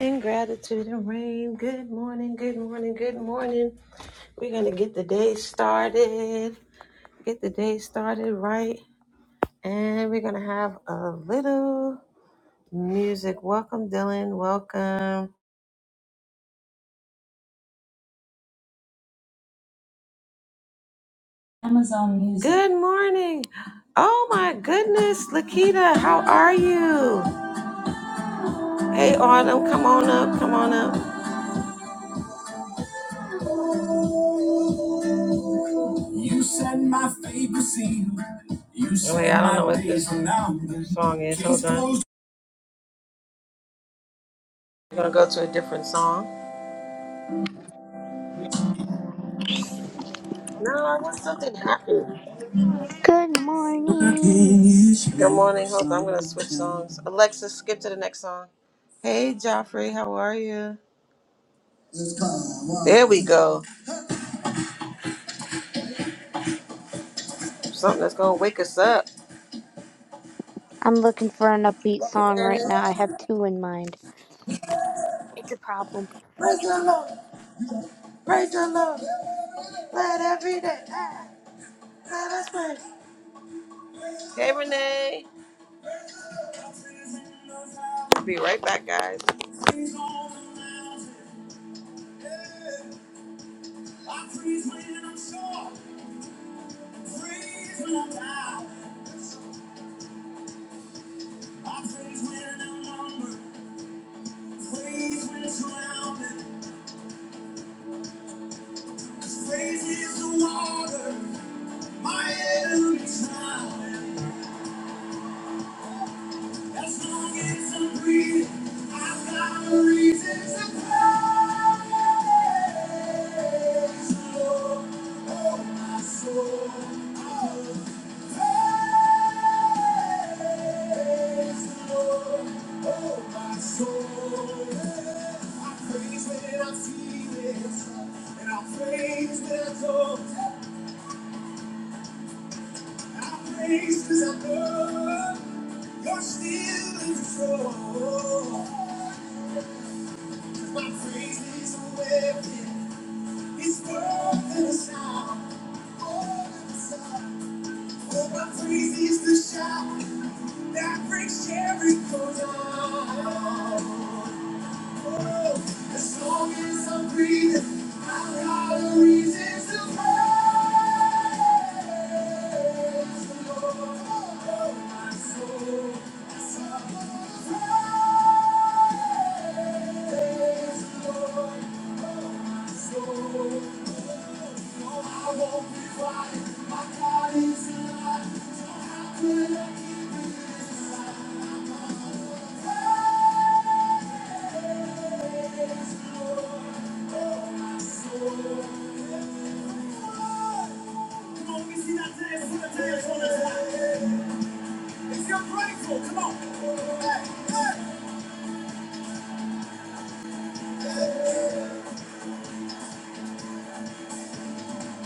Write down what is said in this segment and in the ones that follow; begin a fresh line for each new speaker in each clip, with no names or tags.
And gratitude and rain. Good morning, good morning, good morning. We're going to get the day started. Get the day started right. And we're going to have a little music. Welcome, Dylan. Welcome. Amazon Music. Good morning. Oh my goodness, Lakita, how are you? Hey, Autumn, come on up, come on up. You said my favorite scene. You said Wait, I don't know what this song is. Hold on. We're gonna go to a different song. No, I want something happy.
Good morning.
Good morning, Hope. I'm gonna switch songs. Alexa, skip to the next song. Hey, Joffrey, how are you? There we go. Something that's gonna wake us up.
I'm looking for an upbeat
Welcome,
song right
Ernest.
now. I have two in mind. It's a problem.
Praise the Lord. Praise the Lord. Let every day. ah, Let us praise. Hey, Renee. We'll be right back, guys. Praise when I'm down. I praise when I'm numbered. Praise when I'm surrounded. Praise is the water. My enemies drowning. As long as I breathe, I've got a reason to praise. the Lord, oh, my soul, oh, praise. the Lord, oh, my soul. I praise when I feel it, and I praise when I don't. I praise 'cause I know you're still in control. My praise is a weapon. It's worth the sound. Oh, my praise is the shout that breaks Jericho down. As long as I'm breathing, I've got a reason to praise the Lord. Oh, My soul, that's all I wanna praise the Lord. Oh, My soul, no, I won't be quiet. My God is alive, so how could I keep it inside? Come on, we see that dance, see the dance on this line. If you're grateful, come on. hey, hey.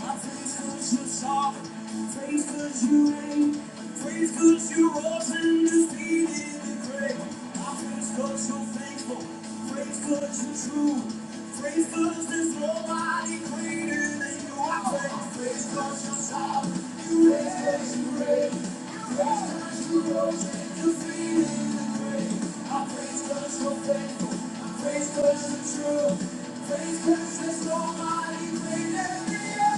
I praise praise 'cause you're sovereign. I Praise 'cause you reign. I Praise 'cause you rose and defeated the grave. I praise 'cause you're faithful. I Praise 'cause you're true. praise Praise 'cause there's nobody greater than you. I praise, praise 'cause you're sovereign. You praise 'cause you reign. I Praise 'cause you rose and defeated the grave. I praise praise 'cause you're faithful. I Praise 'cause you're true. praise Praise 'cause there's nobody greater than you.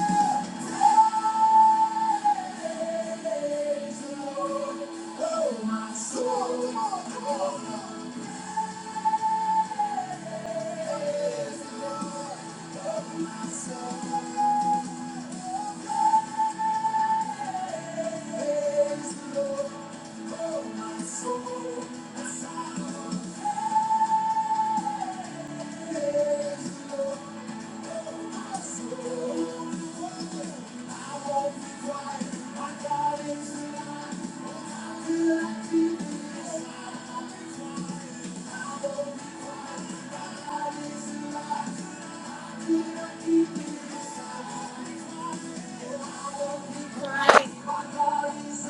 Right.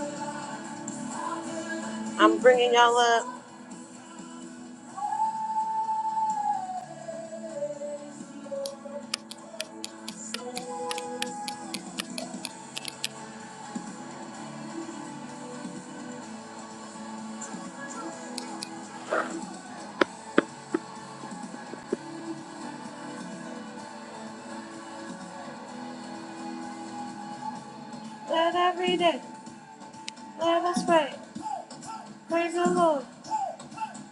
I'm bringing y'all up. Let every day, let us pray. Praise the Lord,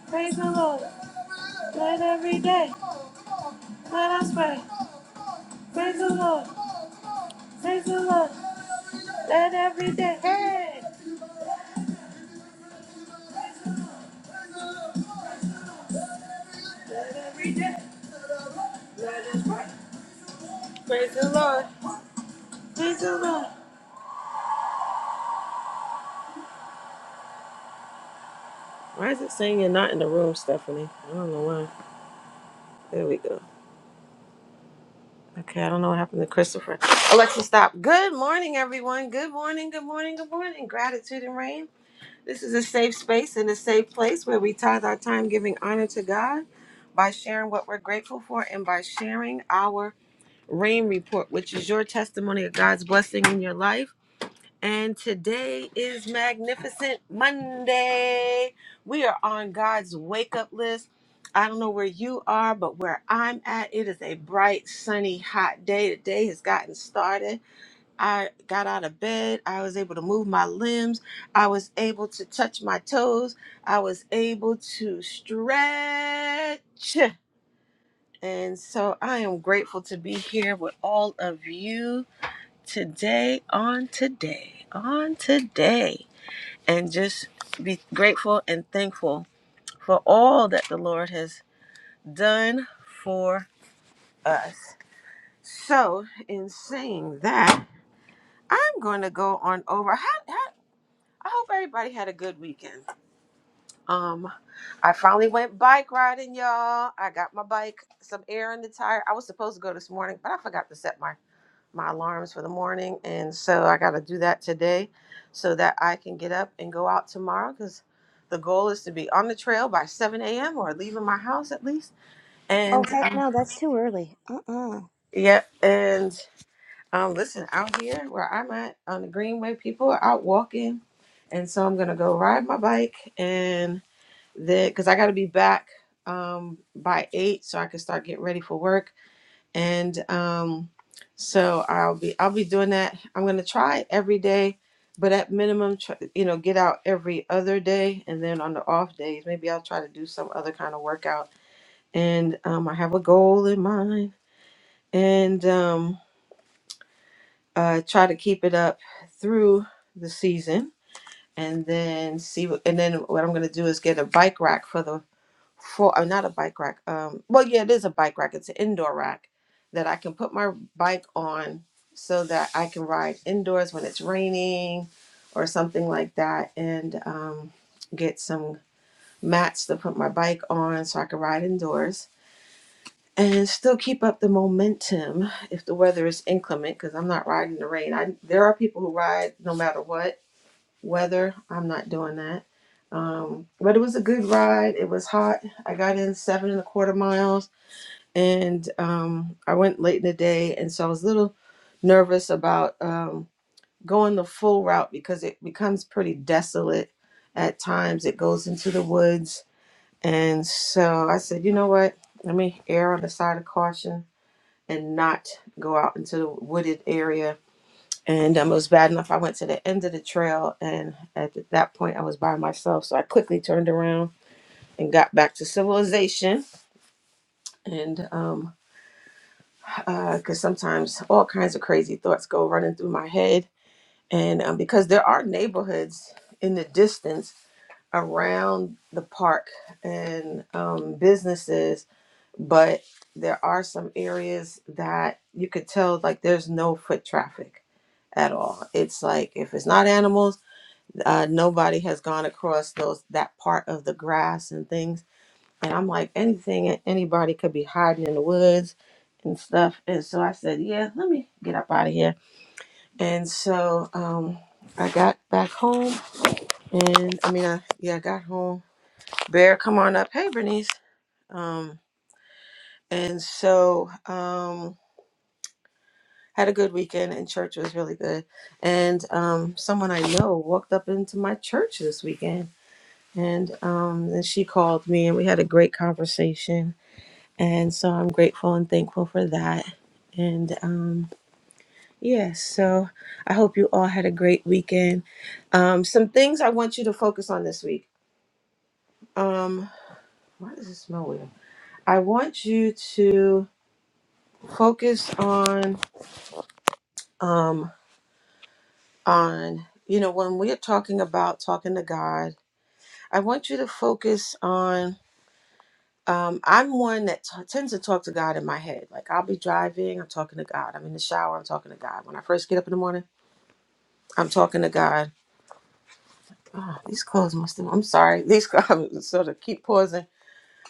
praise the Lord. Let every day, let us pray. Praise the Lord, praise the Lord. Let every day, hey! Let every day, let us pray. Praise the Lord, praise the Lord. Why is it saying you're not in the room, Stephanie? I don't know why. There we go. Okay, I don't know what happened to Christopher. Alexa, stop. Good morning, everyone. Good morning, good morning, good morning. Gratitude and rain. This is a safe space and a safe place where we tithe our time giving honor to God by sharing what we're grateful for and by sharing our rain report, which is your testimony of God's blessing in your life. And today is Magnificent Monday. We are on God's wake up list. I don't know where you are, but where I'm at, it is a bright, sunny, hot day. The day has gotten started. I got out of bed. I was able to move my limbs. I was able to touch my toes. I was able to stretch. And so I am grateful to be here with all of you today, on today, on today, and just be grateful and thankful for all that the Lord has done for us. So, in saying that, I'm going to go on over. I, I, I hope everybody had a good weekend. Um, I finally went bike riding, y'all. I got my bike, some air in the tire. I was supposed to go this morning, but I forgot to set my my alarms for the morning. And so I got to do that today so that I can get up and go out tomorrow because the goal is to be on the trail by 7 a.m. or leaving my house at least. And
Oh heck
um,
no, that's too early. Uh-uh.
yeah, and um, listen, out here where I'm at on the Greenway, people are out walking. And so I'm going to go ride my bike and then because I got to be back um, by 8 so I can start getting ready for work and um, so I'll be I'll be doing that. I'm gonna try every day, but at minimum, try, you know, get out every other day, and then on the off days, maybe I'll try to do some other kind of workout. And um, I have a goal in mind, and um, uh, try to keep it up through the season, and then see. What, and then what I'm gonna do is get a bike rack for the for uh, not a bike rack. Um, well, yeah, it is a bike rack. It's an indoor rack that I can put my bike on so that I can ride indoors when it's raining or something like that, and um, get some mats to put my bike on so I can ride indoors and still keep up the momentum if the weather is inclement because I'm not riding in the rain. I there are people who ride no matter what weather. I'm not doing that. Um, but it was a good ride. It was hot. I got in seven and a quarter miles, and um, I went late in the day, and so I was a little nervous about um, going the full route because it becomes pretty desolate at times. It goes into the woods, and so I said, you know what? Let me err on the side of caution and not go out into the wooded area and um, it was bad enough. I went to the end of the trail, and at that point, I was by myself. So I quickly turned around and got back to civilization. And because um, uh, 'cause sometimes all kinds of crazy thoughts go running through my head. And um, because there are neighborhoods in the distance around the park and um, businesses, but there are some areas that you could tell like there's no foot traffic at all. It's like if it's not animals, uh, nobody has gone across those that part of the grass and things. And I'm like, anything, anybody could be hiding in the woods and stuff. And so I said, yeah, let me get up out of here. And so um, I got back home, and I mean, I, yeah, I got home. Bear, come on up. Hey, Bernice. Um, and so um, had a good weekend, and church was really good. And um, someone I know walked up into my church this weekend And um, then she called me and we had a great conversation. And so I'm grateful and thankful for that. And um, yeah, so I hope you all had a great weekend. Um, some things I want you to focus on this week. Um, why does it smell weird? I want you to focus on um, on you know when we're talking about talking to God. I want you to focus on Um, I'm one that t- tends to talk to God in my head. Like I'll be driving, I'm talking to God. I'm in the shower, I'm talking to God. When I first get up in the morning, I'm talking to God. Oh, these clothes must have. I'm sorry. These clothes. I'm sort of keep pausing.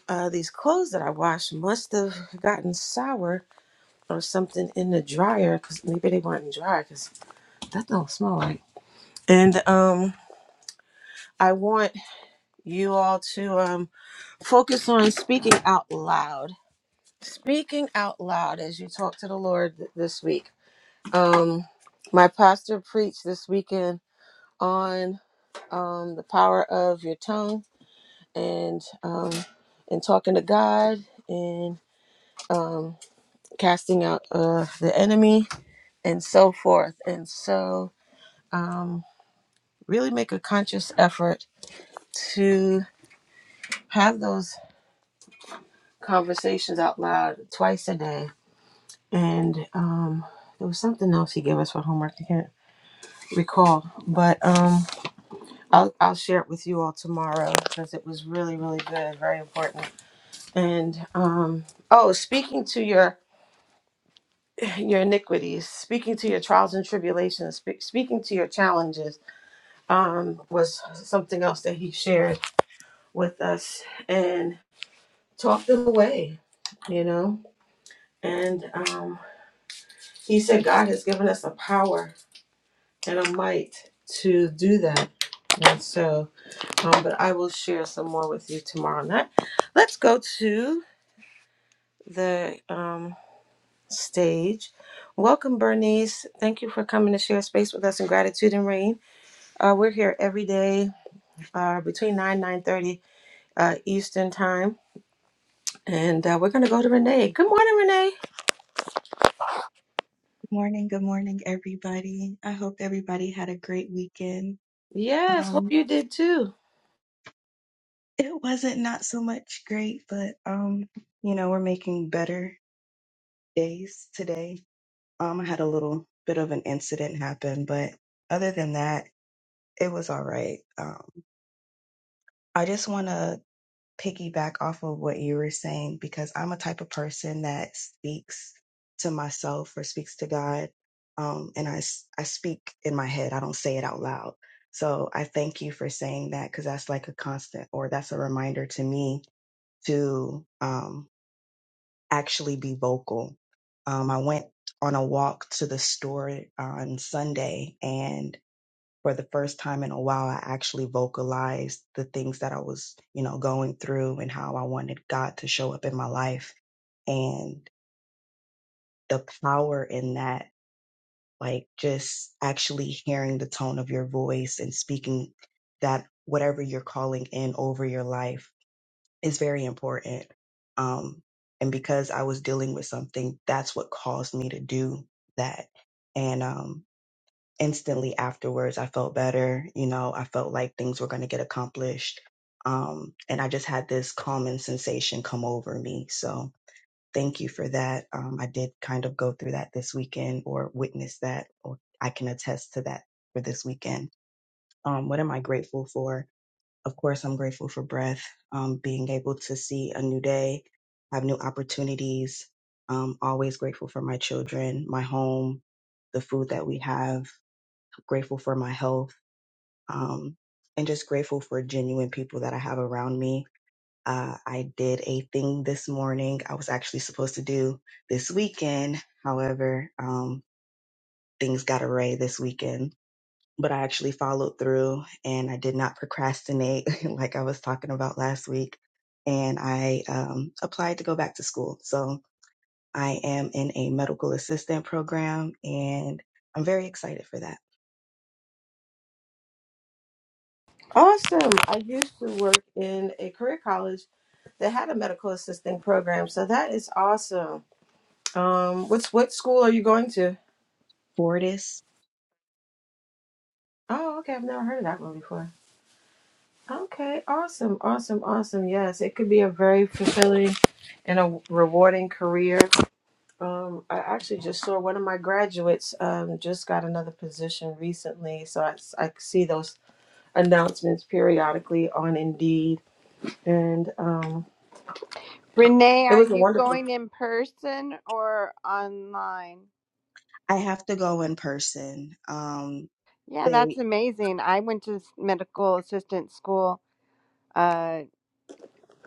Uh, these clothes that I washed must have gotten sour or something in the dryer because maybe they weren't dry because that don't smell right. And um, I want you all to um focus on speaking out loud. Speaking out loud as you talk to the Lord th- this week Um, my pastor preached this weekend on um, the power of your tongue and um, and talking to God and um, casting out uh, the enemy and so forth. And so, um, really make a conscious effort to have those conversations out loud twice a day. And um, there was something else he gave us for homework. I can't recall, but. Um, I'll, I'll share it with you all tomorrow because it was really really good very important and um oh speaking to your your iniquities speaking to your trials and tribulations spe- speaking to your challenges um was something else that he shared with us and talked them away you know and um he said god has given us a power and a might to do that and so um, but i will share some more with you tomorrow night let's go to the um, stage. Welcome, Bernice. Thank you for coming to share space with us in gratitude and rain. Uh, we're here every day uh, between nine nine thirty uh, Eastern time, and uh, we're gonna go to Renee. Good morning, Renee.
Good morning, good morning, everybody. I hope everybody had a great weekend.
Yes, hope
Um,
you did too.
it wasn't not so much great, but um, you know, we're making better days today. Um, I had a little bit of an incident happen, but other than that, it was all right. Um, I just want to piggyback off of what you were saying because I'm a type of person that speaks to myself or speaks to God. Um, and I, s- I speak in my head, I don't say it out loud. So I thank you for saying that because that's like a constant or that's a reminder to me to um, actually be vocal. Um, I went on a walk to the store on Sunday and for the first time in a while, I actually vocalized the things that I was, you know, going through and how I wanted God to show up in my life. And the power in that, like just actually hearing the tone of your voice and speaking that whatever you're calling in over your life is very important. Um, and because I was dealing with something, that's what caused me to do that. And, um, instantly afterwards i felt better you know i felt like things were going to get accomplished um, and i just had this calming sensation come over me so thank you for that um, i did kind of go through that this weekend or witness that or i can attest to that for this weekend um, what am i grateful for of course i'm grateful for breath um, being able to see a new day have new opportunities um, always grateful for my children my home the food that we have grateful for my health um, and just grateful for genuine people that I have around me. Uh, I did a thing this morning I was actually supposed to do this weekend. However, um, things got array this weekend, but I actually followed through and I did not procrastinate like I was talking about last week. And I um, applied to go back to school. So I am in a medical assistant program and I'm very excited for that.
Awesome. I used to work in a career college that had a medical assisting program, so that is awesome. Um, what's what school are you going to?
Fortis,
Oh, okay. I've never heard of that one before. Okay, awesome, awesome, awesome. Yes, it could be a very fulfilling and a rewarding career. Um, I actually just saw one of my graduates um, just got another position recently, so I, I see those announcements periodically on Indeed, and um,
Renee,
it
are
was a
you
wonderful.
going in person or online?
I have to go in person. Um,
Yeah, that's
they
amazing. I went to s- medical assistant school uh,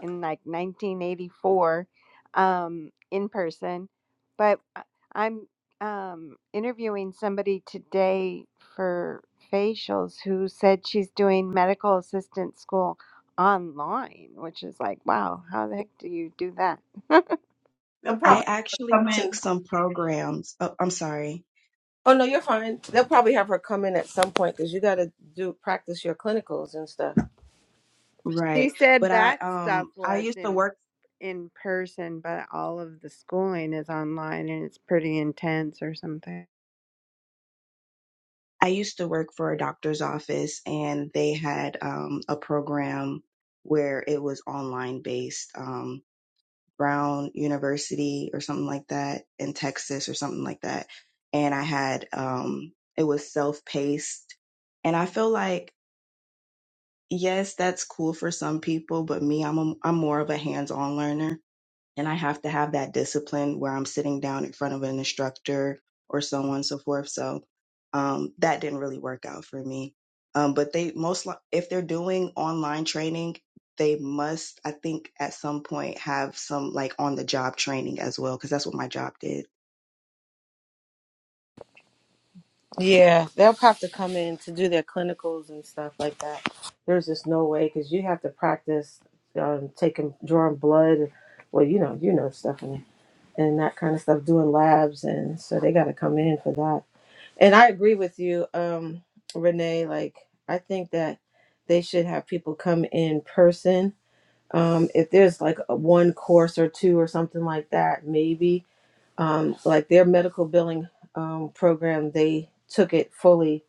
in like 1984 um, in person, but I- I'm um, interviewing somebody today for facials who said she's doing medical assistant school online, which is like, wow, how the heck do you do that?
They'll
I
probably
actually
come in.
took some programs. Oh, I'm sorry.
Oh no, you're fine. They'll probably have her come in at some point because you got to do practice your clinicals and stuff.
She
Right.
said
But I
that stuff
um I
was
used to
in
work
in person, but all of the schooling is online and it's pretty intense or something.
I used to work for a doctor's office and they had um a program where it was online based um Brown University or something like that in Texas or something like that. And I had um it was self-paced and I feel like yes, that's cool for some people, but me I'm a, I'm more of a hands-on learner and I have to have that discipline where I'm sitting down in front of an instructor or so on and so forth. So um, that didn't really work out for me. Um, but they most li- if they're doing online training, they must I think at some point have some like on the job training as well because that's what my job did.
Yeah, they'll have to come in to do their clinicals and stuff like that. There's just no way because you have to practice um, taking drawing blood. Well, you know, you know stuff and and that kind of stuff, doing labs, and so they got to come in for that. And I agree with you, um, Renee. Like I think that they should have people come in person um, if there's like a one course or two or something like that, maybe um, like their medical billing um, program, they took it fully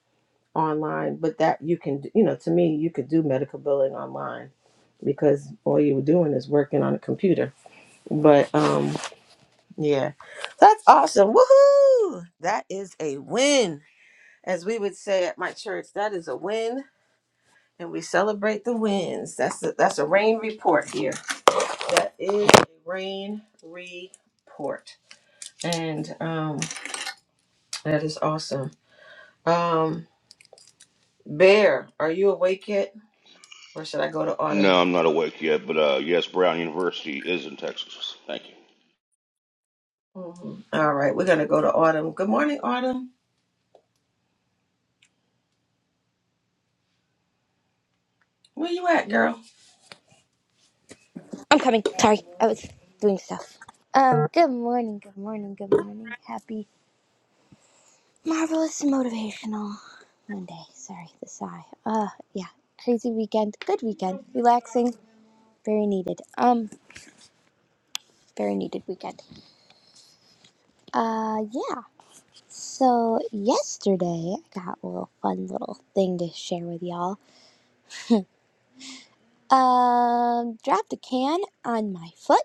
online, but that you can, you know, to me, you could do medical billing online because all you were doing is working on a computer. But um, yeah, that's awesome. Woohoo! That is a win. As we would say at my church, that is a win. And we celebrate the wins. That's a, that's a rain report here. that is a rain report. And um, that is awesome. Um, Bear, are you awake yet? Or should I go to Autumn?
No, I'm not awake yet, but uh, yes, Brown University is in Texas. Thank you.
Mhm. All right, we're going to go to Autumn. Good morning, Autumn. Where you at, girl?
I'm coming. Sorry. I was doing stuff. Um, good morning, good morning, good morning. Happy marvelous motivational Monday. Sorry, the sigh. Uh yeah. Crazy weekend. Good weekend. Relaxing. Very needed. Um, very needed weekend. Uh yeah. So yesterday I got a little fun little thing to share with y'all. Um, dropped a can on my foot.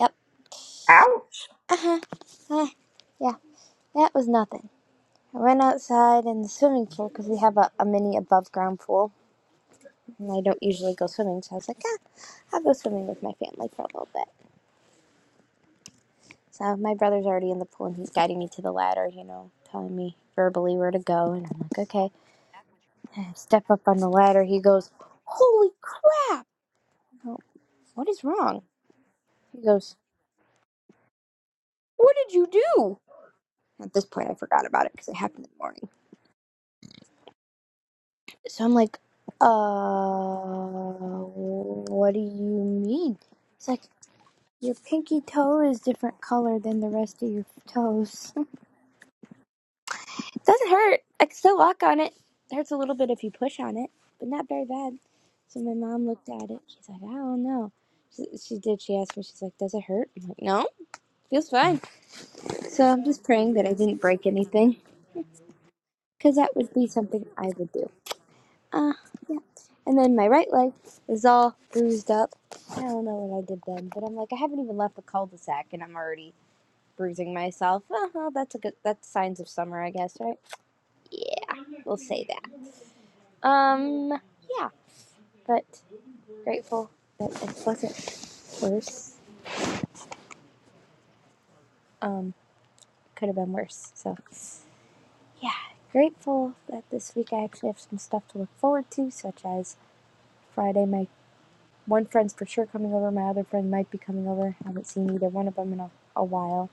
Yep.
Ouch.
Uh huh. Uh, yeah, that was nothing. I went outside in the swimming pool because we have a, a mini above ground pool, and I don't usually go swimming, so I was like, ah, I'll go swimming with my family for a little bit. So my brother's already in the pool, and he's guiding me to the ladder, you know, telling me verbally where to go, and I'm like, okay. I step up on the ladder. He goes, holy crap! I go, What is wrong? He goes, what did you do? At this point, I forgot about it because it happened in the morning. So I'm like, uh, what do you mean? It's like, your pinky toe is different color than the rest of your toes. It doesn't hurt. I can still walk on it. It hurts a little bit if you push on it, but not very bad. So my mom looked at it. She's like, I don't know. She, she did. She asked me, she's like, does it hurt? I'm like, no, it feels fine. So I'm just praying that I didn't break anything because that would be something I would do. Uh, yeah. And then my right leg is all bruised up. I don't know what I did then, but I'm like, I haven't even left the cul-de-sac, and I'm already bruising myself. Uh huh. That's a good. That's signs of summer, I guess, right? Yeah, we'll say that. Um, yeah. But grateful that it wasn't worse. Um, could have been worse. So, yeah. Grateful that this week I actually have some stuff to look forward to, such as Friday, my One friend's for sure coming over. My other friend might be coming over. I haven't seen either one of them in a, a while.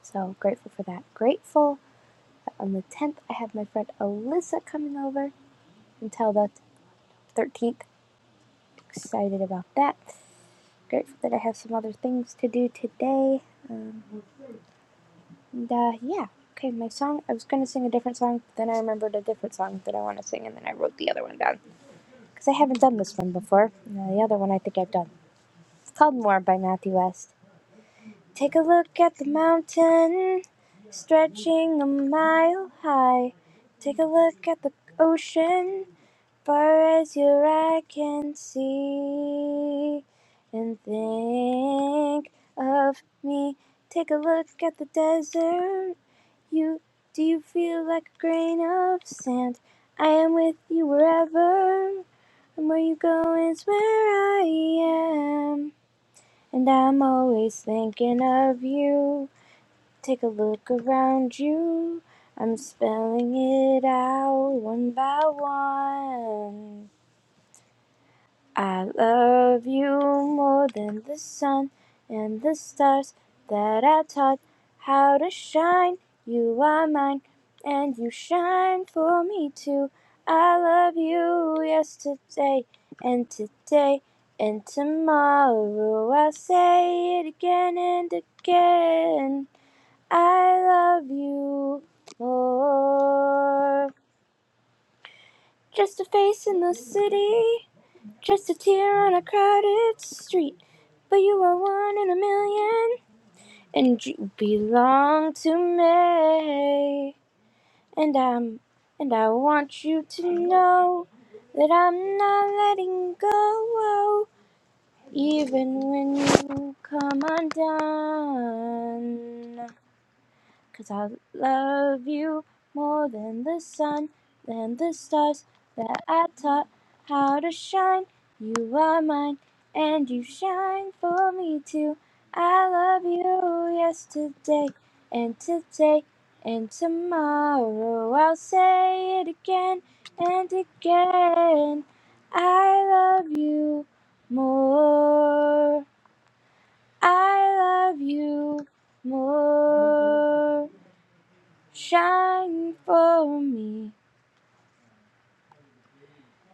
So grateful for that. Grateful that on the 10th, I have my friend Alyssa coming over until the 13th. Excited about that. Grateful that I have some other things to do today. And uh, yeah. Okay, my song. I was going to sing a different song, but then I remembered a different song that I want to sing, and then I wrote the other one down. Because I haven't done this one before. Uh, the other one I think I've done. It's called More by Matthew West. Take a look at the mountain stretching a mile high. Take a look at the ocean far as your eye can see. And think of me. Take a look at the desert. You do you feel like a grain of sand? I am with you wherever. And where you go is where I am. And I'm always thinking of you. Take a look around you. I'm spelling it out one by one. I love you more than the sun and the stars that I taught how to shine. You are mine, and you shine for me too. I love you yesterday and today and tomorrow. I'll say it again and again. I love you more. Just a face in the city, just a tear on a crowded street. But you are one in a million, and you belong to me. And I'm, and I want you to know that I'm not letting go, even when you come undone. Cause I love you more than the sun, than the stars that I taught how to shine. You are mine, and you shine for me too. I love you yesterday, and today, and tomorrow. I'll say it again and again. I love you more. I love you more. Shine for me,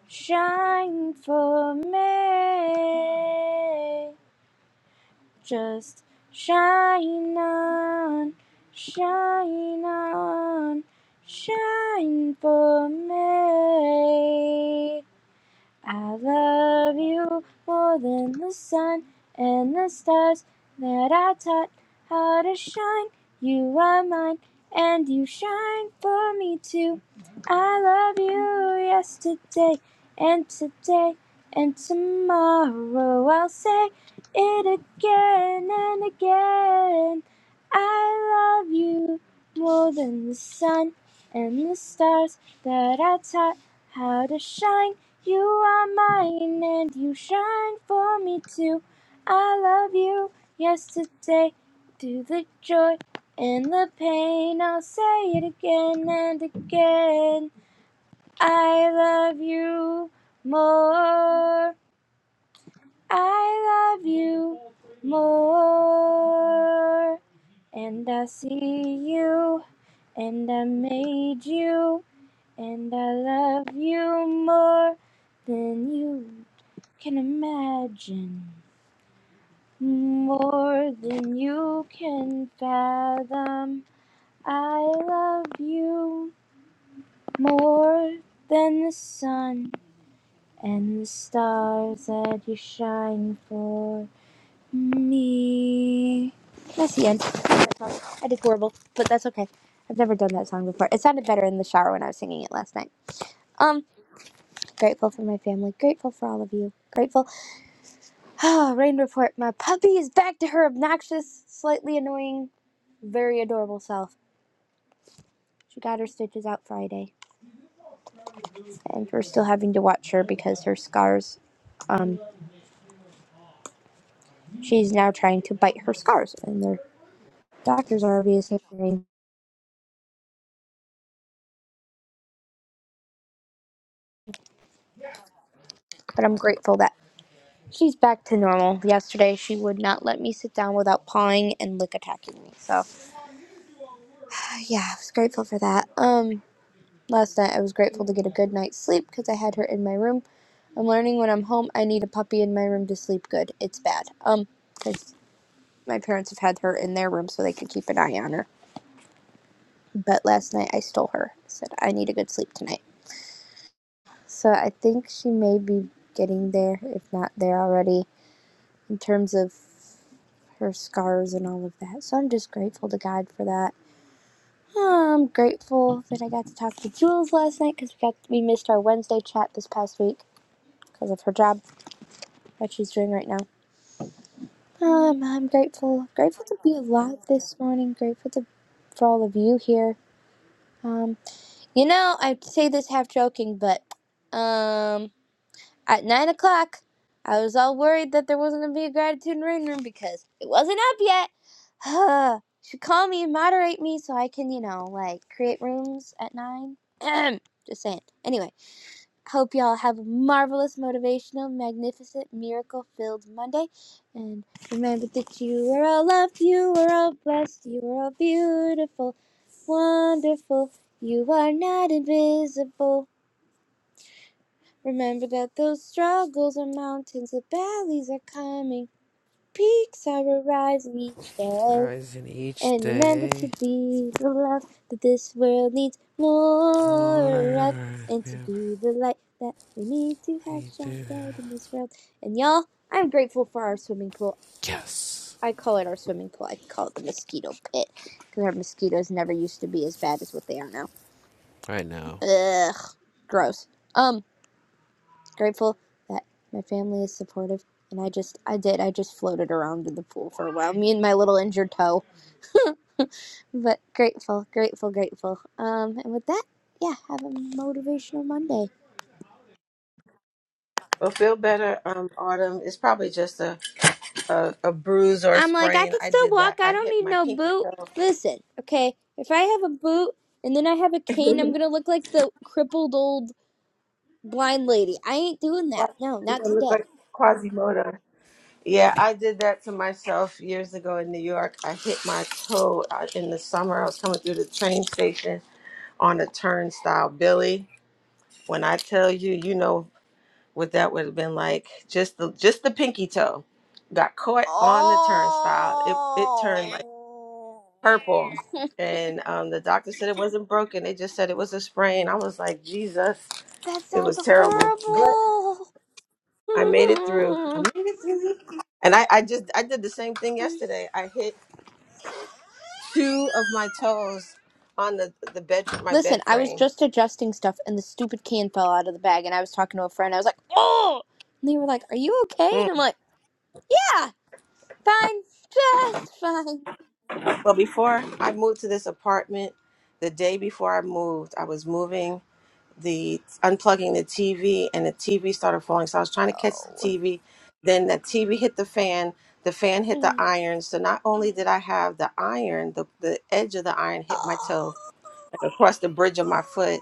shine for me. Just shine on, shine on, shine for me. I love you more than the sun and the stars that I taught how to shine. You are mine and you shine for me too. I love you yesterday and today and tomorrow. I'll say it again and again. I love you more than the sun and the stars that I taught how to shine. You are mine and you shine for me too. I love you yesterday through the joy and the pain. I'll say it again and again. I love you more. I love you more. And I see you and I made you and I love you more than you can imagine, more than you can fathom. I love you more than the sun and the stars that you shine for me. That's the end. I did horrible, but that's okay. I've never done that song before. It sounded better in the shower when I was singing it last night. Um, grateful for my family, grateful for all of you, grateful. Oh, rain report. My puppy is back to her obnoxious, slightly annoying, very adorable self. She got her stitches out Friday, and we're still having to watch her because her scars. Um, she's now trying to bite her scars, and their doctors are obviously saying. But I'm grateful that she's back to normal. Yesterday, she would not let me sit down without pawing and lick attacking me. So, yeah, I was grateful for that. Um, Last night I was grateful to get a good night's sleep because I had her in my room. I'm learning when I'm home I need a puppy in my room to sleep good. It's bad. Um, 'cause my parents have had her in their room so they could keep an eye on her. But last night I stole her. I said I need a good sleep tonight. So I think she may be getting there, if not there already, in terms of her scars and all of that. So I'm just grateful to God for that. I'm grateful that I got to talk to Jules last night because we got we missed our Wednesday chat this past week because of her job. what she's doing right now. Um, I'm grateful, grateful to be alive this morning. Grateful to for all of you here. Um, you know, I say this half joking, but um, at nine o'clock, I was all worried that there wasn't gonna be a gratitude and rain room because it wasn't up yet. You Should call me and moderate me so I can, you know, like create rooms at nine. Just saying. Anyway. Hope y'all have a marvelous, motivational, magnificent, miracle filled Monday. And remember that you are all loved, you are all blessed, you are all beautiful, wonderful. You are not invisible. Remember that those struggles are mountains, the valleys are coming, peaks are arising each day.
Rising each
And remember to
day,
be the love that this world needs more of.
or
And to be
everything
the light that we need to have shine
do.
bright in this world. And y'all, I'm grateful for our swimming pool.
Yes.
I call it our swimming pool. I call it the mosquito pit. Because our mosquitoes never used to be as bad as what they are now.
I know.
Ugh, gross. Um, grateful that my family is supportive. And I just, I did, I just floated around in the pool for a while. Me and my little injured toe. But grateful, grateful, grateful. Um, and with that, yeah, have a motivational Monday.
Well, feel better, um, Autumn. It's probably just a, a, a bruise or a
I'm like, I
sprain.
can
I
still
did
walk.
that.
I
I
don't
hit
need
my
no
pinky
boot.
toe.
Listen, okay, if I have a boot and then I have a
You're
cane, I'm gonna look like the crippled old blind lady. I ain't doing that. No, not
going to look
today.
like Quasimodo. Yeah, I did that to myself years ago in New York. I hit my toe out in the summer. I was coming through the train station on a turnstile, Billy. When I tell you, you know what that would have been like. Just the just the pinky toe got caught on the turnstile. It it turned like purple, and um, the doctor said it wasn't broken. They just said it was a sprain. I was like, Jesus,
That
it was
sounds
terrible. But
horrible.
I made it through. I made it through. And I, I just I did the same thing yesterday. I hit two of my toes on the the bed my
Listen,
bed
I was
frame.
just adjusting stuff and the stupid can fell out of the bag and I was talking to a friend. I was like, "Oh!" And they were like, "Are you okay?" And
Mm.
I'm like, yeah. Fine, just fine.
But before I moved to this apartment, the day before I moved, I was moving the unplugging the TV, and the TV started falling. So I was trying to catch the
Oh.
TV. Then the TV hit the fan. The fan hit the
mm.
iron. So not only did I have the iron, the the edge of the iron hit my
Oh.
toe and across the bridge of my foot.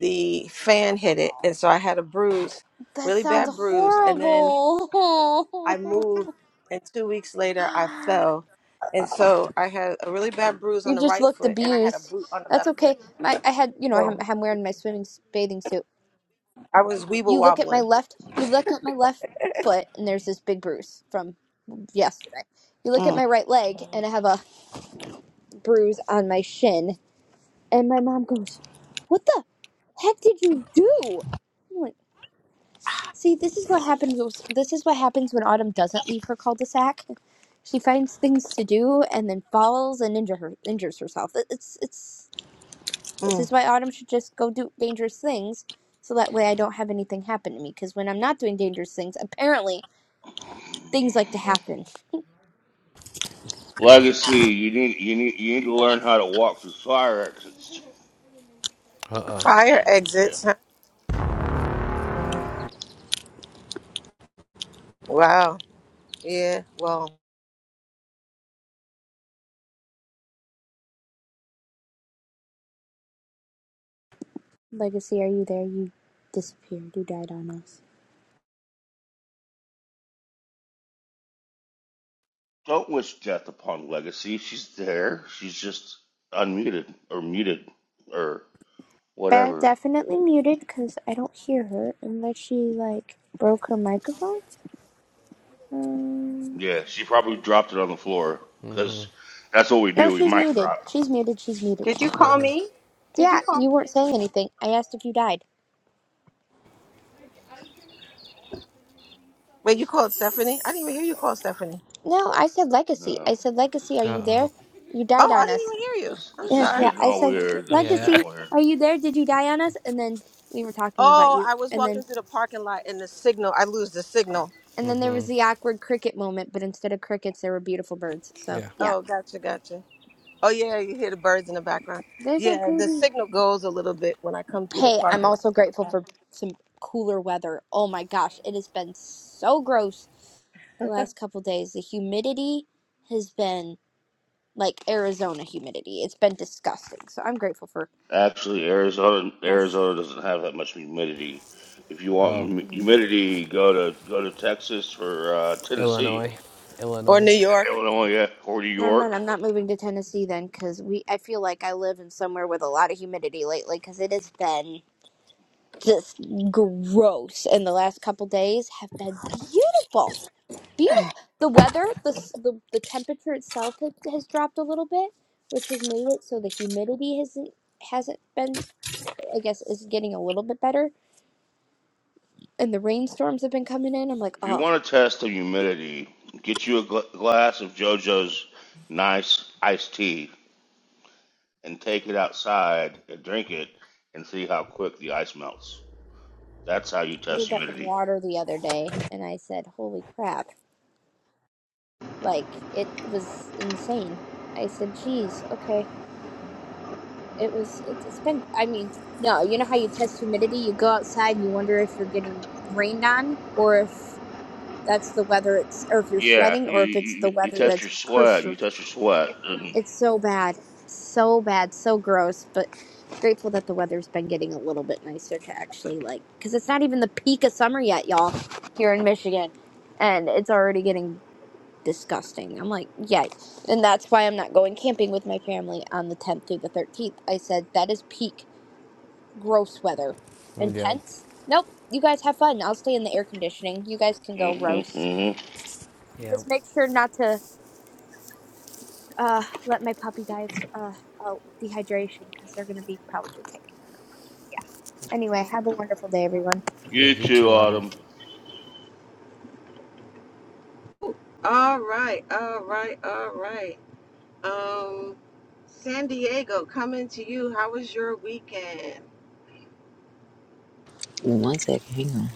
The fan hit it, and so I had a bruise,
That
really
sounds
bad bruise. And then
horrible.
I moved, and two weeks later, I fell. And so I had a really bad bruise on
you
the
just
right
looked
foot, and I had a
abused.
boot on the
That's
left foot.
okay. My, I had, you know, I'm,
So
I'm wearing my swimming s- bathing suit.
I was
You
weeble
look at my
wobbling.
left, you look at my left foot, and there's this big bruise from yesterday. You look at
Mm,
my right leg, and I have a bruise on my shin. And my mom goes, "What the?" heck did you do? I'm like, see, this is what happens. This is what happens when Autumn doesn't leave her cul-de-sac. She finds things to do and then falls and injure her, injures herself. It- It's it's. This
mm.
is why Autumn should just go do dangerous things, so that way I don't have anything happen to me. Because when I'm not doing dangerous things, apparently things like to happen.
Yep.
Legacy, you need you need you need to learn how to walk through fire exits.
Uh oh.
Fire
Yeah.
exits. huh? Mm. Wow. Yeah. Well,
Legacy, are you there? You disappeared. You died on us.
Don't wish death upon Legacy. She's there. She's just unmuted or muted or
Bad
whatever.
definitely muted because I don't hear her unless she like broke her microphone. Um.
Yeah, she probably dropped it on the floor because that's what we
No,
do. We
she's
might
muted.
drop.
She's muted. She's muted.
Did you
She's muted.
call me? Did you
Yeah,
call?
you weren't saying anything. I asked if you died.
wait, you called Stephanie? I didn't even hear you call Stephanie.
No, I said legacy. I
No,
said legacy. Are
Uh
you there?
oh.
You died
Oh, I
on us.
didn't even hear
this,
you.
is,
I'm
this
Yeah,
is
sorry.
yeah.
getting
I
all
said
weird. This is
Yeah.
getting
legacy.
all weird.
Are you there? Did you die on us? And then we were talking about
Oh,
you.
I was
And
walking
then
through the parking lot, and the signal, I lose the signal.
and then there was the awkward cricket moment. But instead of crickets, there were beautiful birds. So
Yeah.
yeah,
Oh, gotcha, gotcha. Oh, yeah, you hear the birds in the background.
there's a
Yeah, the
pretty.
signal goes a little bit when I come through the
Hey, I'm
parking lot.
also grateful for some cooler weather. Oh my gosh, it has been so gross the last couple days. The humidity has been like Arizona humidity. It's been disgusting. So I'm grateful for
Actually, Arizona
nice.
Arizona doesn't have that much humidity. If you want
Oh,
hum-
Mm.
humidity, go to go to Texas or uh, Tennessee,
Illinois.
or
Illinois.
New York.
Illinois, yeah, or New
Never mind.
York.
I'm not moving to Tennessee then, because we. I feel like I live in somewhere with a lot of humidity lately, because it has been just gross. And the last couple days have been beautiful, beautiful. The weather, the s- the, the temperature itself has, has dropped a little bit, which has made it so the humidity hasn't hasn't been. I guess is getting a little bit better, and the rainstorms have been coming in. I'm like,
If you
oh,
want to test the humidity, get you a gl- glass of JoJo's nice iced tea and take it outside and drink it and see how quick the ice melts. That's how you
I
test
did that with
humidity.
water the other day, and I said, "Holy crap!" Like it was insane. I said, "Geez, okay." It was. it's been. I mean, no. You know how you test humidity? You go outside and you wonder if you're getting rained on, or if that's the weather. It's or if you're
Yeah,
sweating,
you
or if it's the
you, you
weather
test
that's
your sweat. You
perser-
test your sweat.
It's so bad. So bad. So gross. But grateful that the weather's been getting a little bit nicer to actually like, because it's not even the peak of summer yet, y'all, here in Michigan. And it's already getting disgusting. I'm like, yay. And that's why I'm not going camping with my family on the 10th through the 13th. I said, that is peak gross weather.
Yep.
Intense? Nope. You guys have fun. I'll stay in the air conditioning. You guys can go
Mm-hmm,
roast.
hmm
Yep.
Just make sure not to. uh, let my puppy die of uh, oh, dehydration because they're going to be probably taking it. Yeah. Anyway, have a wonderful day, everyone.
Yeah,
You
you
too,
too, Autumn.
Autumn.
All right, all right, all right. Um, San Diego, coming to you. How was your weekend?
One second, hang on.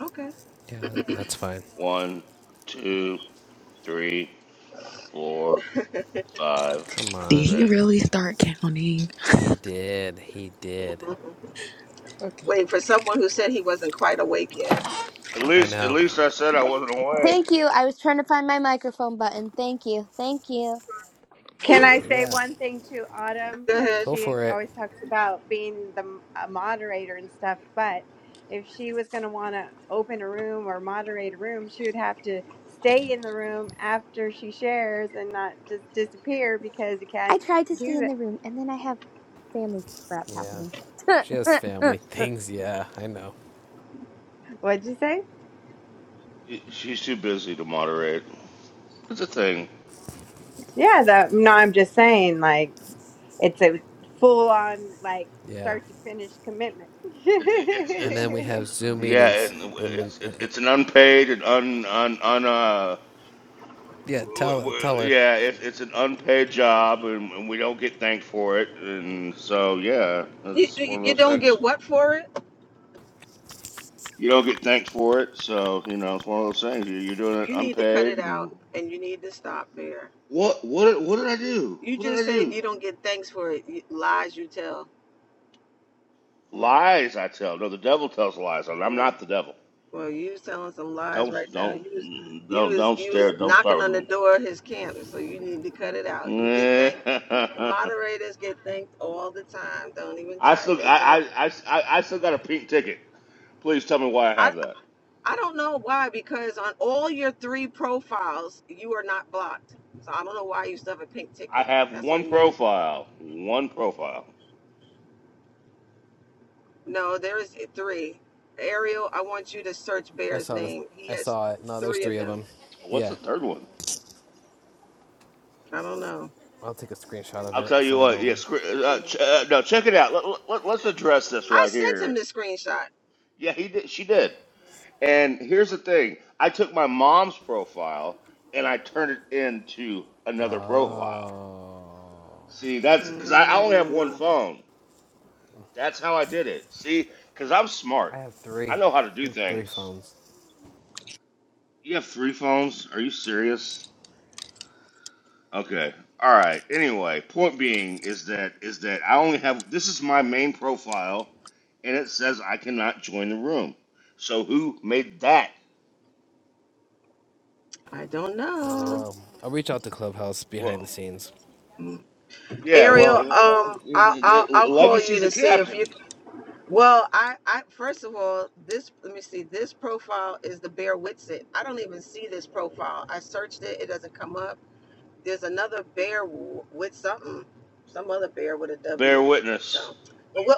Okay.
Yeah, that, that's fine.
One, two, three, four, five,
Come
Did
on.
he
six.
really start counting?
He did. He did.
Okay.
Waiting for someone who said he wasn't quite awake yet.
At
I
least, at
know.
least I said I wasn't awake.
Thank you. I was trying to find my microphone button. Thank you. Thank you.
Can I say
Yeah.
one thing to Autumn?
Go
Because
ahead.
Go
she
for it.
always talks about being the m- a moderator and stuff. But if she was going to want to open a room or moderate a room, she would have to stay in the room after she shares and not just disappear because you
I
can't
tried to stay
do
in
that.
the room and then I have family crap
Yeah.
happening.
She has family things. Yeah, I know.
What'd you say?
She, she's too busy to moderate. It's a thing.
Yeah, that no, I'm just saying, like, it's a full on, like,
Yeah.
start to finish commitment.
It, it, it's
And
it's
then we have Zoom
yeah. It,
meetings in the,
it's it's
uh,
it's an unpaid and un un un uh.
Yeah,
w-
tell
w-
tell her.
Yeah, it, it's an unpaid job, and, and we don't get thanked for it, and so yeah,
You,
it's one
you,
of
you
those
don't
things.
get what for it?
You don't get thanked for it, so you know it's one of those things. You- You're doing it
You need to cut it
unpaid,
out
and.
and you need to stop there. So,
What what what did I do?
You
What did
just
I
said
do?
you don't get thanks for it. You, lies you tell.
Lies I tell. No, the devil tells lies. I'm I'm
No.
not the devil.
Well, you was telling some lies
Don't
right now.
don't
You was you
don't
was
don't
you was
stare. Don't
knocking
start
on
with
the
me.
door of his camp, so you need to cut it out. You get thanked. The moderators get thanked all the time. Don't even
I
try.
still
They know.
I, I I I I still got a pink ticket. Please tell me why I
I
have that.
I don't know why because on all your three profiles you are not blocked. So I don't know why you still have a pink
I
ticket.
have
That's
one
on you.
profile. One profile.
No, there is three. Ariel, I want you to search
I
Bear's
saw this.
name. He
I
has
saw it. No, there's
three of
three of
them.
them.
What's
Yeah,
the third one?
I don't know.
I'll take a screenshot of
I'll tell
it.
you
Send it
what.
over.
Yes, uh,
Mm.
ch- uh, no, check it out. Let, let, let's address this
I
right
sent him
here.
the screenshot.
Yeah, he did. She did. And here's the thing I took my mom's profile and I turned it into another profile.
Oh,
See, that's because I I only have
Mm.
one phone. That's how I did it. See, because I'm smart,
I have
I
three.
know how to do
Three
things.
phones.
You have three phones? Are you serious? Okay. All right. Anyway, point being is that is that I only have this is my main profile, and it says I cannot join the room. So who made that?
I don't
I don't
know.
know. I'll reach out to Clubhouse
Well,
behind the scenes.
Yeah,
Ariel,
well,
um, I'll, I'll I'll
well
call you
Legacy's the
to see if you.
captain.
Well, I I first of all, this let me see. This profile is the Bear Witsit. I don't even see this profile. I searched it. It doesn't come up. There's another Bear w- with something, some other Bear with a
Bear
W.
witness.
So, but we'll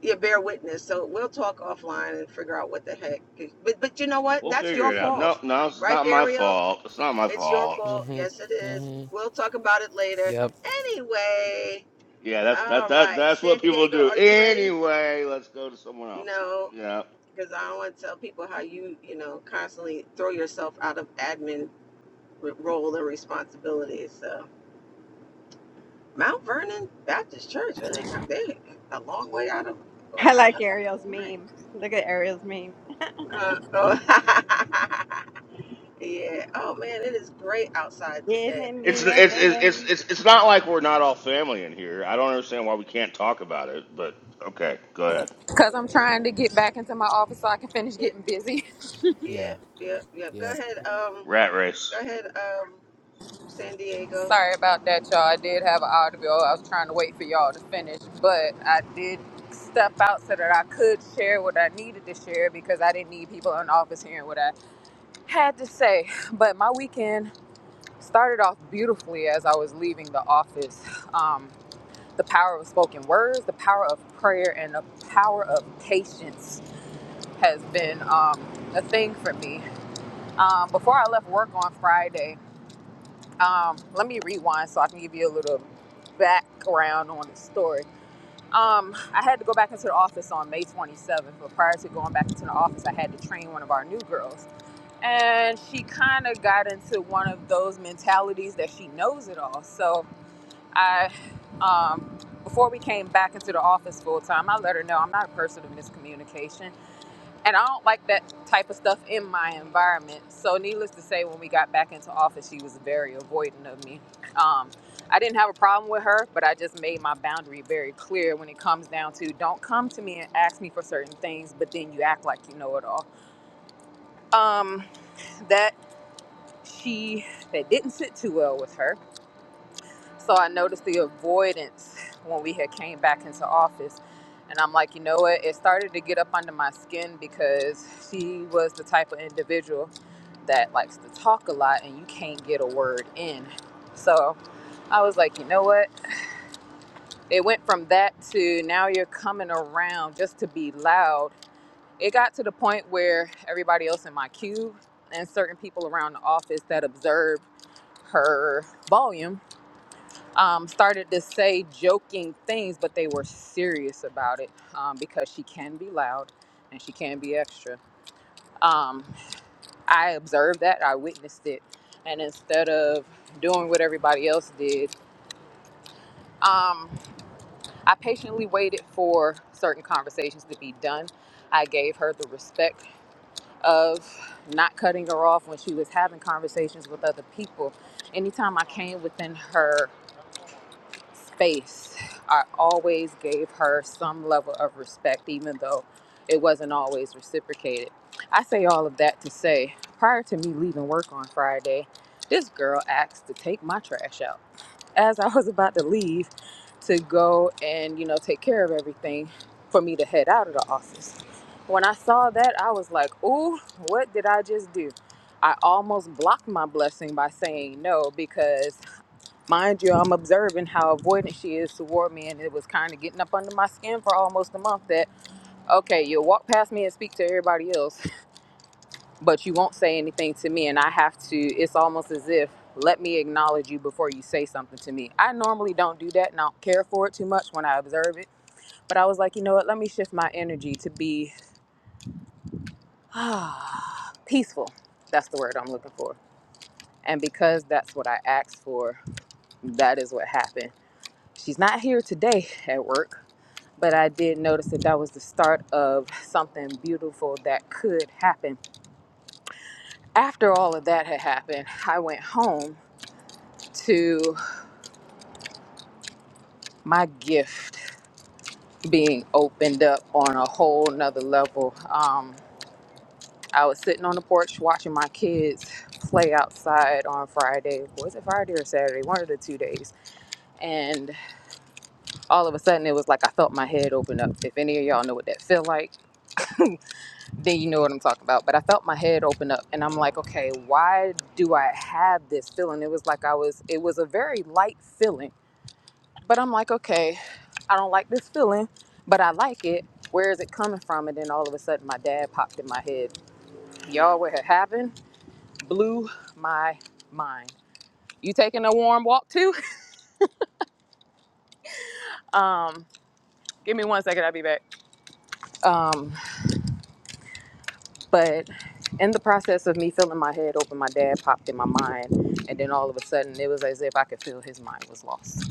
yeah, Bear Witness. So we'll talk offline and figure out what the heck. But but you know what?
We'll
That's
figure
your
it out. No,
fault,
no, it's
right,
not my
Ariel?
fault. It's not my
It's your
fault.
fault.
Mhm.
Yes, it is.
Mhm.
We'll talk about it later.
Yep.
Anyway,
Yeah, that's that
all
that
right.
that's
San
what people
Diego,
do.
are you ready?
Anyway, let's go to someone else.
No,
Yeah.
because I don't want to tell people how you, you know, constantly throw yourself out of admin role and responsibilities. So, Mount Vernon Baptist Church, and they co- they a long way out of
I
out
like
of
Ariel's
right.
meme. Look at Ariel's meme.
Uh, oh, yeah. Oh man, it is great outside today.
Giving
It's
It's
me a
it's it's it's
headache.
it's it's not like we're not all family in here. I don't understand why we can't talk about it, but okay, go ahead.
Because I'm
no.
trying to get back into my office so I can finish
Yeah,
getting busy.
yeah,
Yeah.
yeah, yeah. Go
Yep.
ahead. Um.
Rat race.
Go ahead, um, San Diego.
Sorry about that, y'all. I did have an audio. I was trying to wait for y'all to finish, but I did step out so that I could share what I needed to share because I didn't need people in the office hearing what I had to say. But my weekend started off beautifully as I was leaving the office. Um, the power of spoken words, the power of prayer, and the power of patience has been um, a thing for me. Um, before I left work on Friday, um, let me rewind so I can give you a little background on the story. Um, I had to go back into the office on May 27th, but prior to going back into the office, I had to train one of our new girls. And she kind of got into one of those mentalities that she knows it all. So I, um, before we came back into the office full time, I let her know I'm not a person of miscommunication. And I don't like that type of stuff in my environment. So, needless to say, when we got back into office, she was very avoidant of me. Um, I didn't have a problem with her, but I just made my boundary very clear when it comes down to don't come to me and ask me for certain things, but then you act like you know it all. Um, that she that didn't sit too well with her. So I noticed the avoidance when we had came back into office. And I'm like, you know what? It started to get up under my skin because she was the type of individual that likes to talk a lot and you can't get a word in. So I was like, you know what? It went from that to now you're coming around just to be loud. It got to the point where everybody else in my cube and certain people around the office that observed her volume um, started to say joking things, but they were serious about it um, because she can be loud and she can be extra. Um, I observed that, I witnessed it, and instead of doing what everybody else did, um, I patiently waited for certain conversations to be done. I gave her the respect of not cutting her off when she was having conversations with other people. Anytime I came within her space, I always gave her some level of respect, even though it wasn't always reciprocated. I say all of that to say, prior to me leaving work on Friday, this girl asked to take my trash out. As I was about to leave to go and, you know, take care of everything for me to head out of the office. When I saw that, I was like, ooh, what did I just do? I almost blocked my blessing by saying no because Mind you, I'm observing how avoidant she is toward me, and it was kind of getting up under my skin for almost a month that, okay, you'll walk past me and speak to everybody else, but you won't say anything to me, and I have to, it's almost as if, let me acknowledge you before you say something to me. I normally don't do that and I don't care for it too much when I observe it, but I was like, you know what, let me shift my energy to be peaceful. That's the word I'm looking for. And because that's what I asked for, that is what happened. She's not here today at work but I did notice that that was the start of something beautiful that could happen. After all of that had happened, I went home to my gift being opened up on a whole nother level. Um, I was sitting on the porch watching my kids play outside on Friday. Was it Friday or Saturday? One of the two days. And all of a sudden, it was like I felt my head open up. If any of y'all know what that feel like, then you know what I'm talking about. But I felt my head open up and I'm like, okay, why do I have this feeling? It was like I was, it was a very light feeling. But I'm like, okay, I don't like this feeling, but I like it. Where is it coming from? And then all of a sudden, my dad popped in my head. Y'all, what had happened blew my mind. You taking a warm walk too? Um, give me one second, I'll be back. Um, but in the process of me filling my head open, my dad popped in my mind, and then all of a sudden, it was as if I could feel his mind was lost.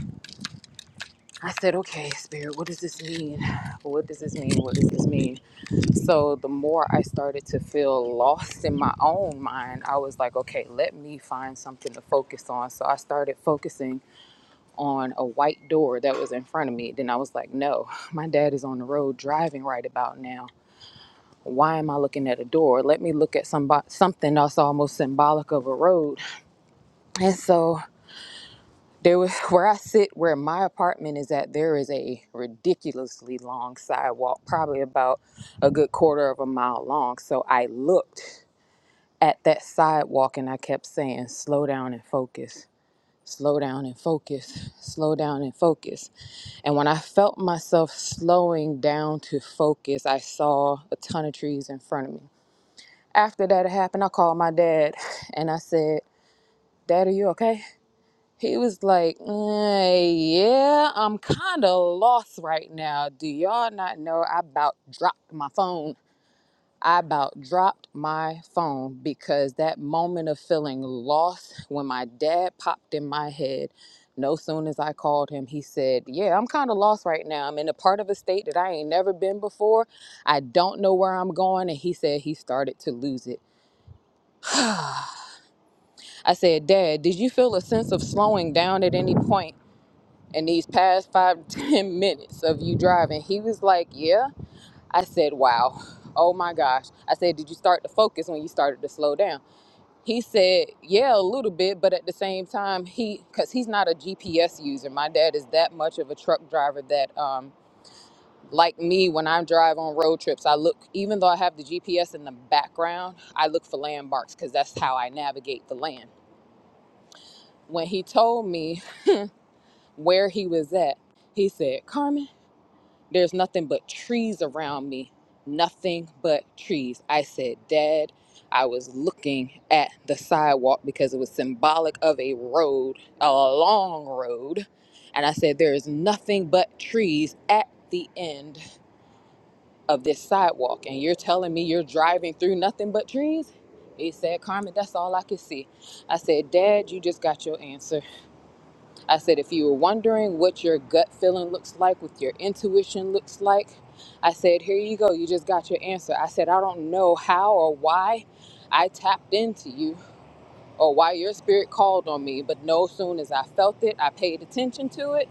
I said, "Okay, spirit, what does this mean? What does this mean? What does this mean?" So the more I started to feel lost in my own mind, I was like, "Okay, let me find something to focus on." So I started focusing on a white door that was in front of me. Then I was like, "No, my dad is on the road driving right about now." why am I looking at a door? Let me look at some something that's almost symbolic of a road. And so there was where I sit, where my apartment is at. There is a ridiculously long sidewalk, probably about a good quarter of a mile long. So I looked at that sidewalk and I kept saying, "Slow down and focus." Slow down and focus, slow down and focus. And when I felt myself slowing down to focus, I saw a ton of trees in front of me. After that happened, I called my dad and I said, Dad, are you okay? He was like, "Mm, Yeah, I'm kind of lost right now. Do y'all not know I about dropped my phone? I about dropped my phone because that moment of feeling lost when my dad popped in my head. No soon as I called him, he said, Yeah, I'm kind of lost right now. I'm in a part of a state that I ain't never been before. I don't know where I'm going. And he said he started to lose it. I said, Dad, did you feel a sense of slowing down at any point in these past five, ten minutes of you driving? He was like, Yeah. I said, Wow. Oh my gosh. I said, Did you start to focus when you started to slow down? He said, Yeah, a little bit, but at the same time, he, because he's not a GPS user. My dad is that much of a truck driver that, um, like me, when I drive on road trips, I look, even though I have the GPS in the background, I look for landmarks because that's how I navigate the land when he told me where he was at, he said, Carmen, there's nothing but trees around me. Nothing but trees. I said, Dad, I was looking at the sidewalk because it was symbolic of a road, a long road. And I said, There is nothing but trees at the end of this sidewalk. And you're telling me you're driving through nothing but trees? He said, Carmen, that's all I could see. I said, Dad, you just got your answer. I said, if you were wondering what your gut feeling looks like, what your intuition looks like, I said, here you go. You just got your answer. I said, I don't know how or why I tapped into you or why your spirit called on me, but no soon as I felt it, I paid attention to it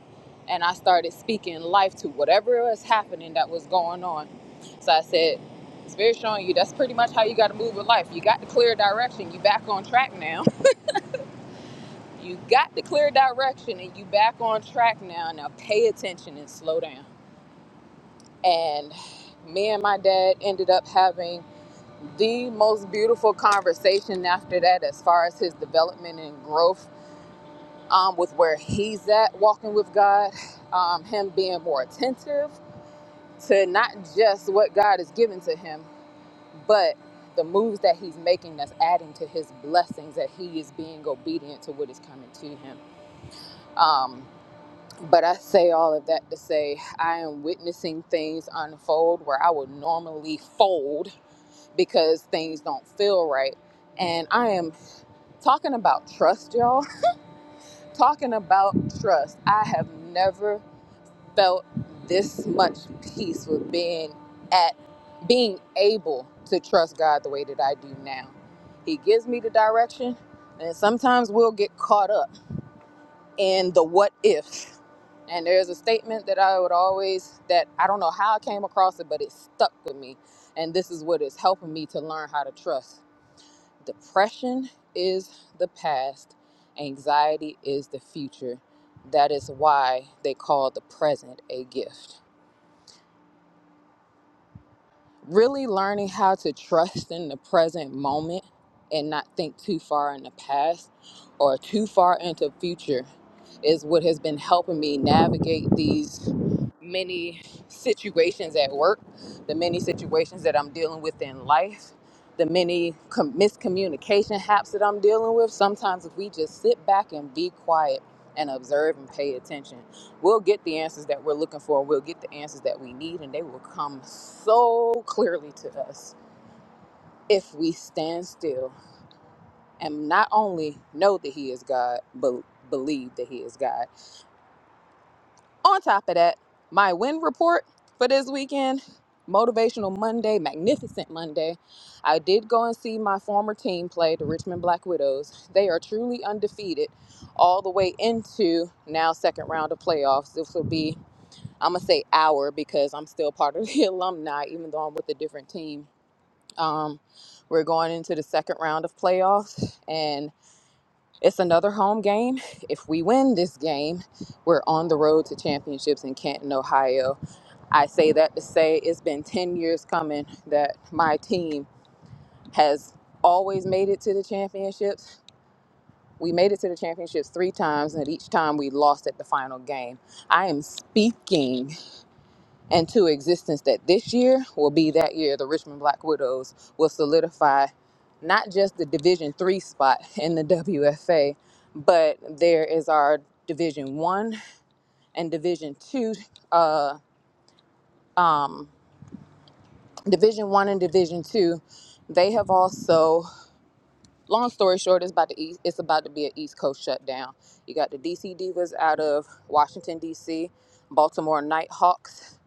and I started speaking life to whatever was happening that was going on. So I said, Spirit showing you that's pretty much how you got to move with life. You got the clear direction. You back on track now you got the clear direction and you back on track now. Now pay attention and slow down. And me and my dad ended up having the most beautiful conversation after that as far as his development and growth um, with where he's at walking with God, um, him being more attentive to not just what God is giving to him, but the moves that he's making that's adding to his blessings that he is being obedient to what is coming to him Um, But I say all of that to say I am witnessing things unfold where I would normally fold because things don't feel right. And I am talking about trust, y'all. Talking about trust. I have never felt this much peace with being at being able to trust God the way that I do now. He gives me the direction, and sometimes we'll get caught up in the what if. And there's a statement that I would always, that I don't know how I came across it, but it stuck with me. And this is what is helping me to learn how to trust. Depression is the past, anxiety is the future. That is why they call the present a gift. really learning how to trust in the present moment and not think too far in the past or too far into future is what has been helping me navigate these many situations at work, the many situations that I'm dealing with in life, the many com- miscommunication haps that I'm dealing with. Sometimes if we just sit back and be quiet and observe and pay attention, we'll get the answers that we're looking for. We'll get the answers that we need, and they will come so clearly to us if we stand still and not only know that He is God, but believe that He is God. On top of that, my win report for this weekend. Motivational Monday, magnificent Monday. I did go and see my former team play, the Richmond Black Widows. They are truly undefeated all the way into now second round of playoffs. This will be I'm gonna say our because I'm still part of the alumni, even though I'm with a different team. Um, we're going into the second round of playoffs, and it's another home game. If we win this game, we're on the road to championships in Canton, Ohio. I say that to say it's been 10 years coming that my team has always made it to the championships. We made it to the championships three times, and each time we lost at the final game. I am speaking and to existence that this year will be that year the richmond black widows will solidify not just the division three spot in the wfa but there is our division one and division two uh, um, division one and division two they have also long story short, it's about to east, it's about to be an East Coast shutdown. You got the DC Divas out of Washington DC, Baltimore Nighthawks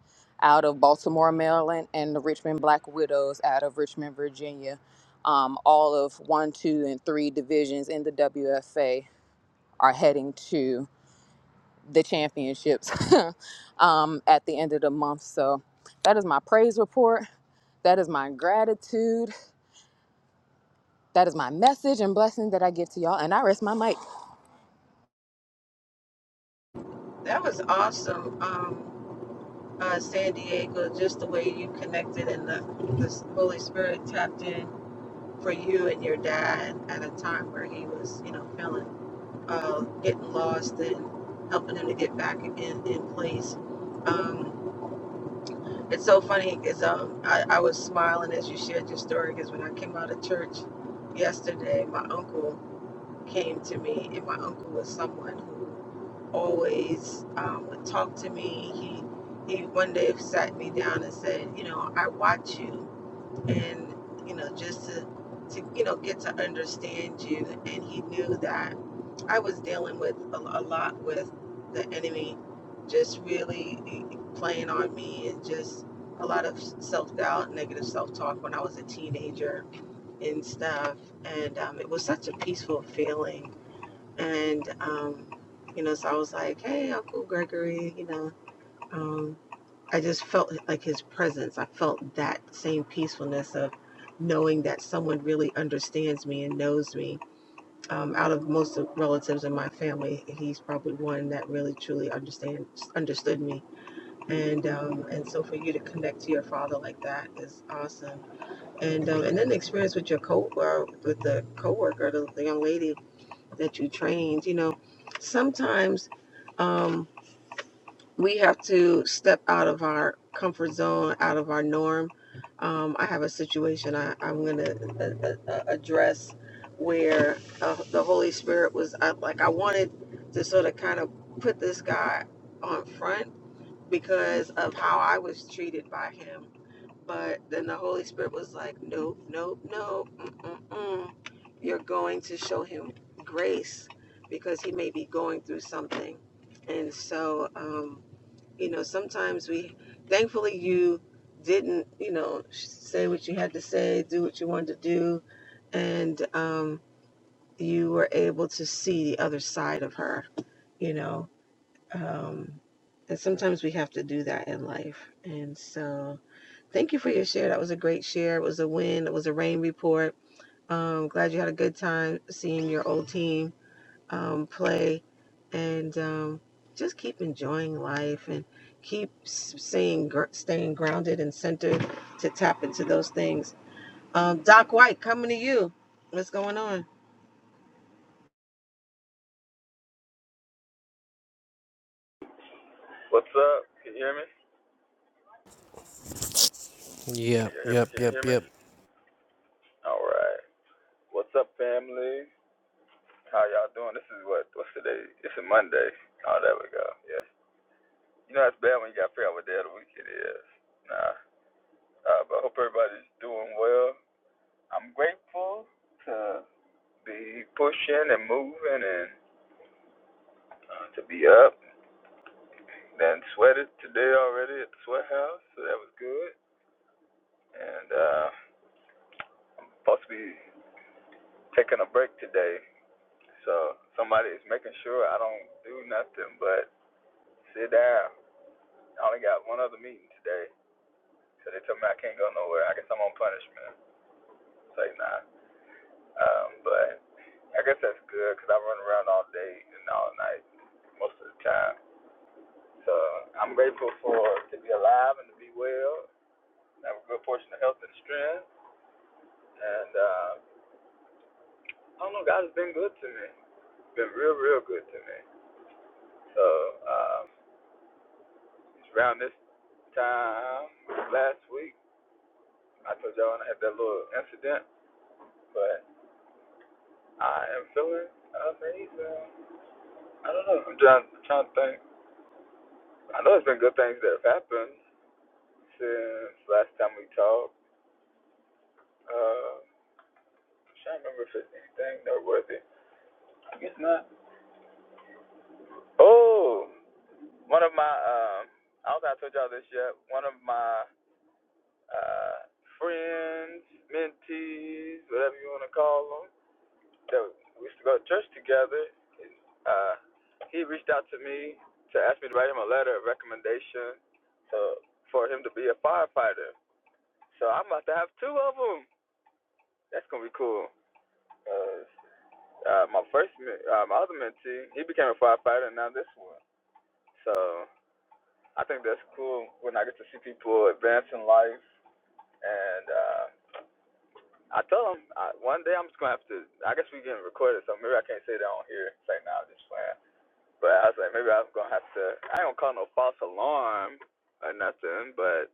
out of Baltimore, Maryland, and the Richmond Black Widows out of Richmond, Virginia. Um, all of one, two, and three divisions in the WFA are heading to the championships um, at the end of the month. So that is my praise report. That is my gratitude. That is my message and blessing that I give to y'all. And I rest my mic.
That was awesome, um, uh, San Diego. Just the way you connected and the, the Holy Spirit tapped in for you and your dad at a time where he was, you know, feeling uh, getting lost and helping him to get back in in place. Um, it's so funny because um, I, I was smiling as you shared your story because when I came out of church yesterday, my uncle. came to me, and my uncle was someone who always um, would talk to me. He he one day sat me down and said, you know, I watch you and you know just to to you know get to understand you and he knew that i was dealing with a, a lot with the enemy just really eh, playing on me and just a lot of self-doubt negative self-talk when i was a teenager and stuff and um, it was such a peaceful feeling and um, you know so i was like hey uncle gregory you know um, I just felt like his presence. I felt that same peacefulness of knowing that someone really understands me and knows me. Um, out of most of relatives in my family, he's probably one that really truly understands understood me. And um, and so for you to connect to your father like that is awesome. And um, and then the experience with your co or with the coworker, the, the young lady that you trained. You know, sometimes. Um, we have to step out of our comfort zone, out of our norm. Um, I have a situation I, I'm going to uh, uh, address where uh, the Holy Spirit was I, like, I wanted to sort of kind of put this guy on front because of how I was treated by him. But then the Holy Spirit was like, nope, nope, nope. Mm-mm-mm. You're going to show him grace because he may be going through something. And so, um, you know sometimes we thankfully you didn't you know say what you had to say do what you wanted to do and um you were able to see the other side of her you know um and sometimes we have to do that in life and so thank you for your share that was a great share it was a win it was a rain report um glad you had a good time seeing your old team um, play and um, just keep enjoying life and keep s- staying, gr- staying grounded and centered to tap into those things. Um, Doc White, coming to you. What's going on?
What's up? Can you hear me?
Yep.
Can you hear me?
Yep.
Can you
Yep.
hear me?
Yep.
All right. What's up, family? How y'all doing? This is what? What's today? It's a Monday. Oh, there we go. Yeah. You know, it's bad when you got to figure out what day of the week it is. Nah. Uh, but I hope everybody's doing well. I'm grateful to be pushing and moving and uh, to be up. Then sweated today already at the sweat house, so that was good. And uh, I'm supposed to be taking a break today So somebody is making sure I don't do nothing but sit down. I only got one other meeting today, so they told me I can't go nowhere. I guess I'm on punishment. Say nah. Um, but I guess that's good because I run around all day and all night most of the time. So I'm grateful for to be alive and to be well, and have a good portion of health and strength. And uh, I don't know, God has been good to me. Been real, real good to me. So um, it's around this time last week. I told y'all when I had that little incident, but I am feeling amazing. I don't know. I'm trying, I'm trying to think. I know there's been good things that have happened since last time we talked. Uh, I'm trying to remember if it's anything noteworthy. I guess not. Oh, one of my, um, I don't think I told y'all this yet. One of my uh, friends, mentees, whatever you want to call them, that we used to go to church together. Uh, he reached out to me to ask me to write him a letter of recommendation to, for him to be a firefighter. So I'm about to have two of them. That's gonna be cool. Uh, uh, my first, uh, my other mentee, he became a firefighter, and now this one. So I think that's cool when I get to see people advance in life. And uh, I tell him I, one day I'm just gonna have to. I guess we are getting recorded, so maybe I can't say that on here. Say now, just playing. But I was like, maybe I'm gonna have to. I don't call no false alarm or nothing, but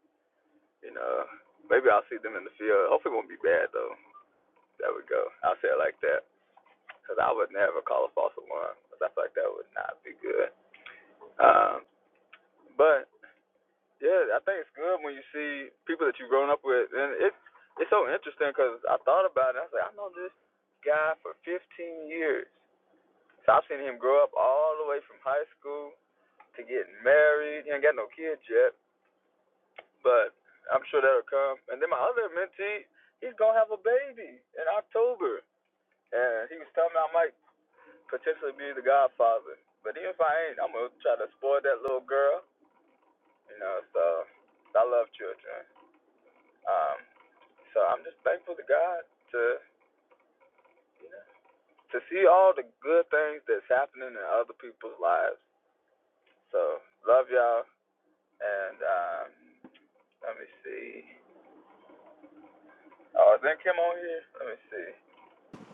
you know, maybe I'll see them in the field. Hopefully, it won't be bad though. There we go. I'll say it like that, cause I would never call a false alarm. 'cause I feel like that would not be good. Um, but yeah, I think it's good when you see people that you've grown up with, and it it's so interesting because I thought about it. I was like, I know this guy for 15 years. So I've seen him grow up all the way from high school to getting married. He ain't got no kids yet but I'm sure that'll come. And then my other mentee, he's gonna have a baby in October, and he was telling me I might potentially be the godfather. But even if I ain't, I'm gonna try to spoil that little girl. You know, so I love children. Um, so I'm just thankful to God to to see all the good things that's happening in other people's lives. So love y'all, and um, let me see. Oh, is then Kim on here? Let me see.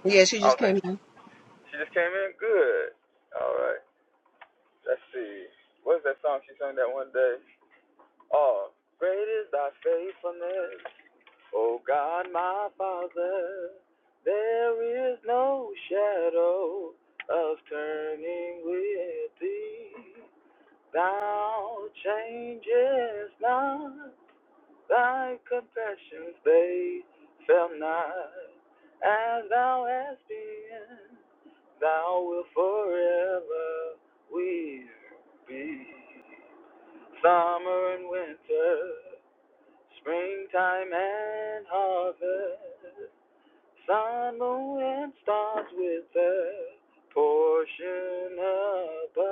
Yeah, she
I
just
don't think
came in.
She just came in good. All right. Let's see. What's that song she sang that one day? Oh, great is thy faithfulness, O God my Father. There is no shadow of turning with thee. Thou changest not, thy compassions they fail not, as thou hast been. Thou will forever we be summer and winter, springtime and harvest, sun, moon, and stars with the portion above.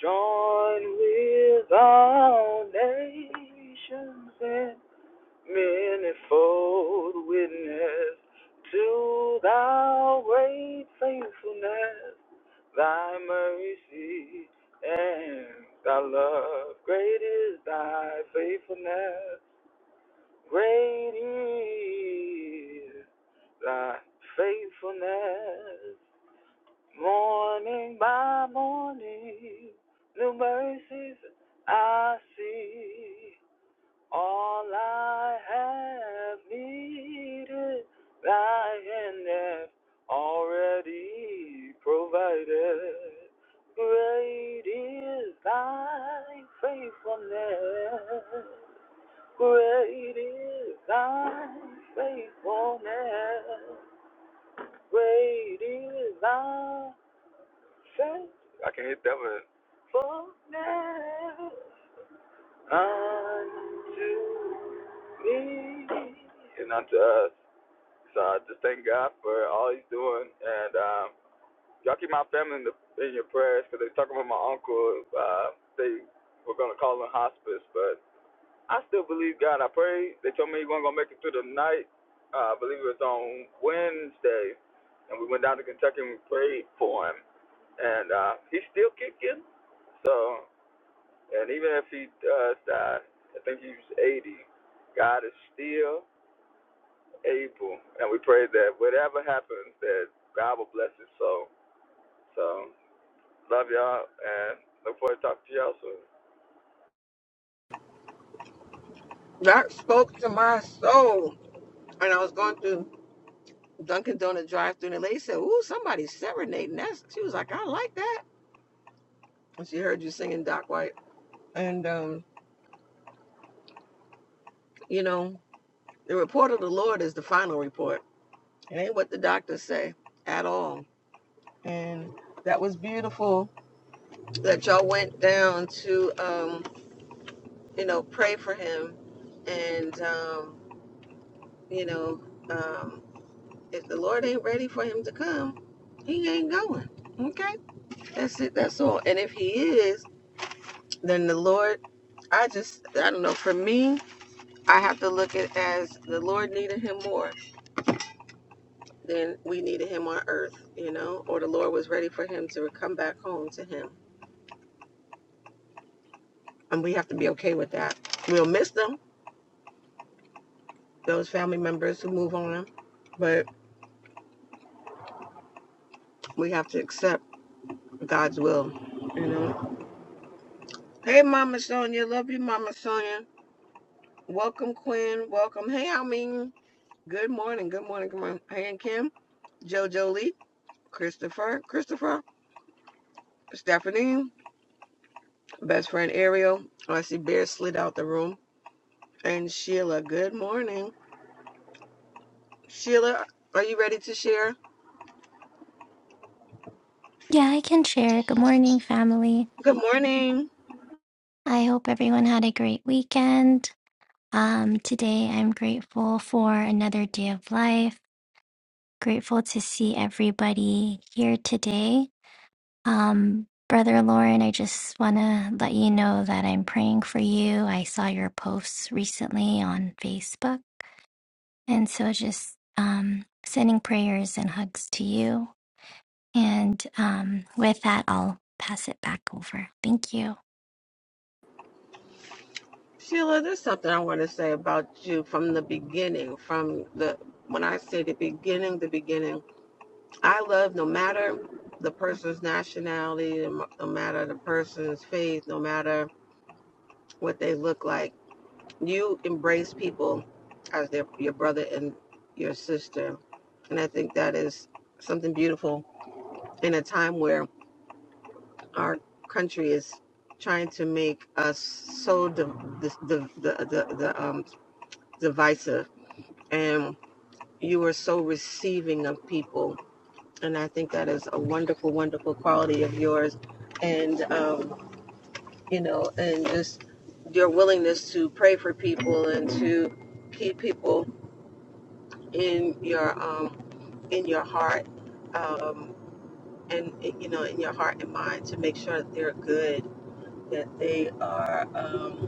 Join with all nations in manifold witness to thy great faithfulness Thy mercy and thy love. Great is thy faithfulness. Great is thy faithfulness. Morning by morning, new mercies I see. All I have needed, thy hand hath already provided. Great is thy faithfulness. Great is thy faithfulness. Great is thy faithfulness. I can hit that one. Faithfulness unto me and unto us. So I just thank God for all He's doing, and um, y'all keep my family in, the, in your prayers because they was talking about my uncle. Uh, they were gonna call him hospice, but I still believe God. I pray. They told me he wasn't gonna make it through the night. Uh, I believe it was on Wednesday, and we went down to Kentucky and we prayed for him, and uh, he's still kicking. So, and even if he does die, I think he's 80. God is still April, and we pray that whatever happens, that God will bless his soul. So love y'all, and look forward to talking to y'all soon.
That spoke to my soul. And I was going through Dunkin' Donut drive through and the lady said, Ooh, somebody's serenading. That's she was like, I like that. And she heard you singing Doc White. And um, you know, the report of the Lord is the final report. It ain't what the doctors say at all and that was beautiful that y'all went down to um you know pray for him and um you know um if the lord ain't ready for him to come he ain't going okay that's it that's all and if he is then the lord i just i don't know for me i have to look at it as the lord needed him more than we needed him on earth you know or the lord was ready for him to come back home to him and we have to be okay with that we'll miss them those family members who move on, but we have to accept God's will, you know. Hey, Mama Sonia, love you, Mama Sonia. Welcome, Quinn. Welcome. Hey, I mean, good morning, good morning, good morning. Hey, and Kim, JoJo Lee, Christopher, Christopher, Stephanie, best friend Ariel. Oh, I see Bear slid out the room. And Sheila, good morning. Sheila, are you ready to share?
Yeah, I can share. Good morning, family.
Good morning.
I hope everyone had a great weekend. Um, today, I'm grateful for another day of life. Grateful to see everybody here today. Um, Brother Lauren, I just want to let you know that I'm praying for you. I saw your posts recently on Facebook. And so, just um, sending prayers and hugs to you. And um, with that, I'll pass it back over. Thank you.
Sheila, there's something I want to say about you from the beginning. From the when I say the beginning, the beginning, I love no matter the person's nationality, no no matter the person's faith, no matter what they look like. You embrace people as their your brother and your sister, and I think that is something beautiful in a time where our country is trying to make us so the the the the, the um divisive and you are so receiving of people. And I think that is a wonderful, wonderful quality of yours. And, um, you know, and just your willingness to pray for people and to keep people in your, um, in your heart, um, and, you know, in your heart and mind to make sure that they're good, that they are, um,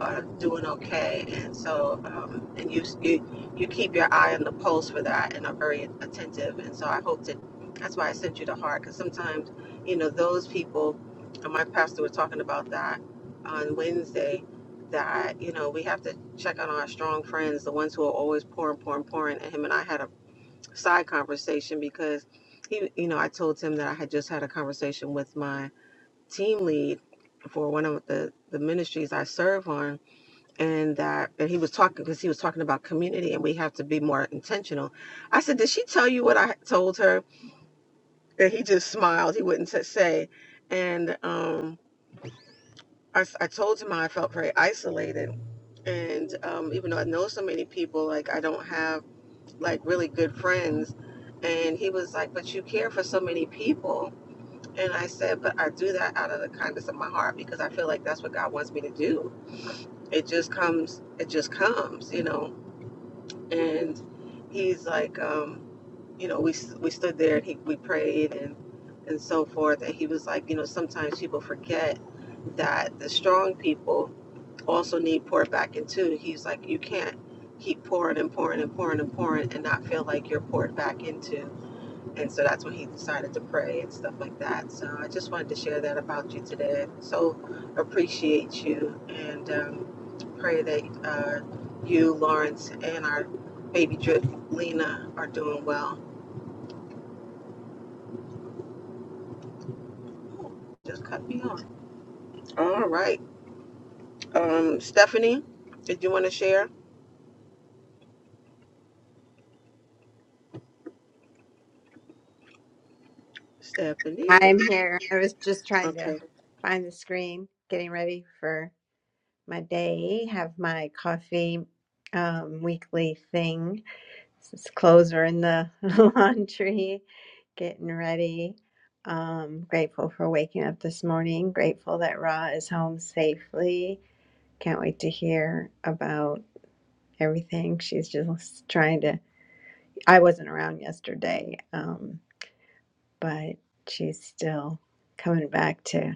uh, doing okay. And so, um, and you, you you keep your eye on the pulse for that, and are very attentive. And so, I hope that that's why I sent you the heart, because sometimes, you know, those people, and my pastor was talking about that on Wednesday, that you know we have to check on our strong friends, the ones who are always pouring, pouring, pouring. And him and I had a side conversation because he, you know, I told him that I had just had a conversation with my team lead for one of the the ministries I serve on and that and he was talking because he was talking about community and we have to be more intentional i said did she tell you what i told her and he just smiled he wouldn't t- say and um I, s- I told him how i felt very isolated and um even though i know so many people like i don't have like really good friends and he was like but you care for so many people and i said but i do that out of the kindness of my heart because i feel like that's what god wants me to do it just comes it just comes you know and he's like, um, you know, we we stood there and he we prayed and and so forth, and he was like, you know, sometimes people forget that the strong people also need poured back into. He's like, you can't keep pouring and pouring and pouring and pouring and not feel like you're poured back into and so that's when he decided to pray and stuff like that. So I just wanted to share that about you today. So appreciate you and um, pray that uh, you, Lawrence, and our baby drip Lena are doing well. Ooh, Just cut me off. All right, um, Stephanie, did you want to share? Stephanie.
I'm here. I was just trying to
Okay.
find the screen, getting ready for my day, have my coffee um, weekly thing. His clothes are in the laundry, getting ready. Um, grateful for waking up this morning. Grateful that Ra is home safely. Can't wait to hear about everything. She's just trying to. I wasn't around yesterday, um, but she's still coming back to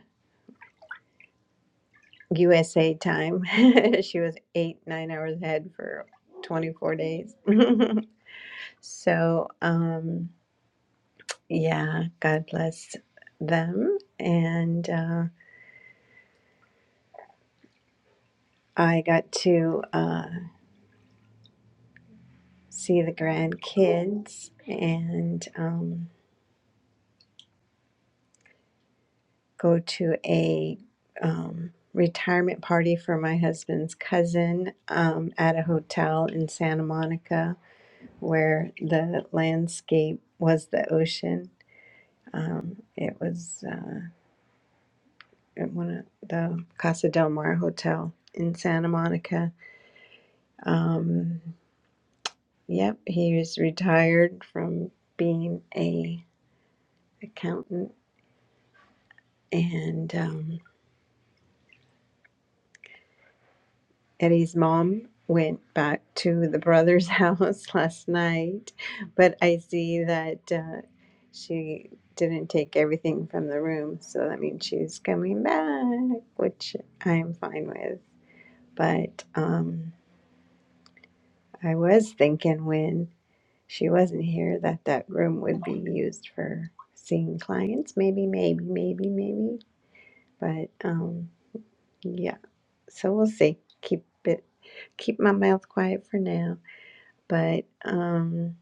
USA time. she was eight, nine hours ahead for 24 days. so, um, Yeah, God bless them. And uh, I got to uh, see the grandkids and um, go to a um, retirement party for my husband's cousin um, at a hotel in Santa Monica where the landscape was the ocean. Um, it was uh, at one of the Casa del Mar Hotel in Santa Monica. Um, Yep, he is retired from being a accountant, and um, Eddie's mom went back to the brother's house last night, but I see that uh, she didn't take everything from the room, so that means she's coming back, which I'm fine with. But um, I was thinking when she wasn't here that that room would be used for seeing clients, maybe, maybe, maybe, maybe. But um, yeah, so we'll see. Keep it, keep my mouth quiet for now. But um,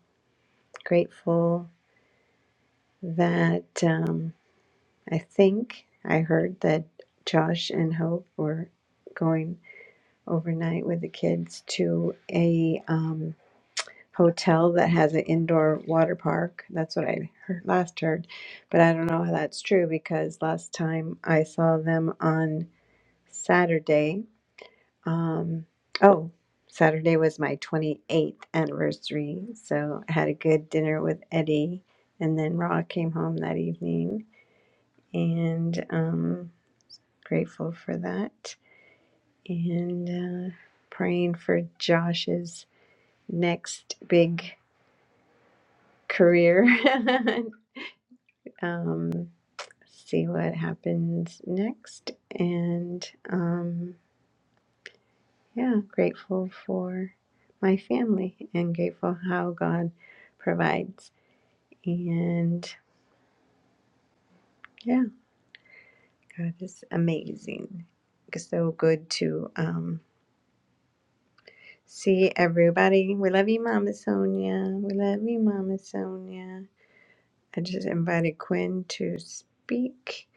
grateful that um, I think I heard that Josh and Hope were going overnight with the kids to a um, hotel that has an indoor water park. That's what I heard, last heard, but I don't know how that's true because last time I saw them on Saturday Um, oh, Saturday was my 28th anniversary, so I had a good dinner with Eddie, and then Ra came home that evening, and um, grateful for that, and uh, praying for Josh's next big career. um, see what happens next, and. Um, Yeah, grateful for my family and grateful how God provides. And yeah, God is amazing. It's so good to um, see everybody. We love you, Mama Sonia. We love you, Mama Sonia. I just invited Quinn to speak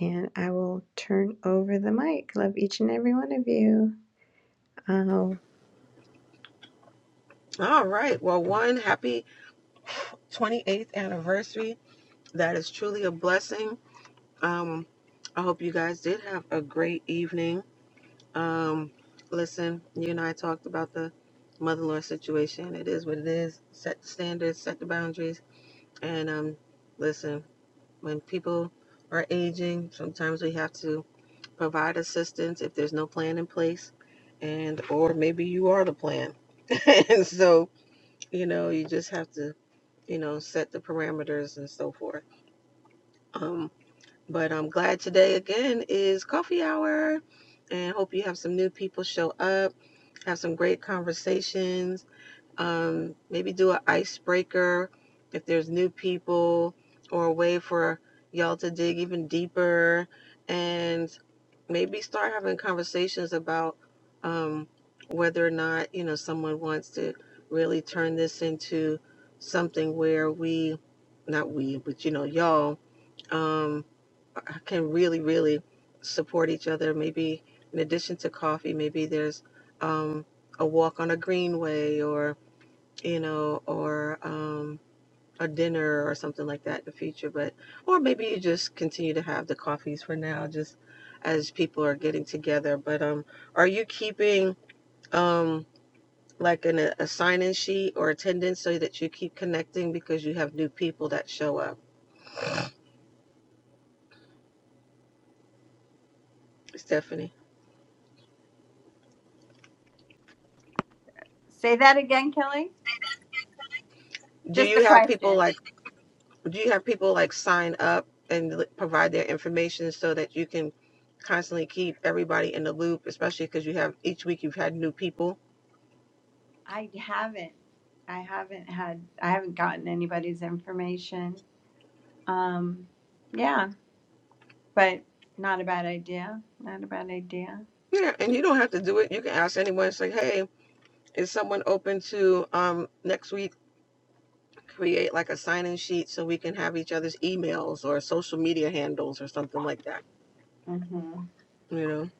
and I will turn over the mic. Love each and every one of you. Um,
All right. Well, one happy 28th anniversary. That is truly a blessing. Um, I hope you guys did have a great evening Um, listen, you and I talked about the mother-in-law situation. It is what it is. Set the standards, set the boundaries, and um, listen. When people are aging, sometimes we have to provide assistance if there's no plan in place, and or maybe you are the plan, and so you know you just have to you know set the parameters and so forth. Um, but I'm glad today again is coffee hour and hope you have some new people show up, have some great conversations, um, maybe do an icebreaker if there's new people or a way for y'all to dig even deeper and maybe start having conversations about um, whether or not, you know, someone wants to really turn this into something where we, not we, but you know, y'all. Um, can really, really support each other. Maybe in addition to coffee, maybe there's um, a walk on a greenway or, you know, or um, a dinner or something like that in the future. But, or maybe you just continue to have the coffees for now, just as people are getting together. But um, are you keeping um, like an, a sign in sheet or attendance so that you keep connecting because you have new people that show up? Stephanie,
Say that again, Kelly.
do
Just the
you have people
question.
like do you have people like sign up and provide their information so that you can constantly keep everybody in the loop especially because you have each week you've had new people
I haven't. I haven't had. I haven't gotten anybody's information. Um, yeah, but not a bad idea. Not a bad idea.
yeah and you don't have to do it you can ask anyone it's like hey is someone open to um, next week create like a sign-in sheet so we can have each other's emails or social media handles or something like that
Mhm.
you know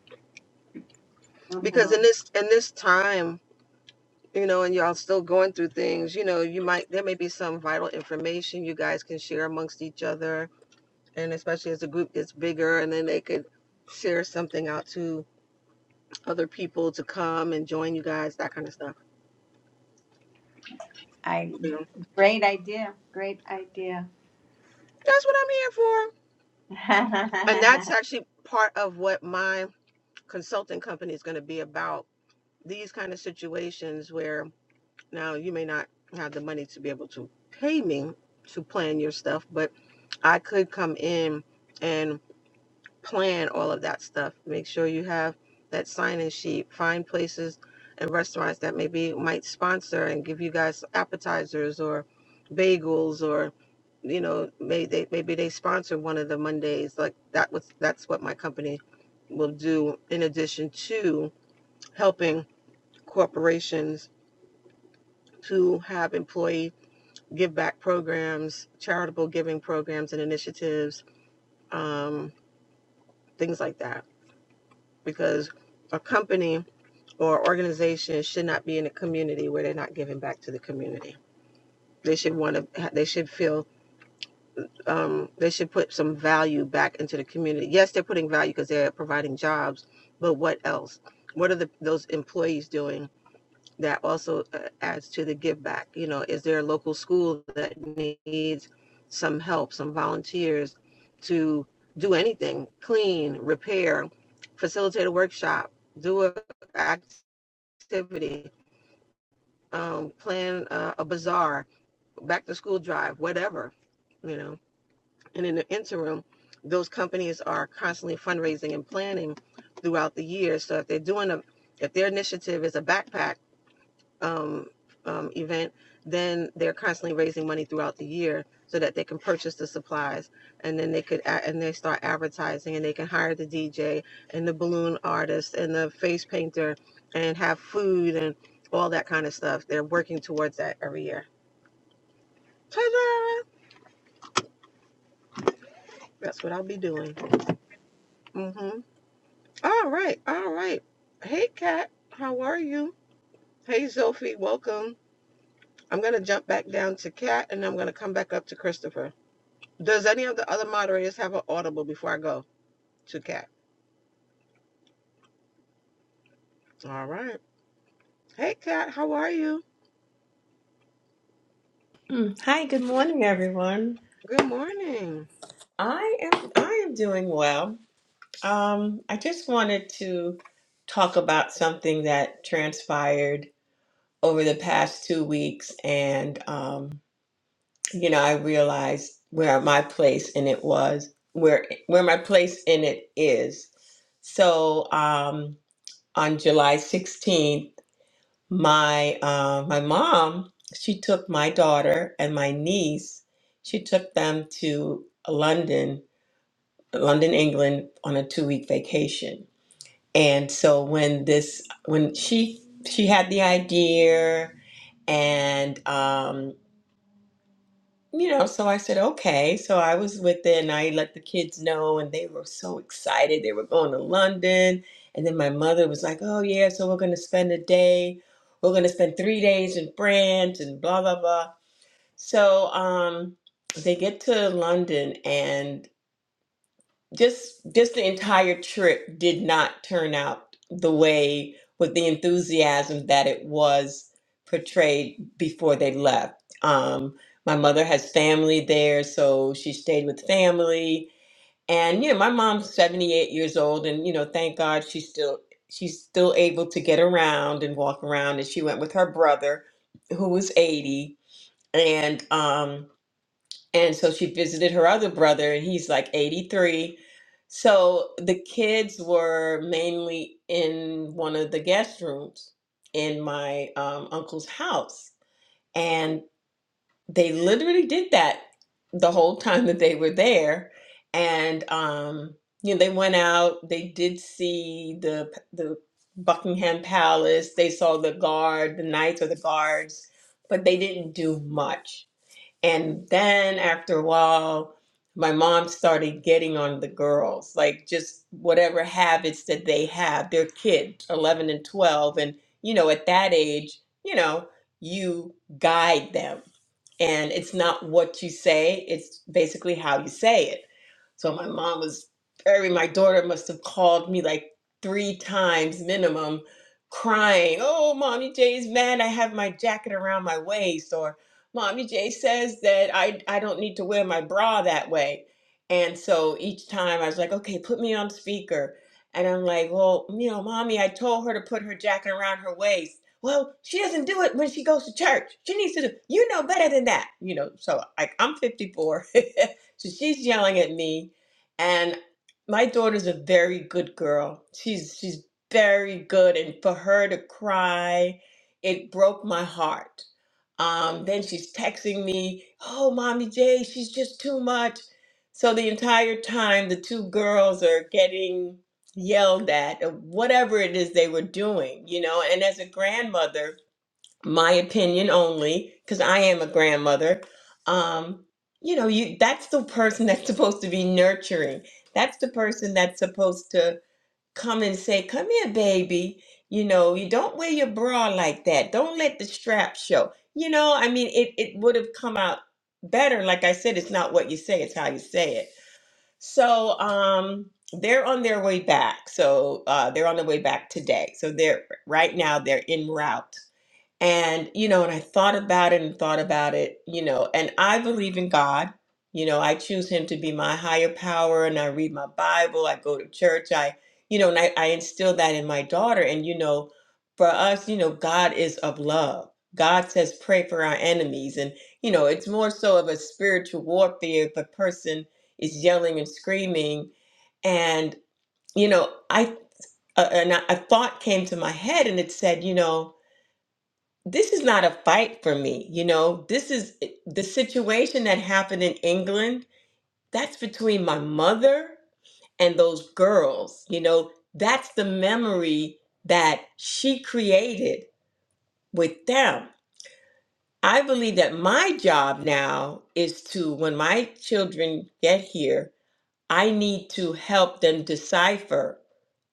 because in
Mhm.
this in this time you know and y'all still going through things you know you might there may be some vital information you guys can share amongst each other and especially as the group gets bigger and then they could share something out to other people to come and join you guys that kind of stuff
I
you know
great idea. Great idea.
that's what i'm here for and that's actually part of what my consulting company is going to be about these kind of situations where now you may not have the money to be able to pay me to plan your stuff but i could come in and. plan all of that stuff. Make sure you have that sign-in sheet. Find places and restaurants that maybe might sponsor and give you guys appetizers or bagels or you know maybe they maybe they sponsor one of the Mondays like that was that's what my company will do in addition to helping corporations to have employee give back programs, charitable giving programs and initiatives, um, things like that. Because a company or organizations should not be in a community where they're not giving back to the community. They should want to. They should feel. Um, they should put some value back into the community. Yes, they're putting value because they're providing jobs, but what else? What are the, those employees doing that also uh, adds to the give back? You know, is there a local school that needs some help, some volunteers to do anything, clean, repair, facilitate a workshop, do a activity? um, plan uh, a bazaar, back to school drive, whatever, you know. And in the interim, those companies are constantly fundraising and planning throughout the year. So if they're doing a, if their initiative is a backpack um, um, event, then they're constantly raising money throughout the year so that they can purchase the supplies, and then they could a- and they start advertising, and they can hire the DJ and the balloon artist and the face painter, and have food and all that kind of stuff. They're working towards that every year. Ta-da! That's what I'll be doing. Mm-hmm. All right, all right. Hey, Kat, how are you? Hey, Sophie, welcome. I'm gonna jump back down to Kat, and I'm gonna come back up to Christopher. Does any of the other moderators have an audible before I go to Kat? All right. Hey, Kat, how are you?
Hmm. Hi, good morning, everyone.
Good morning.
I am I am doing well. Um, I just wanted to talk about something that transpired over the past two weeks, and um, you know, I realized where my place in it was, where where my place in it is. So, um, on July 16th, my uh, my mom, she took my daughter and my niece, she took them to London London, England on a two week vacation. And so when this when she she had the idea and um you know so I said okay so I was with it and I let the kids know and they were so excited they were going to London and then my mother was like oh yeah so we're going to spend a day we're going to spend 3 days in France and blah blah blah so um they get to London and. just just the entire trip did not turn out the way with the enthusiasm that it was portrayed before they left. Um, my mother has family there, so she stayed with family. And you know, my mom's 78 years old, and you know, thank God she's still she's still able to get around and walk around. And she went with her brother, who was 80, and um, and so she visited her other brother, and he's like 83. So the kids were mainly in one of the guest rooms in my um, uncle's house. And they literally did that the whole time that they were there. And, um, you know, they went out, they did see the, the Buckingham Palace, they saw the guard, the knights or the guards, but they didn't do much and then after a while, my mom started getting on the girls, like just whatever habits that they have. They're kids, 11 and 12. And, you know, at that age, you know, you guide them and it's not what you say it's basically how you say it so my mom was very my daughter must have called me like three times minimum crying oh mommy jay's mad i have my jacket around my waist or mommy jay says that i i don't need to wear my bra that way and so each time i was like okay put me on speaker and i'm like well you know mommy i told her to put her jacket around her waist well, she doesn't do it when she goes to church. She needs to do, you know better than that. You know, so like I'm 54. so she's yelling at me. And my daughter's a very good girl. She's she's very good. And for her to cry, it broke my heart. Um, then she's texting me, oh, Mommy J, she's just too much. So the entire time the two girls are getting yelled at, or whatever it is they were doing, you know. And as a grandmother, my opinion only, because I am a grandmother, um, you know, you that's the person that's supposed to be nurturing. That's the person that's supposed to come and say, Come here, baby. You know, you don't wear your bra like that. Don't let the strap show. You know, I mean, it, it would have come out better. Like I said, it's not what you say, it's how you say it so um, they're on their way back. So uh, they're on their way back today. So they're right now they're en route. And, you know, and I thought about it and thought about it, you know, and I believe in God. You know, I choose him to be my higher power and I read my Bible, I go to church, I, you know, and I, I instill that in my daughter. And, you know, for us, you know, God is of love. God says, pray for our enemies. And, you know, it's more so of a spiritual warfare if a person is yelling and screaming. And, you know, I, uh, and a a thought came to my head and it said, you know, this is not a fight for me. You know, this is eh, the situation that happened in England. That's between my mother and those girls. You know, that's the memory that she created with them. I believe that my job now is to, when my children get here, I need to help them decipher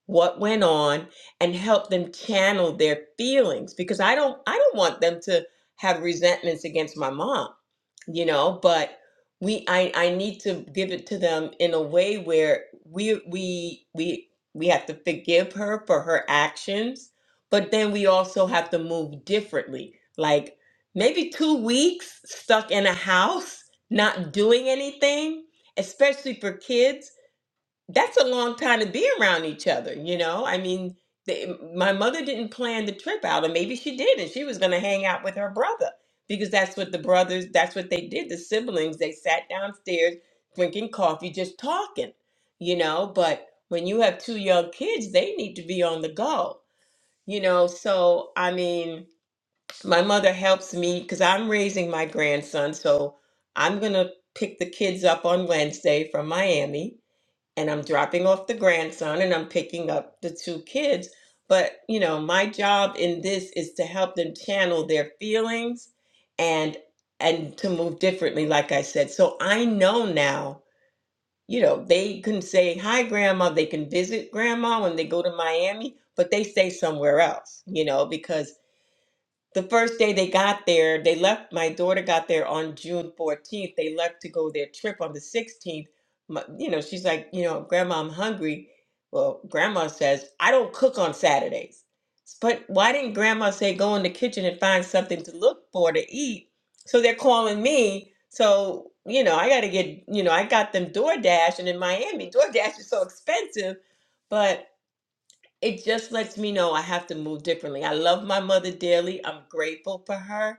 what went on and help them channel their feelings because I don't I don't want them to have resentments against my mom, you know, but we I I need to give it to them in a way where we we we we have to forgive her for her actions, but then we also have to move differently. Like maybe 2 weeks stuck in a house not doing anything especially for kids, that's a long time to be around each other, you know? I mean, they, my mother didn't plan the trip out, or maybe she did, and she was going to hang out with her brother because that's what the brothers, that's what they did. The siblings, they sat downstairs drinking coffee, just talking, you know? But when you have two young kids, they need to be on the go, you know? So, I mean, my mother helps me because I'm raising my grandson, so I'm going to pick the kids up on Wednesday from Miami and I'm dropping off the grandson and I'm picking up the two kids. But, you know, my job in this is to help them channel their feelings and and to move differently like I said. So I know now, you know, they can say hi grandma, they can visit grandma when they go to Miami, but they stay somewhere else, you know, because the first day they got there, they left. My daughter got there on June 14th. They left to go their trip on the 16th. My, you know, she's like, you know, Grandma, I'm hungry. Well, Grandma says, I don't cook on Saturdays. But why didn't Grandma say go in the kitchen and find something to look for to eat? So they're calling me. So, you know, I got to get, you know, I got them DoorDash. And in Miami, DoorDash is so expensive. But it just lets me know I have to move differently. I love my mother dearly. I'm grateful for her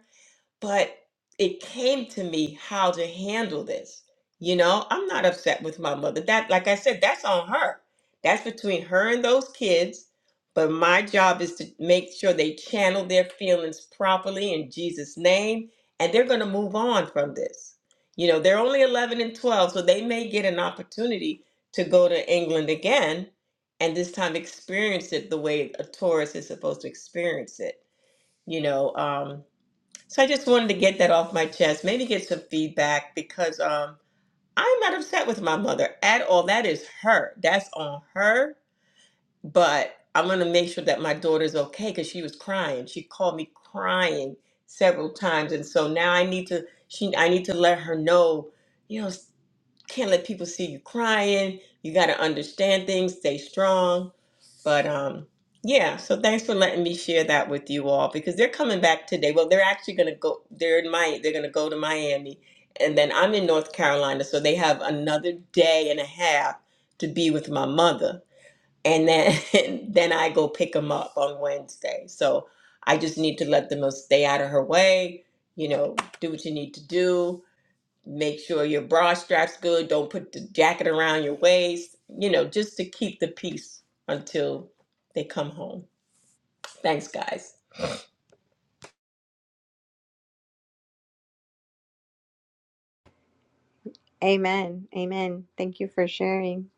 but it came to me how to handle this. You know, I'm not upset with my mother. That, like I said, that's on her. That's between her and those kids. But my job is to make sure they channel their feelings properly in Jesus' name, and they're going to move on from this. You know, they're only 11 and 12, so they may get an opportunity to go to England again, and this time experience it the way a tourist is supposed to experience it. You know, um, so I just wanted to get that off my chest, maybe get some feedback because um, I'm not upset with my mother at all. That is her. That's on her. But I'm going to make sure that my daughter's okay because she was crying. She called me crying several times. And so now I need to, she, I need to let her know, you know, can't let people see you crying. You got to understand things, stay strong. But um, yeah, so thanks for letting me share that with you all because they're coming back today. Well, they're actually going to go. They're in my. They're going to go to Miami, and then I'm in North Carolina, so they have another day and a half to be with my mother, and then and then I go pick them up on Wednesday. So I just need to let them know stay out of her way. You know, do what you need to do make sure your bra strap's good don't put the jacket around your waist you know just to keep the peace until they come home thanks guys
Amen. Amen. Thank you for sharing.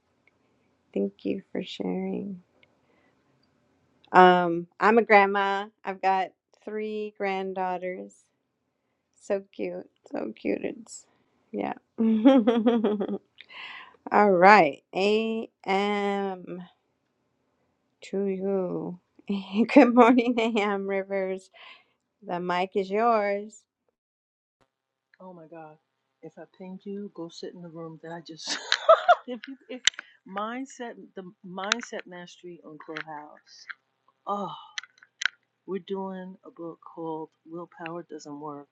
Thank you for sharing. Um, I'm a grandma. I've got three granddaughters. So cute. So cute. It's yeah. All right. A.M. to you. Good morning, A.M. Rivers. The mic is yours.
Oh my God. If I pinged you, go sit in the room that I just. if you, if mindset, the mindset mastery on Clubhouse. Oh, we're doing a book called Willpower Doesn't Work,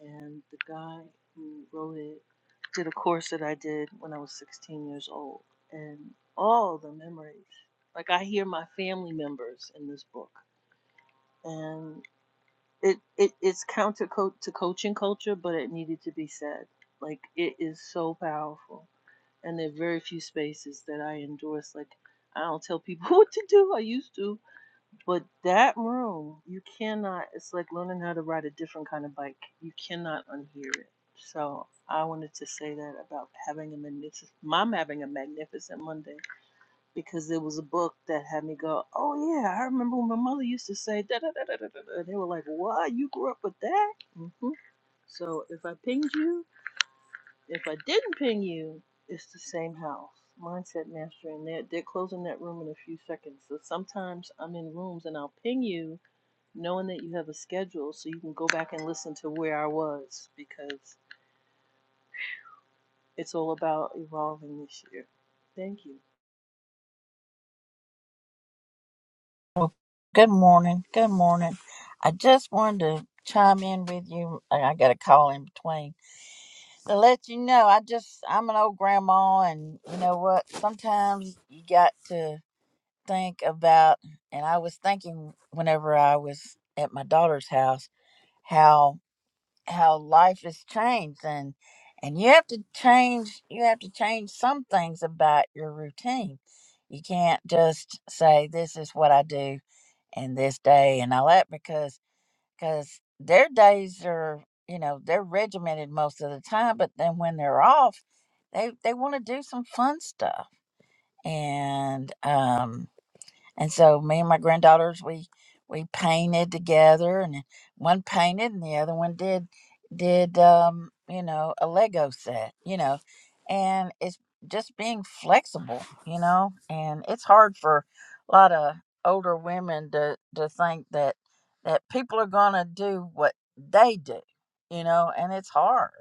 and the guy who wrote it did a course that I did when I was 16 years old, and all the memories. Like I hear my family members in this book, and it, it it's counter co- to coaching culture, but it needed to be said. Like it is so powerful, and there are very few spaces that I endorse. Like I don't tell people what to do. I used to, but that room, you cannot. It's like learning how to ride a different kind of bike. You cannot unhear it. So I wanted to say that about having a magnificent. Mom having a magnificent Monday because it was a book that had me go, oh yeah, I remember when my mother used to say da da da da da da. And they were like, what? You grew up with that? hmm So if I pinged you, if I didn't ping you, it's the same house. Mindset Mastery, and they're, they're closing that room in a few seconds. So sometimes I'm in rooms and I'll ping you knowing that you have a schedule so you can go back and listen to where I was because it's all about evolving this year. Thank you.
Well, good morning. Good morning. I just wanted to chime in with you. and I got a call in between to let you know. I just I'm an old grandma, and you know what? Sometimes you got to think about. And I was thinking whenever I was at my daughter's house, how how life has changed, and and you have to change. You have to change some things about your routine. You can't just say this is what I do and this day and all that because because their days are you know they're regimented most of the time but then when they're off they they want to do some fun stuff and um and so me and my granddaughters, we we painted together, and one painted, and the other one did did um, you know a Lego set, you know, and it's just being flexible, you know, and it's hard for a lot of older women to to think that that people are gonna do what they do, you know, and it's hard.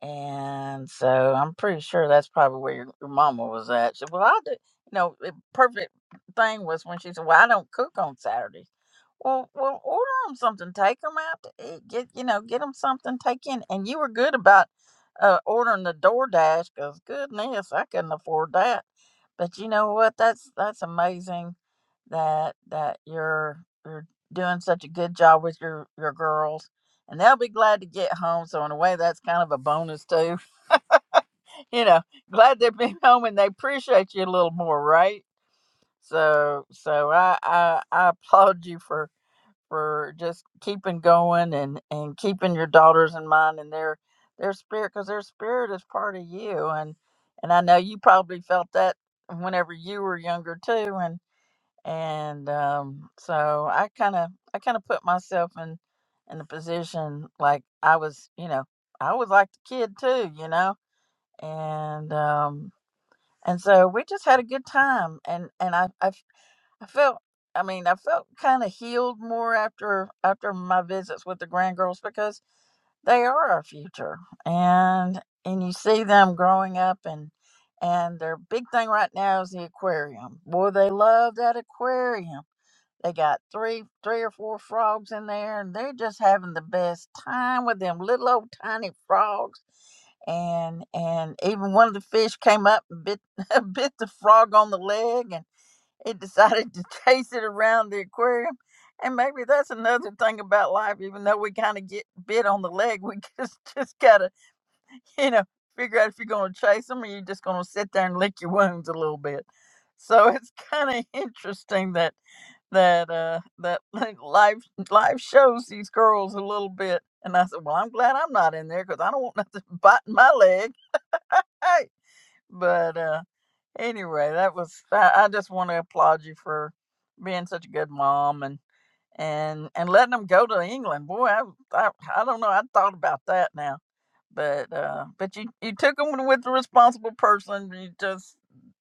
And so I'm pretty sure that's probably where your, your mama was at. She said, Well, I do, you know, the perfect thing was when she said, Well, I don't cook on Saturdays. Well, well, order them something, take them out to eat, get, you know, get them something, take in. And you were good about uh, ordering the DoorDash because goodness, I couldn't afford that. But you know what? That's, that's amazing that, that you're, you're doing such a good job with your, your girls and they'll be glad to get home. So in a way, that's kind of a bonus too. You know, glad they've been home and they appreciate you a little more, right? So, so I I, I applaud you for for just keeping going and and keeping your daughters in mind and their their spirit because their spirit is part of you and and I know you probably felt that whenever you were younger too And and um, so I kind of I kind of put myself in in the position like I was, you know, I was like the kid too, you know, and um, and so we just had a good time, and and I I, f- I felt. I mean, I felt kind of healed more after after my visits with the grand girls because they are our future, and and you see them growing up, and and their big thing right now is the aquarium. Boy, they love that aquarium they got three, three or four frogs in there, and they're just having the best time with them little old tiny frogs. And and even one of the fish came up and bit bit the frog on the leg, and it decided to chase it around the aquarium. And maybe that's another thing about life. Even though we kind of get bit on the leg, we just just gotta you know, figure out if you're going to chase them or you're just going to sit there and lick your wounds a little bit. So it's kind of interesting that that uh that like, life life shows these girls a little bit. And I said, well, I'm glad I'm not in there because I don't want nothing biting my leg. Hey, but uh anyway, that was I, I just want to applaud you for being such a good mom and and and letting them go to England. Boy, I I, I don't know. I thought about that now, but uh, but you you took them with the responsible person. You just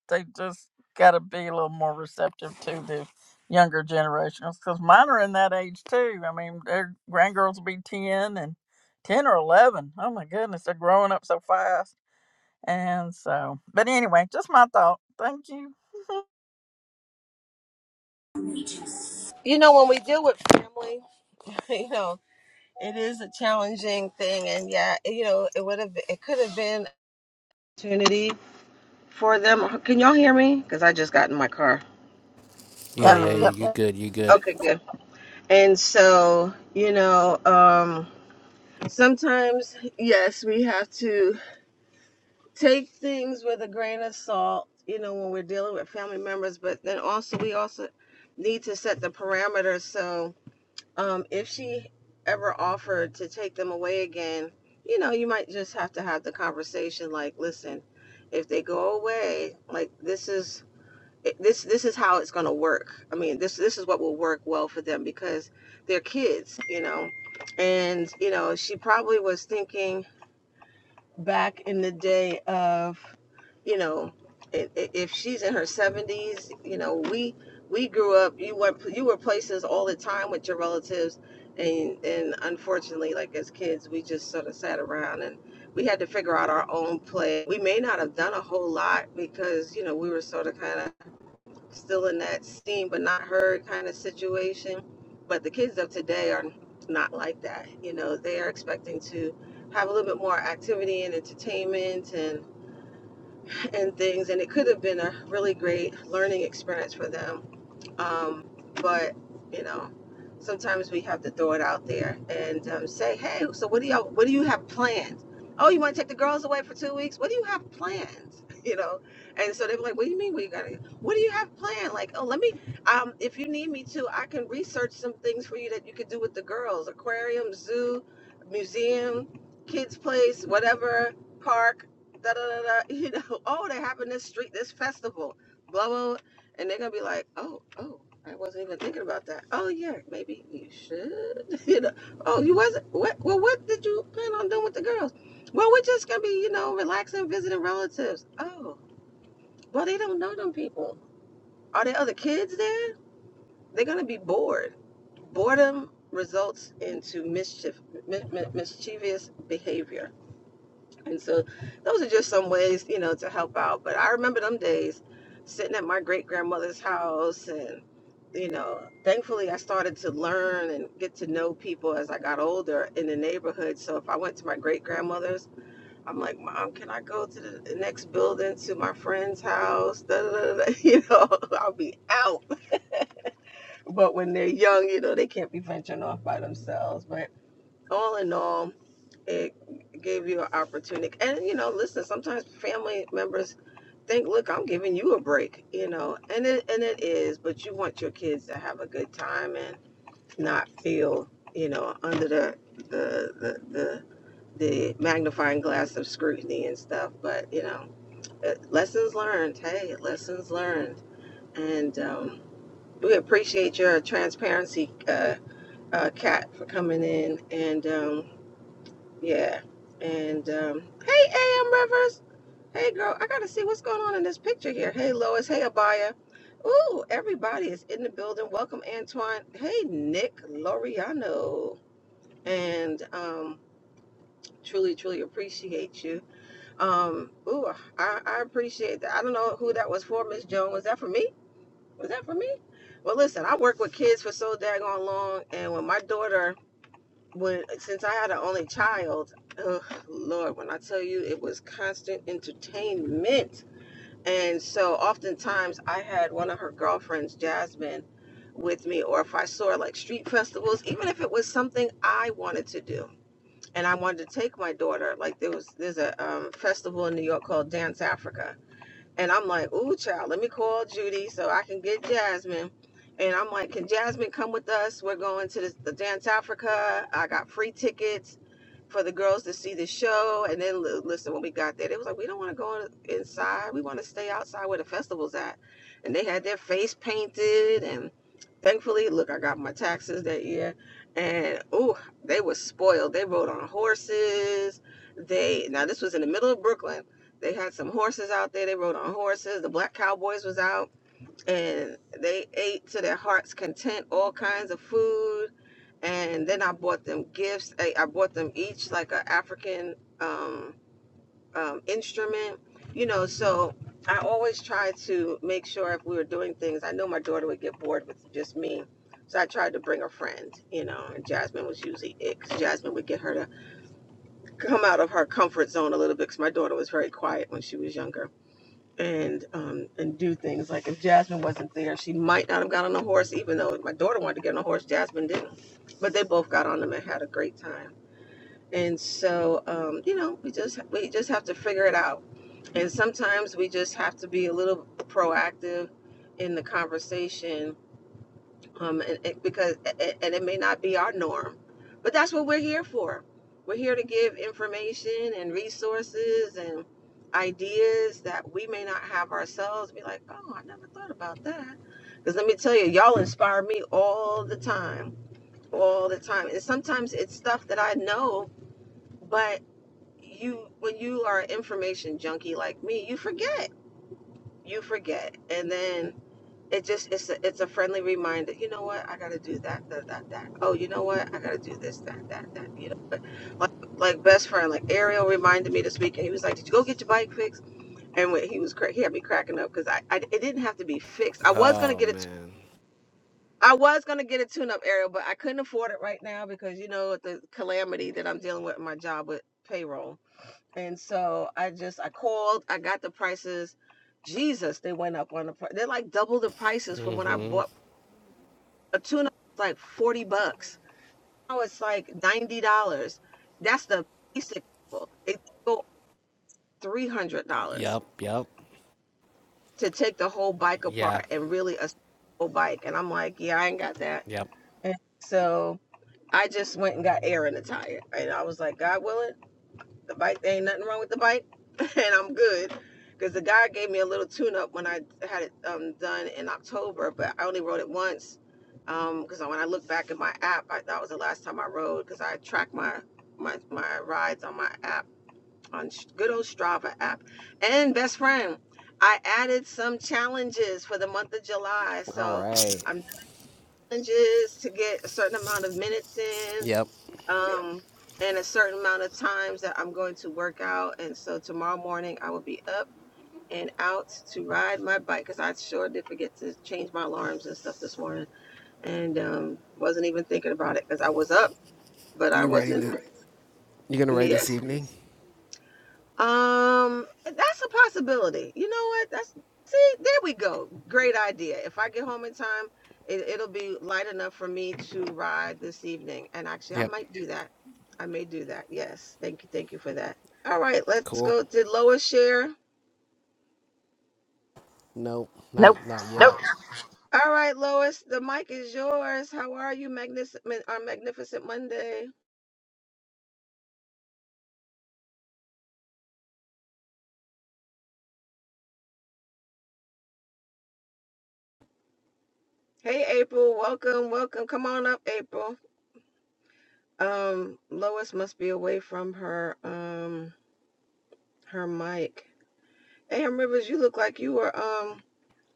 they just got to be a little more receptive to the younger generations because mine are in that age too. I mean, their grandgirls will be ten and ten or eleven. Oh my goodness, they're growing up so fast. And so, but anyway, just my thought. Thank you.
You know, when we deal with family, you know, it is a challenging thing, and yeah, you know, it would have, it could have been an Opportunity for them. Can y'all hear me? Because I just got in my car.
Yeah.
Yep,
Yeah. Yeah.
Um.
yep,
You
yep.
good? You good?
Okay, good. And so, you know, um, sometimes yes, we have to. take things with a grain of salt, you know, when we're dealing with family members, but then also we also need to set the parameters. So um, if she ever offered to take them away again, you know, you might just have to have the conversation like, listen, if they go away, like this is this this is how it's going to work. I mean, this this is what will work well for them because they're kids, you know. And you know, she probably was thinking back in the day of, you know, if she's in her 70s, you know, we we grew up. You went you were places all the time with your relatives, and and unfortunately, like as kids, we just sort of sat around and we had to figure out our own play. We may not have done a whole lot because you know we were sort of kind of still in that seen but not heard kind of situation. But the kids of today are not like that. You know, they are expecting to have a little bit more activity and entertainment and and things. And it could have been a really great learning experience for them um, but you know, sometimes we have to throw it out there and um, say, "Hey, so what do y'all? What do you have planned? Oh, you want to take the girls away for two weeks? What do you have planned? You know?" And so they're like, "What do you mean? We gotta? What do you have planned? Like, oh, let me. Um, if you need me to, I can research some things for you that you could do with the girls: aquarium, zoo, museum, kids' place, whatever, park." Da, da, da, da, you know, oh, they're having this street, this festival, Blah blah." And they're gonna be like, oh, oh, I wasn't even thinking about that. Oh yeah, maybe you should. you know, oh, you wasn't. What? Well, what did you plan on doing with the girls? Well, we're just gonna be, you know, relaxing, visiting relatives. Oh, well, they don't know them people. Are there other kids there? They're gonna be bored. Boredom results into mischief, mi- mi- mischievous behavior. And so those are just some ways, you know, to help out. But I remember them days sitting at my great grandmother's house and you know, thankfully I started to learn and get to know people as I got older in the neighborhood. So if I went to my great grandmother's, I'm like, Mom, can I go to the the next building to my friend's house? Da, da, da, da. You know, I'll be out. But when they're young, you know, they can't be venturing off by themselves. But all in all, it gave you an opportunity. And you know, listen, sometimes family members think, "Look, I'm giving you a break," you know, and it and it is, but you want your kids to have a good time and not feel, you know, under the the the the, the magnifying glass of scrutiny and stuff. But you know, eh, lessons learned. Hey, lessons learned, and um, we appreciate your transparency, uh, uh, Kat, for coming in and. Um, yeah. And um, hey, AM Rivers. Hey, girl. I gotta see what's going on in this picture here. Hey, Lois. Hey, Abaya. Ooh, everybody is in the building. Welcome, Antoine. Hey, Nick Loriano. And um, truly, truly appreciate you. Um, ooh, I, I appreciate that. I don't know who that was for, Miss Joan. Was that for me? Was that for me? Well, listen, I work with kids for so daggone long, and when my daughter when since I had an only child, oh Lord, when I tell you it was constant entertainment. And so oftentimes I had one of her girlfriends, Jasmine, with me, or if I saw like street festivals, even if it was something I wanted to do. And I wanted to take my daughter, like there was there's a um, festival in New York called Dance Africa and I'm like, ooh, child, let me call Judy so I can get Jasmine. And I'm like, can Jasmine come with us? We're going to the, the Dance Africa. I got free tickets for the girls to see the show. And then, li- listen, when we got there, they was like, we don't want to go inside. We want to stay outside where the festival's at. And they had their face painted. And thankfully, look, I got my taxes that year. And, ooh, they were spoiled. They rode on horses. They, now this was in the middle of Brooklyn they had some horses out there. They rode on horses. The black cowboys was out and they ate to their heart's content all kinds of food. And then I bought them gifts. I, I bought them each like an African um, um, instrument, you know. So I always try to make sure if we were doing things, I know my daughter would get bored with just me. So I tried to bring a friend, you know, and Jasmine was usually it 'cause Jasmine would get her to come out of her comfort zone a little bit because my daughter was very quiet when she was younger and um and do things like if Jasmine wasn't there, she might not have got on a horse. Even though my daughter wanted to get on a horse, Jasmine didn't. But they both got on them and had a great time. And so um, you know, we just we just have to figure it out. And sometimes we just have to be a little proactive in the conversation um, and, and because and it may not be our norm, but that's what we're here for. We're here to give information and resources and ideas that we may not have ourselves. Be like, oh, I never thought about that. Because let me tell you, y'all inspire me all the time, all the time. And sometimes it's stuff that I know, but you, when you are an information junkie like me, you forget. You forget, and then it just it's a, it's a friendly reminder. You know what? I gotta do that, that, that, that. Oh, you know what? I gotta do this, that, that, that. You know, but like like best friend, like Ariel reminded me this weekend. He was like, "Did you go get your bike fixed?" And when he was cra- he had me cracking up because I, I it didn't have to be fixed. I was gonna
Oh
get it.
man.
I was gonna get a tune-up, Ariel, but I couldn't afford it right now because you know the calamity that I'm dealing with in my job with payroll. And so I just I called. I got the prices. Jesus, they went up on the price. They're like double the prices from when I
Mm-hmm.
bought a tuna was like 40 bucks. Now it's like $90. That's the basic level. It go $300
Yep. Yep.
to take the whole bike
Yeah.
apart and really a whole bike. And I'm like, yeah, I ain't got that.
Yep.
And so I just went and got air in the tire. And I was like, God willing, The bike, there ain't nothing wrong with the bike, and I'm good. Because the guy gave me a little tune up when I had it um, done in October, but I only rode it once. Because um, when I look back at my app, I, that was the last time I rode because I track my, my my rides on my app, on good old Strava app. And best friend, I added some challenges for the month of July.
All
So
right.
I'm doing challenges to get a certain amount of minutes in,
Yep.
um, and a certain amount of times that I'm going to work out. And so tomorrow morning I will be up and out to ride my bike because I sure did forget to change my alarms and stuff this morning, and um, wasn't even thinking about it because I was up, but I
You writing
wasn't.
the? You gonna write this
Yes.
evening?
Um, that's a possibility. You know what? That's see, there we go. Great idea. If I get home in time, it, it'll be light enough for me to ride this evening. And actually, I
Yep.
might do that. I may do that. Yes. Thank you. Thank you for that. All right, let's
Cool.
go. Did Lois share?
No, not not yet.
All right, Lois, the mic is yours. How are you, magnificent on Magnificent Monday? Hey, April, welcome, welcome. Come on up, April. Um, Lois must be away from her um her mic. Am Rivers, you look like you were um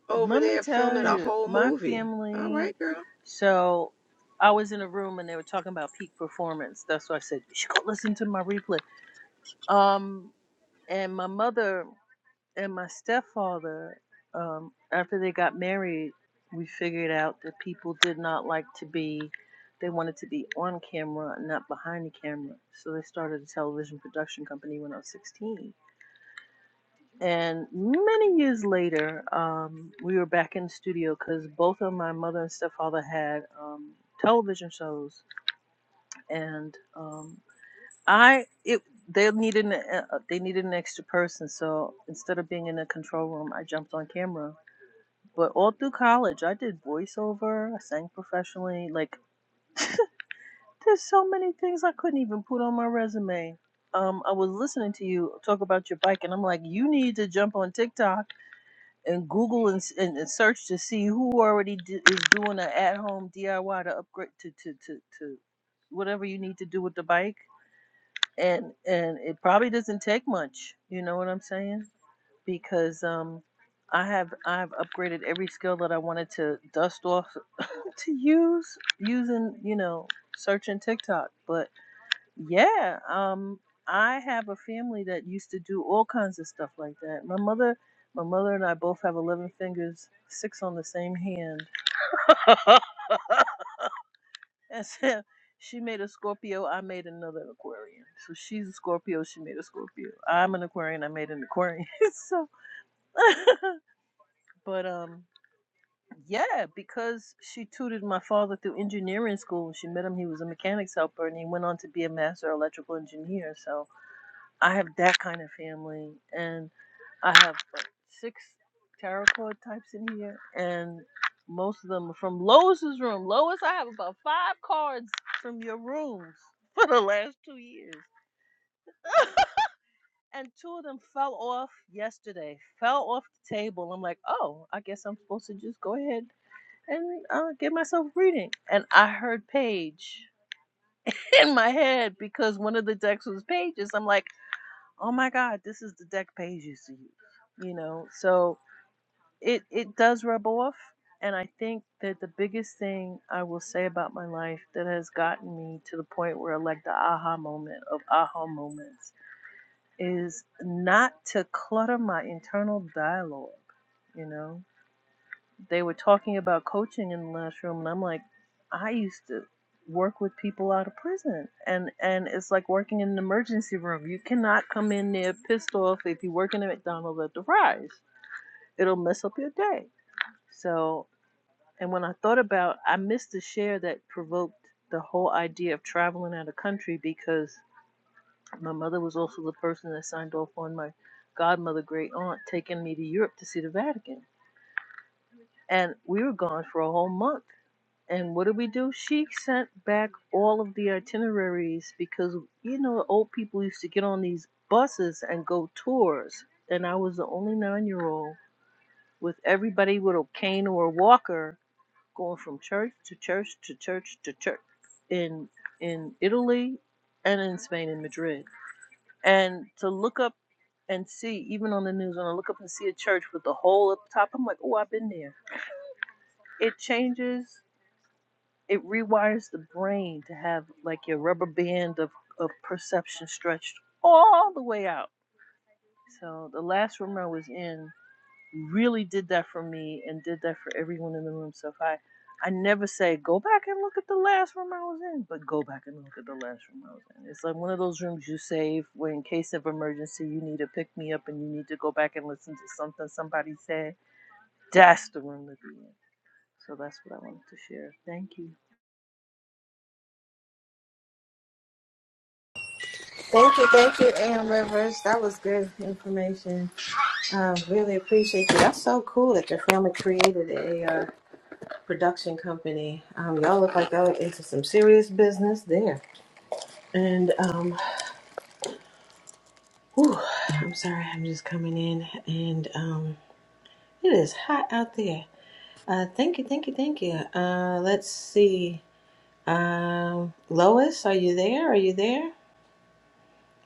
over
Let me
there
tell
filming a
you,
whole
my
movie. All
family.
right, girl.
So I was in a room and they were talking about peak performance. That's why I said you should go listen to my replay. Um, and my mother and my stepfather, um, after they got married, we figured out that people did not like to be. They wanted to be on camera, not behind the camera. So they started a television production company when I was 16 and many years later, um, we were back in the studio because both of my mother and stepfather had um, television shows, and um, I it they needed an, uh, they needed an extra person. So instead of being in the control room, I jumped on camera. But all through college, I did voiceover. I sang professionally. Like there's so many things I couldn't even put on my resume. Um, I was listening to you talk about your bike, and I'm like, you need to jump on TikTok and Google and, s- and, and search to see who already d- is doing an at-home DIY to upgrade to, to to to whatever you need to do with the bike. And and it probably doesn't take much. You know what I'm saying? Because um, I have I've upgraded every skill that I wanted to dust off to use using you know searching TikTok, but yeah, um, I have a family that used to do all kinds of stuff like that. My mother, my mother and I both have eleven fingers, six on the same hand, and so she made a Scorpio. I made another Aquarian. So she's a Scorpio. She made a Scorpio. I'm an Aquarian. I made an Aquarian. so, but um, yeah, because she tutored my father through engineering school. When She met him. He was a mechanics helper, and he went on to be a master electrical engineer. So I have that kind of family, and I have like six tarot card types in here, and most of them are from Lois's room. Lois, I have about five cards from your rooms for the last two years, and two of them fell off yesterday. Fell off the table. I'm like, oh, I guess I'm supposed to just go ahead and uh, get myself reading. And I heard Paige in my head because one of the decks was Pages. I'm like. oh my god this is the deck page used to use you know so it it does rub off and i think that the biggest thing i will say about my life that has gotten me to the point where like the aha moment of aha moments is not to clutter my internal dialogue you know they were talking about coaching in the last room and I'm like, I used to work with people out of prison and and it's like working in an emergency room. You cannot come in there pissed off if you work in a McDonald's at the rise. It'll mess up your day. So and when I thought about I missed the share that provoked the whole idea of traveling out of country because my mother was also the person that signed off on my godmother great aunt taking me to Europe to see the Vatican. And we were gone for a whole month And what did we do? She sent back all of the itineraries because you know old people used to get on these buses and go tours, and I was the only nine-year-old with everybody with a cane or a walker going from church to church to church to church in in Italy and in Spain in Madrid. And to look up and see, even on the news, when I look up and see a church with the hole at the top, I'm like, oh, I've been there. It changes. it rewires the brain to have like your rubber band of, of perception stretched all the way out. So the last room I was in really did that for me and did that for everyone in the room. So if I I never say go back and look at the last room I was in, but go back and look at the last room I was in. It's like one of those rooms you save where in case of emergency you need to pick me up and you need to go back and listen to something somebody said. That's the room to be in. So that's what I wanted to share. Thank you.
Thank you, thank you, Am Rivers. That was good information. Um, really appreciate you. That's so cool that your family created a uh, production company. Um, y'all look like y'all into some serious business there. And um, whew, I'm sorry, I'm just coming in, and um, it is hot out there. Uh, thank you, thank you, thank you. Uh, let's see. Um, Lois, are you there? Are you there?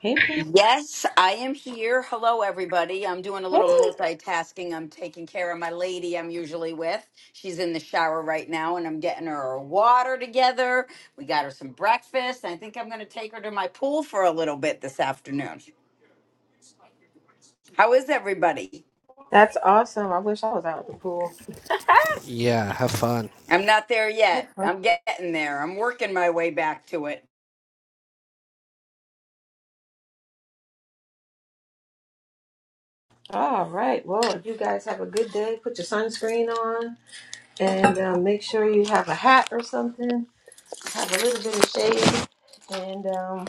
Hey, Pam.
Yes, I am here. Hello, everybody. I'm doing a
Hey.
little multitasking. I'm taking care of my lady I'm usually with. She's in the shower right now, and I'm getting her her water together. We got her some breakfast. I think I'm going to take her to my pool for a little bit this afternoon. How is everybody?
That's awesome. I wish I was out at the pool.
Yeah. Have fun.
I'm not there yet. I'm getting there. I'm working my way back to it.
All right. Well, you guys have a good day. Put your sunscreen on and um, make sure you have a hat or something. Have a little bit of shade. And um,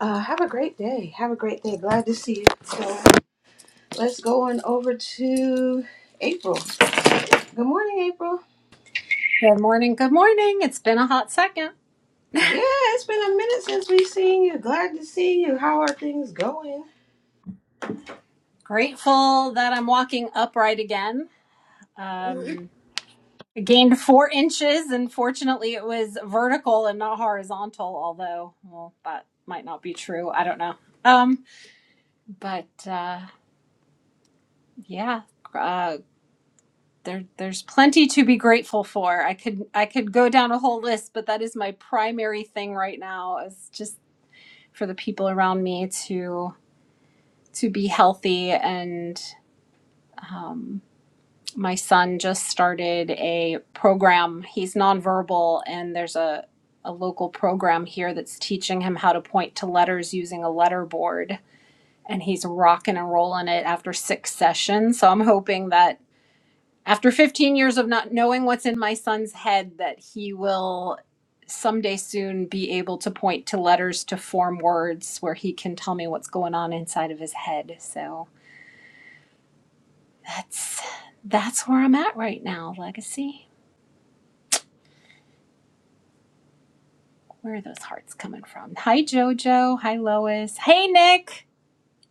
uh, have a great day. Have a great day. Glad to see you. So let's go on over to April. Good morning, April.
Good morning. Good morning. It's been a hot second.
Yeah, it's been a minute since we've seen you. Glad to see you. How are things going?
Grateful that I'm walking upright again. Um, I gained four inches, and fortunately, it was vertical and not horizontal. Although, well, that might not be true. I don't know. Um, but uh, yeah, uh, there there's plenty to be grateful for. I could I could go down a whole list, but that is my primary thing right now. Is just for the people around me to to be healthy and my son just started a program. He's nonverbal, and there's a, a local program here that's teaching him how to point to letters using a letter board. And he's rocking and rolling it after six sessions. So I'm hoping that after 15 years of not knowing what's in my son's head, that he will someday soon be able to point to letters to form words where he can tell me what's going on inside of his head. So that's that's where I'm at right now, legacy. Where are those hearts coming from? Hi, JoJo. Hi, Lois. Hey, Nick.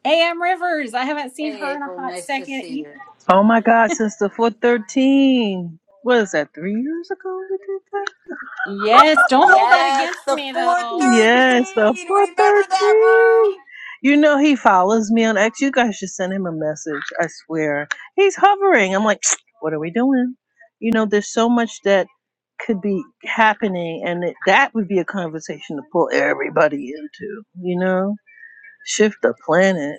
AM Rivers. I haven't seen
Hey,
her in a
April.
hot
Nice to
second
see you.
either.
Oh my God, since the 413. What is that, three years ago we did that?
Yes, don't hold that
Yes,
against
the
me, though.
413.
Yes, the
Remember that
413.
room?
You know, he follows me on X. You guys should send him a message, I swear. He's hovering. I'm like, what are we doing? You know, there's so much that could be happening, and it, that would be a conversation to pull everybody into, you know? Shift the planet.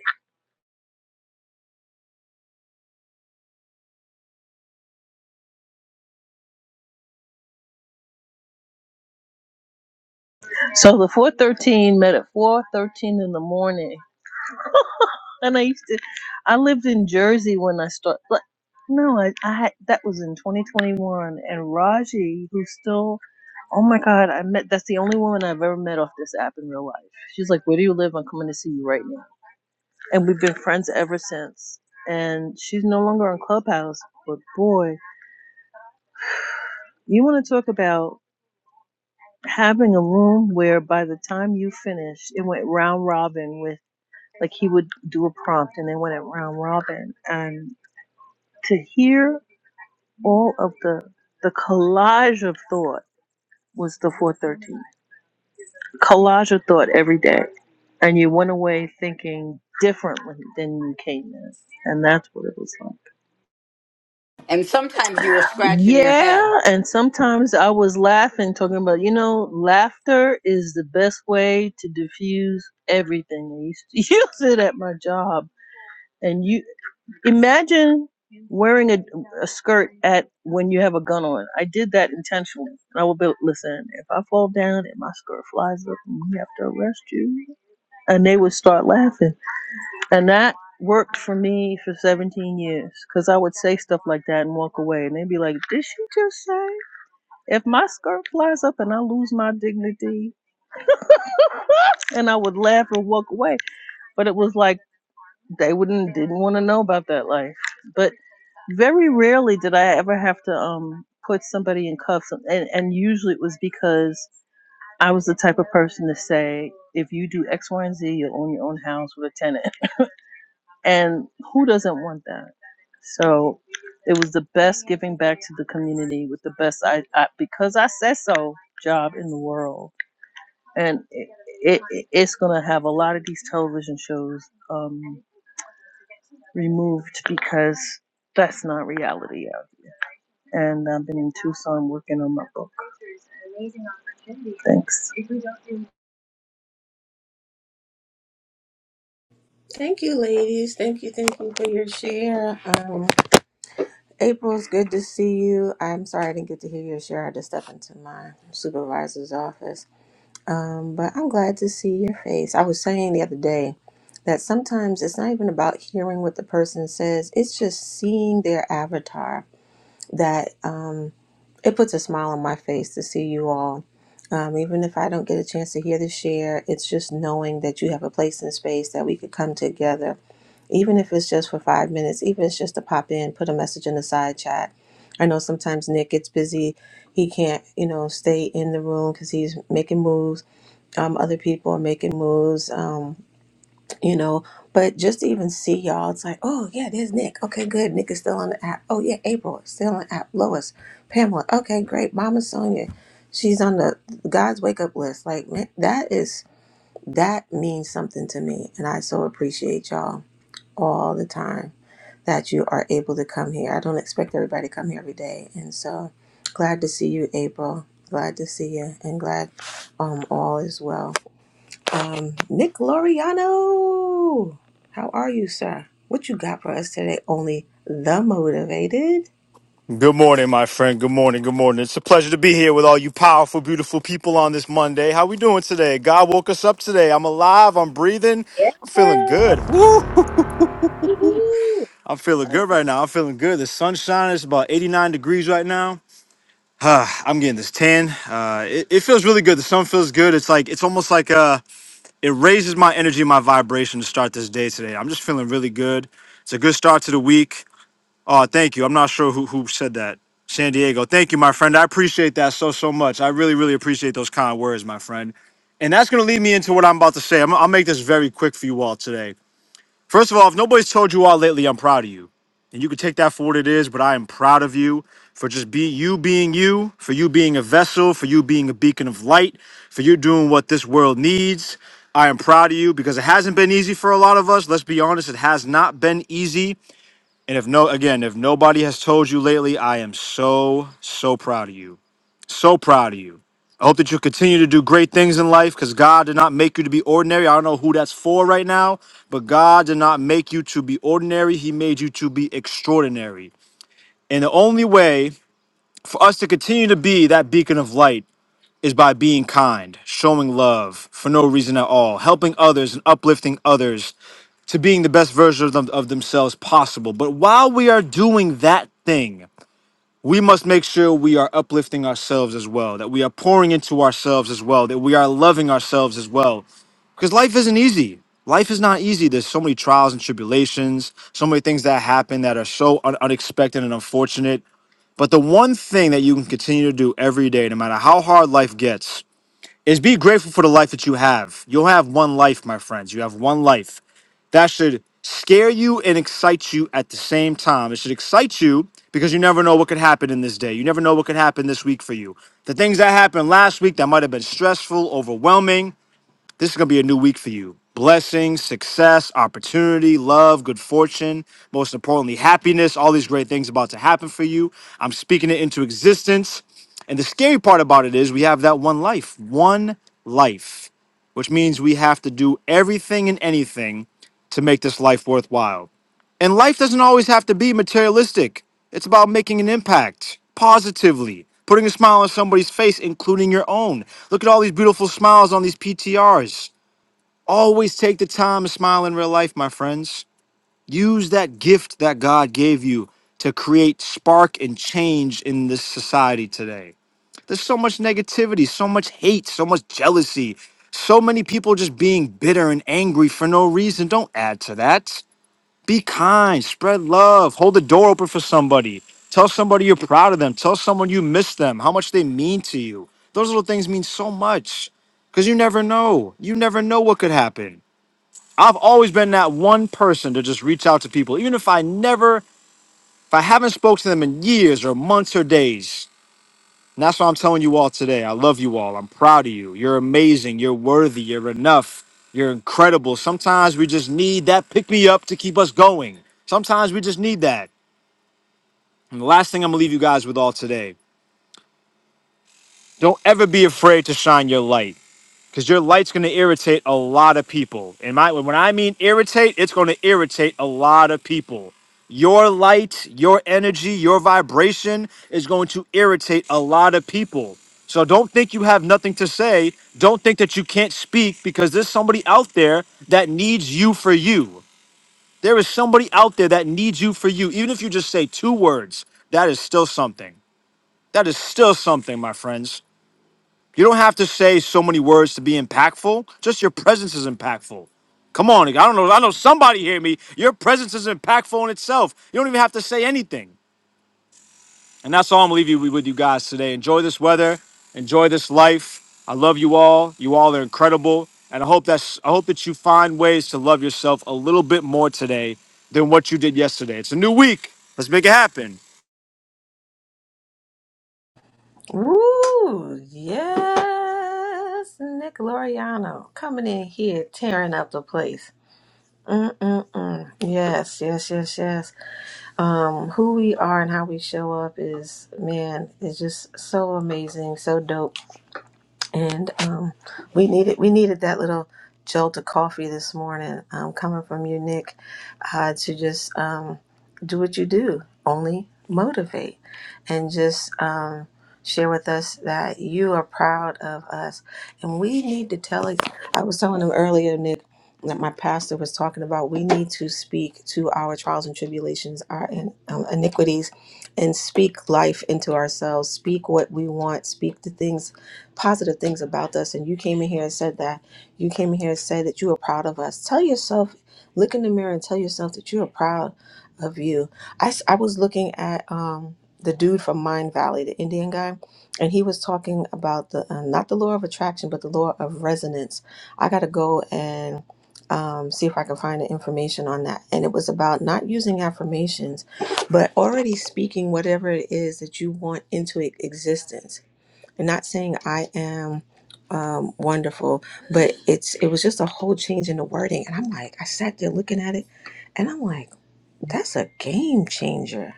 So the 413 met at 413 in the morning And I used to, I lived in Jersey when I started. Like, no, I, I had, that was in 2021. And Raji, who's still, oh my God, I met, that's the only woman I've ever met off this app in real life. She's like, where do you live? I'm coming to see you right now. And we've been friends ever since. And she's no longer on Clubhouse, but boy, you want to talk about having a room where by the time you finished, it went round robin with, like he would do a prompt and then went at round robin. And to hear all of the the collage of thought was the 413 collage of thought every day and you went away thinking differently than you came in and that's what it was like
And sometimes you were scratching your head.
yeah and sometimes i was laughing talking about you know laughter is the best way to diffuse everything they used to use it at my job and you Imagine wearing a, a skirt at when you have a gun on. I did that intentionally. I would be listen. If I fall down and my skirt flies up, and we have to arrest you, and they would start laughing, and that worked for me for 17 years because I would say stuff like that and walk away, and they'd be like, "Did she just say?" If my skirt flies up and I lose my dignity, and I would laugh and walk away, but it was like They wouldn't didn't want to know about that life. But very rarely did I ever have to um put somebody in cuffs and, and usually it was because I was the type of person to say, if you do X, Y, and Z, you'll own your own house with a tenant. And who doesn't want that? So it was the best giving back to the community with the best I, I because I said so job in the world. And it, it it's gonna have a lot of these television shows. Um, removed because that's not reality. And I've been in Tucson working on my book. Thanks.
Thank you, ladies. Thank you, thank you for your share. Um, April, it's good to see you. I'm sorry I didn't get to hear your share. I just stepped into my supervisor's office. Um, but I'm glad to see your face. I was saying the other day that sometimes it's not even about hearing what the person says, it's just seeing their avatar that um, it puts a smile on my face to see you all. Um, even if I don't get a chance to hear the share, it's just knowing that you have a place and space that we could come together even if it's just for five minutes, even if it's just to pop in, put a message in the side chat. I know sometimes Nick gets busy. He can't, you know, stay in the room because he's making moves. Um, other people are making moves, um, you know. But just to even see y'all, it's like, oh, yeah, there's Nick. Okay, good. Nick is still on the app. Oh, yeah, April is still on the app. Lois, Pamela. Okay, great. Mama Sonia, she's on the God's wake up list. Like, man, that is, that means something to me. And I so appreciate y'all all the time that you are able to come here. I don't expect everybody to come here every day. And so glad to see you, April. Glad to see you and glad um, all is well. Um, Nick Loriano, how are you, sir? What you got for us today? Only the motivated.
Good morning, my friend. Good morning. Good morning. It's a pleasure to be here with all you powerful, beautiful people on this Monday. How we doing today? God woke us up today. I'm alive. I'm breathing. I'm feeling good. Woo!
Woo!
I'm feeling good right now. I'm feeling good. The sun's shining. It's about 89 degrees right now. Ah, I'm getting this tan. Uh, it, it feels really good. The sun feels good. It's like it's almost like uh, it raises my energy, my vibration to start this day today. I'm just feeling really good. It's a good start to the week. Oh, thank you. I'm not sure who who said that. San Diego. Thank you, my friend. I appreciate that so so much. I really really appreciate those kind words, my friend. And that's gonna lead me into what I'm about to say. I'm, I'll make this very quick for you all today. First of all, if nobody's told you all lately, I'm proud of you, and you can take that for what it is. But I am proud of you for just be you being you, for you being a vessel, for you being a beacon of light, for you doing what this world needs. I am proud of you because it hasn't been easy for a lot of us. Let's be honest, it has not been easy. And if no, again, if nobody has told you lately, I am so, so proud of you. So proud of you. I hope that you continue to do great things in life because God did not make you to be ordinary. I don't know who that's for right now, but God did not make you to be ordinary. He made you to be extraordinary. And the only way for us to continue to be that beacon of light is by being kind, showing love for no reason at all, helping others and uplifting others to being the best version of, them, of themselves possible. But while we are doing that thing, we must make sure we are uplifting ourselves as well, that we are pouring into ourselves as well, that we are loving ourselves as well. Because life isn't easy. Life is not easy. There's so many trials and tribulations, so many things that happen that are so un- unexpected and unfortunate. But the one thing that you can continue to do every day, no matter how hard life gets, is be grateful for the life that you have. You'll have one life, my friends. You have one life. That should scare you and excite you at the same time. It should excite you because you never know what could happen in this day. You never know what could happen this week for you. The things that happened last week that might have been stressful, overwhelming, this is going to be a new week for you. Blessings, success, opportunity, love, good fortune, most importantly, happiness, all these great things about to happen for you. I'm speaking it into existence. And the scary part about it is we have that one life, one life, which means we have to do everything and anything to make this life worthwhile. And life doesn't always have to be materialistic. It's about making an impact positively, putting a smile on somebody's face, including your own. Look at all these beautiful smiles on these PTRs. Always take the time to smile in real life, my friends. Use that gift that God gave you to create spark and change in this society today. There's so much negativity, so much hate, so much jealousy, so many people just being bitter and angry for no reason. Don't add to that be kind, spread love, hold the door open for somebody. Tell somebody you're proud of them. Tell someone you miss them, how much they mean to you. Those little things mean so much because you never know. You never know what could happen. I've always been that one person to just reach out to people, even if I never, if I haven't spoken to them in years or months or days. And that's what I'm telling you all today. I love you all. I'm proud of you. You're amazing. You're worthy. You're enough. You're incredible. Sometimes we just need that pick me up to keep us going. Sometimes we just need that. And the last thing I'm going to leave you guys with all today don't ever be afraid to shine your light. because your light's going to irritate a lot of people. And my when I mean irritate, it's going to irritate a lot of people. Your light, your energy, your vibration is going to irritate a lot of people. So don't think you have nothing to say. Don't think that you can't speak because there's somebody out there that needs you for you. There is somebody out there that needs you for you. Even if you just say two words, that is still something. That is still something, my friends. You don't have to say so many words to be impactful. Just your presence is impactful. Come on, I don't know. I know somebody hear me. Your presence is impactful in itself. You don't even have to say anything. And that's all I'm leaving you with you guys today. Enjoy this weather. Enjoy this life. I love you all. You all are incredible. And I hope that's I hope that you find ways to love yourself a little bit more today than what you did yesterday. It's a new week. Let's make it happen.
Woo! Yes, Nick Loriano coming in here, tearing up the place. Mm-mm-mm. Yes, yes, yes, yes. um, who we are and how we show up is, man, is just so amazing, so dope and um, we needed we needed that little jolt of coffee this morning um, coming from you, Nick, uh, to just um, do what you do, only motivate, and just um, share with us that you are proud of us, and we need to tell it. I was telling him earlier, Nick. That my pastor was talking about, we need to speak to our trials and tribulations, our in, um, iniquities, and speak life into ourselves. Speak what we want. Speak the things positive things about us and you came in here and said that you came in here and said that you were proud of us tell yourself look in the mirror and tell yourself that you are proud of you i, s- I was looking at um the dude from mind valley the indian guy and he was talking about the uh, not the law of attraction but the law of resonance i gotta go and um, see if I can find the information on that. And it was about not using affirmations, but already speaking whatever it is that you want into e- existence not saying I am um, wonderful, but it's it was just a whole change in the wording, and I'm like, I sat there looking at it, and I'm like, that's a game changer.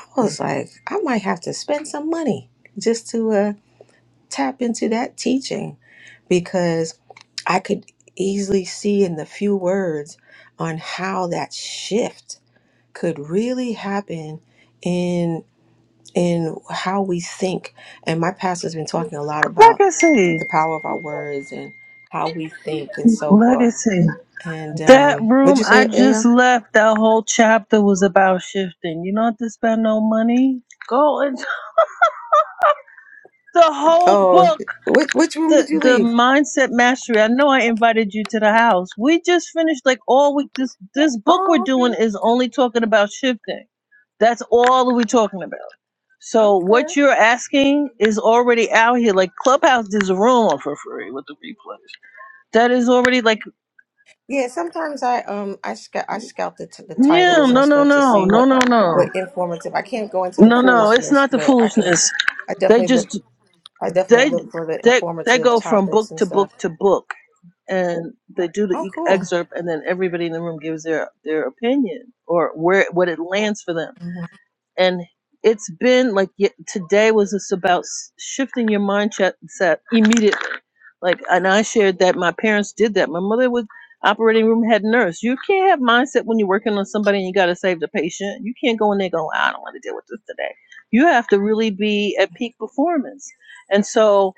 I was like, I might have to spend some money just to uh, tap into that teaching because I could easily see in the few words on how that shift could really happen in in how we think. And my pastor's been talking a lot about the
Legacy.
power of our words and how we think and so forth.
Legacy.
And
That
um, what'd
room
you
I
say,
just
AM?
left, that whole chapter was about shifting. You don't have to spend no money. Go and the whole
Oh,
book.
which which room
The,
did you
the
leave?
mindset mastery. I know I invited you to the house. We just finished like all week. This this book we're
Oh,
doing
okay,
is only talking about shifting. That's all we're talking about. So
okay.
what you're asking is already out here. Like Clubhouse does a room for free with the replays. That is already like
Yeah, sometimes I um I scout I scout the t- the
yeah,
titles and
no, no,
stuff to
no, no,
see what
no, no,
what informative. I can't go into the
no, no. It's
foolishness,
not the
but I can.
foolishness.
I definitely
They just
I definitely
they they they go from book
some
to book
stuff.
to book, and they do the
Oh,
e-
cool.
excerpt, and then everybody in the room gives their their opinion or where what it lands for them. and it's been like y- today was just about s- shifting your mindset set immediately like and i shared that my parents did that my mother was operating room head nurse you can't have mindset when you're working on somebody and you got to save the patient you can't go in there going i don't want to deal with this today you have to really be at peak performance and so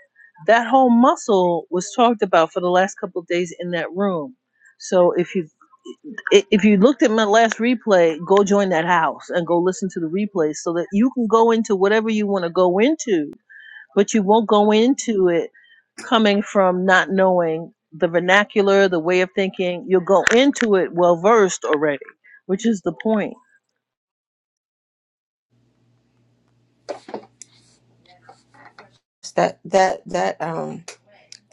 that whole muscle was talked about for the last couple of days in that room so if you i- if you looked at my last replay, go join that house and go listen to the replay so that you can go into whatever you want to go into, but you won't go into it coming from not knowing the vernacular, the way of thinking. You'll go into it well versed already, which is the point.
It's that that that um.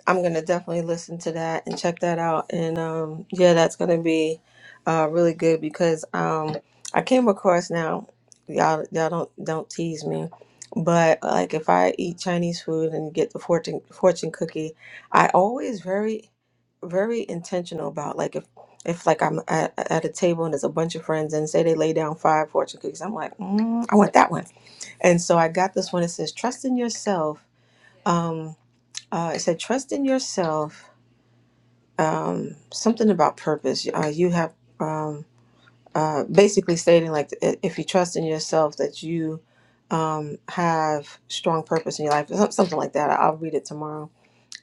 I'm gonna definitely listen to that and check that out. And um, yeah, that's gonna be uh, really good because um, I came across now. Y'all, y'all don't don't tease me, but like if I eat Chinese food and get the fortune fortune cookie, I always very very intentional about like if if like I'm at, at a table and there's a bunch of friends and say they lay down five fortune cookies, I'm like, mm, I want that one. And so I got this one. It says, "Trust in yourself." Um, uh, it said, "Trust in yourself." um, something about purpose. Uh, you have um, uh, basically stating like i- if you trust in yourself that you um, have strong purpose in your life, some- something like that. I'll read it tomorrow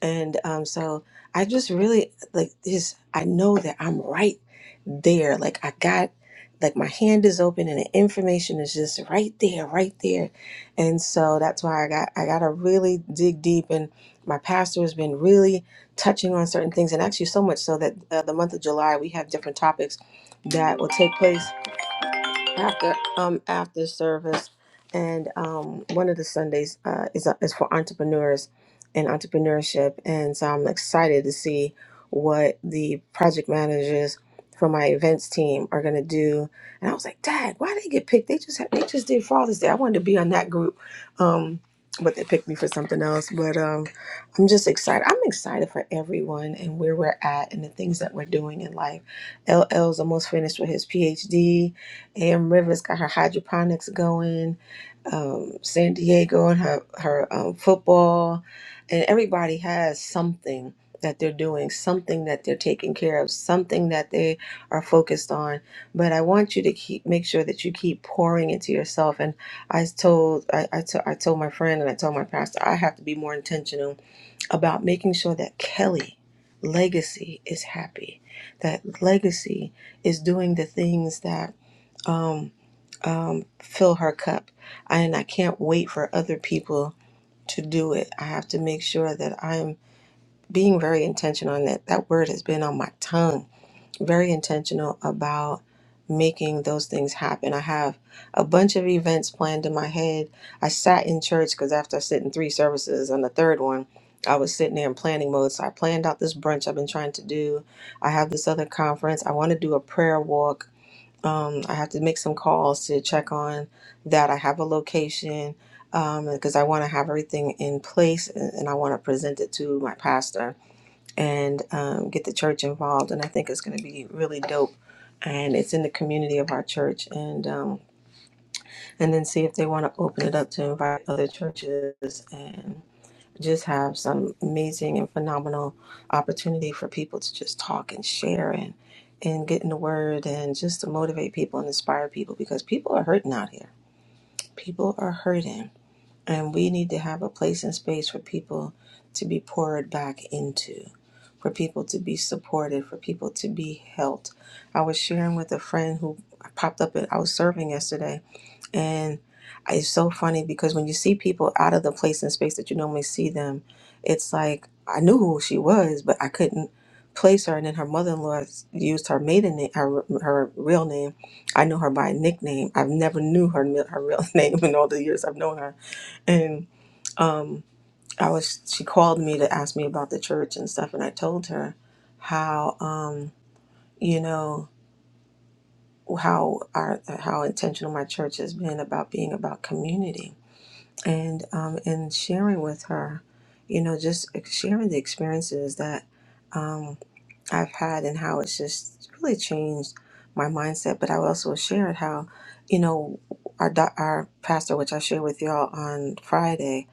and um, so I just really like this. I know that I'm right there. Like I got, like my hand is open, and the information is just right there, right there. And so that's why I got I got to really dig deep. And my pastor has been really touching on certain things, and actually so much so that uh, the month of July we have different topics that will take place after um after service and um one of the sundays uh is, uh, is for entrepreneurs and entrepreneurship and so i'm excited to see what the project managers for my events team are going to do and i was like dad why they get picked they just had, they just did father's day i wanted to be on that group um but they picked me for something else but um i'm just excited i'm excited for everyone and where we're at and the things that we're doing in life ll's almost finished with his phd Am Rivers got her hydroponics going. Um, San Diego and her her um, football, and everybody has something that they're doing, something that they're taking care of, something that they are focused on. But I want you to keep make sure that you keep pouring into yourself. And I told I I to- I told my friend and I told my pastor I have to be more intentional about making sure that Kelly legacy is happy, that legacy is doing the things that um, um, fill her cup. And I can't wait for other people to do it. I have to make sure that I'm being very intentional on that. That word has been on my tongue. Very intentional about making those things happen. I have a bunch of events planned in my head. I sat in church because after sitting three services on the third one, I was sitting there in planning mode. So I planned out this brunch I've been trying to do. I have this other conference. I want to do a prayer walk um, I have to make some calls to check on that. I have a location um, because I want to have everything in place and, and I want to present it to my pastor and um, get the church involved. And I think it's going to be really dope. And it's in the community of our church, and um, and then see if they want to open it up to invite other churches and just have some amazing and phenomenal opportunity for people to just talk and share and and get in the word and just to motivate people and inspire people because people are hurting out here. People are hurting and we need to have a place and space for people to be poured back into, for people to be supported, for people to be helped. I was sharing with a friend who popped up at I was serving yesterday and it's so funny because when you see people out of the place and space that you normally see them, it's like I knew who she was, but I couldn't place her. And then her mother-in-law used her maiden name, her her real name. I knew her by a nickname. I've never knew her mi- her real name in all the years I've known her. And um, I was she called me to ask me about the church and stuff, and I told her how um, you know how our how intentional my church has been about being about community and um, and sharing with her, you know, just sharing the experiences that um, I've had and how it's just really changed my mindset. But I also shared how, you know, our doc- our pastor, which I shared with y'all on Friday,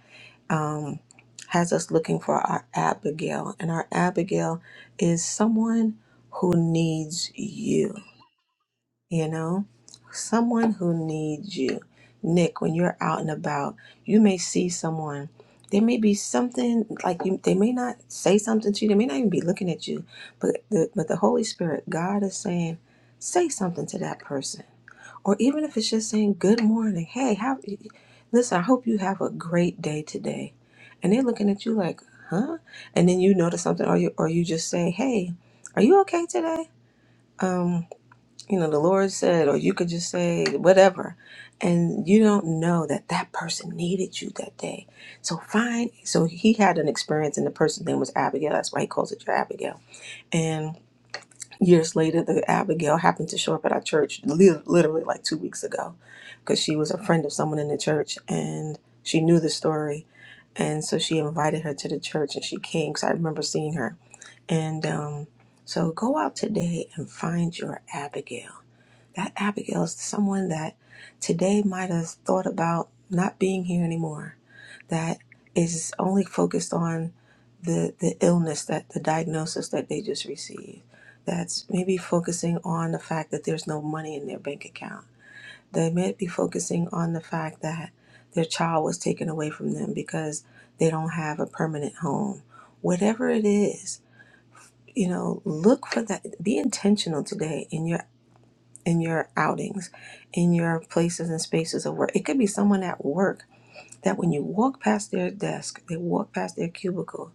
um, has us looking for our Abigail, and our Abigail is someone who needs you you know someone who needs you nick when you're out and about you may see someone there may be something like you they may not say something to you they may not even be looking at you but the but the holy spirit god is saying say something to that person or even if it's just saying good morning hey how listen i hope you have a great day today and they're looking at you like huh and then you notice something or you or you just say hey are you okay today Um you know, the Lord said, or you could just say whatever. And you don't know that that person needed you that day. So find, so he had an experience, and the person's name was Abigail. That's why he calls it your Abigail. And years later, the Abigail happened to show up at our church li- literally like two weeks ago because she was a friend of someone in the church and she knew the story. And so she invited her to the church and she came because I remember seeing her. And um, so go out today and find your Abigail that Abigail is someone that today might have thought about not being here anymore, that is only focused on the, the illness, that the diagnosis that they just received, that's maybe focusing on the fact that there's no money in their bank account. They may be focusing on the fact that their child was taken away from them because they don't have a permanent home. Whatever it is, you know, look for that. Be intentional today in your in your outings, in your places and spaces of work. It could be someone at work that when you walk past their desk, they walk past their cubicle,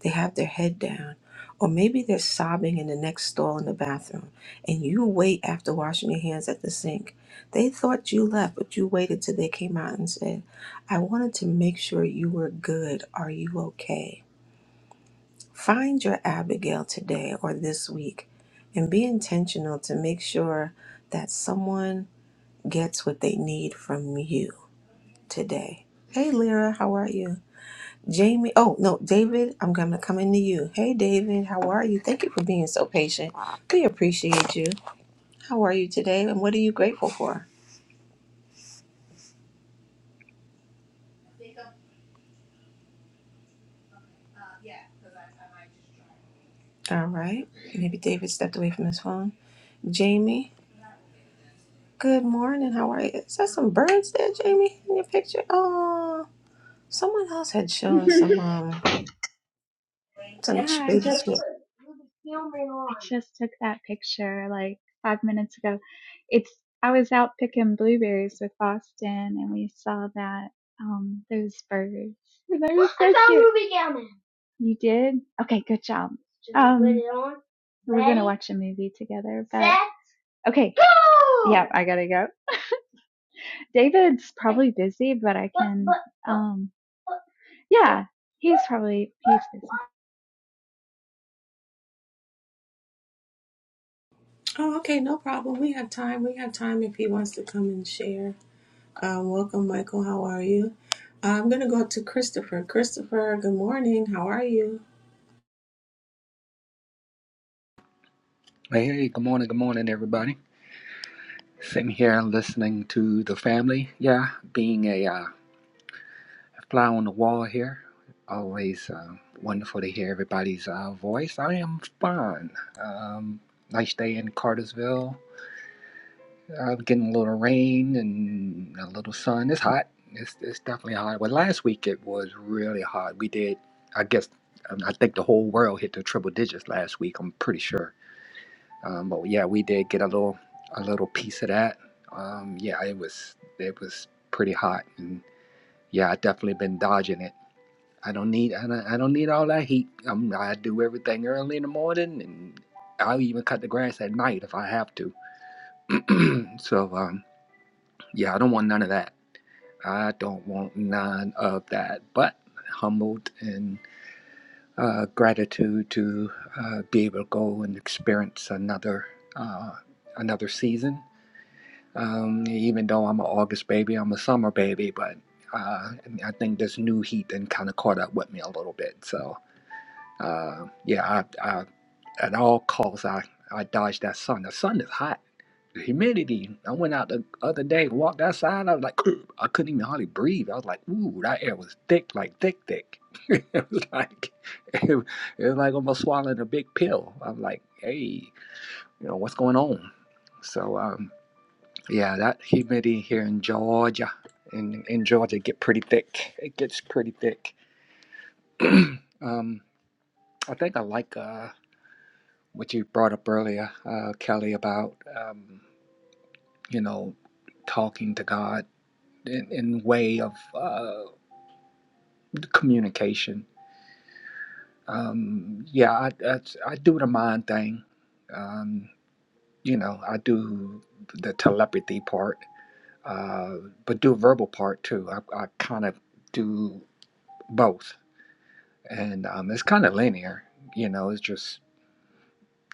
they have their head down, or maybe they're sobbing in the next stall in the bathroom, and you wait after washing your hands at the sink. They thought you left, but you waited till they came out and said, I wanted to make sure you were good. Are you okay? Find your Abigail today or this week and be intentional to make sure that someone gets what they need from you today. Hey, Lyra, how are you? Jamie, oh no, David, I'm gonna come into you. Hey, David, how are you? Thank you for being so patient. We appreciate you. How are you today, and what are you grateful for? All right, maybe David stepped away from his phone. Jamie, good morning. How are you? Is that some birds there, Jamie, in your picture? Oh, someone else had shown some um some ch-
Yeah, I
baby
just
shit.
I just took that picture like five minutes ago. It's I was out picking blueberries with Austin and we saw that um those birds. They were so I saw cute. Ruby down there. You did? Okay, good job. Just um, put it on. We're Ready? gonna watch a movie together. But Set, okay. Go! Yep, I gotta go. David's probably busy, but I can But, but, but, um yeah, he's probably he's busy.
Oh, okay, no problem. We have time. We have time if he wants to come and share. Um, welcome, Michael. How are you? I'm going to go to Christopher. Christopher, good morning. How are you?
Hey, hey, good morning, good morning, everybody. Sitting here listening to the family. Yeah, being a uh, fly on the wall here. Always uh, wonderful to hear everybody's uh, voice. I am fine. Um, nice day in Cartersville. Uh, getting a little rain and a little sun. It's hot. It's, it's definitely hot. Well, last week it was really hot. We did, I guess, um, I think the whole world hit the triple digits last week. I'm pretty sure. Um, but yeah, we did get a little a little piece of that. Um, yeah, it was it was pretty hot, and yeah, I definitely been dodging it. I don't need I don't, I don't need all that heat. Um, I do everything early in the morning, and I'll even cut the grass at night if I have to. so um, yeah, I don't want none of that. I don't want none of that. But humbled and uh, gratitude to uh, be able to go and experience another uh, another season Um, even though I'm an August baby, I'm a summer baby, but uh, I think this new heat then kind of caught up with me a little bit. So uh, yeah, I, I, at all costs, I, I dodge that sun. The sun is hot. The humidity. I went out the other day, walked outside. I was like, I couldn't even hardly breathe. I was like, ooh, that air was thick, like thick, thick. it was like, it, it was like almost swallowing a big pill. I'm like, hey, you know what's going on? So. um, yeah, that humidity here in Georgia, in in Georgia, get pretty thick. It gets pretty thick. um, I think I like uh, what you brought up earlier, uh, Kelly, about um, you know talking to God in, in way of uh, communication. Um, yeah, I, I I do the mind thing. Um, you know, I do the telepathy part, uh, but do verbal part too. I, I kind of do both and um, it's kind of linear. You know, it's just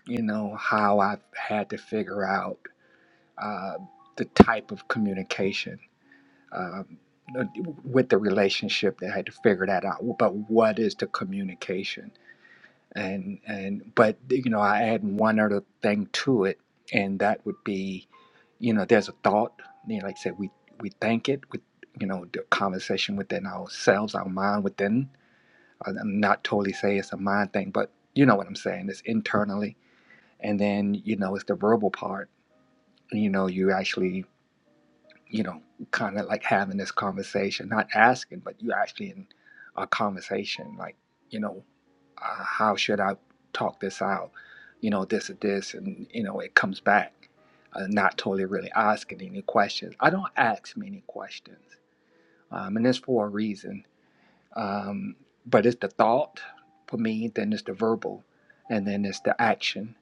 you know how I've had to figure out uh, the type of communication um, uh, with the relationship. That I had to figure that out. But what is the communication? And and but you know, I add one other thing to it, and that would be, you know, there's a thought. You know, like I said, we we think it with you know the conversation within ourselves, our mind within I- am not totally saying it's a mind thing, but you know what I'm saying. It's internally, and then you know it's the verbal part. You know, you actually, you know, kind of like having this conversation, not asking, but you actually in a conversation, like you know, uh, how should I talk this out? You know, this or this, and you know, it comes back. Uh, not totally really asking any questions. I don't ask many questions, um, and it's for a reason um, but it's the thought for me, then it's the verbal, and then it's the action.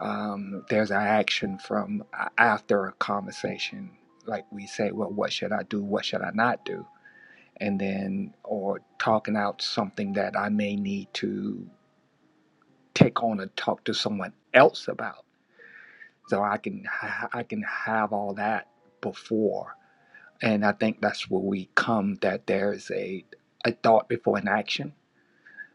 Um, there's an action from a- after a conversation. Like we say, well, what should I do? What should I not do? And then, or talking out something that I may need to take on and talk to someone else about. So I can, ha- I can have all that before. And I think that's where we come that there is a, a thought before an action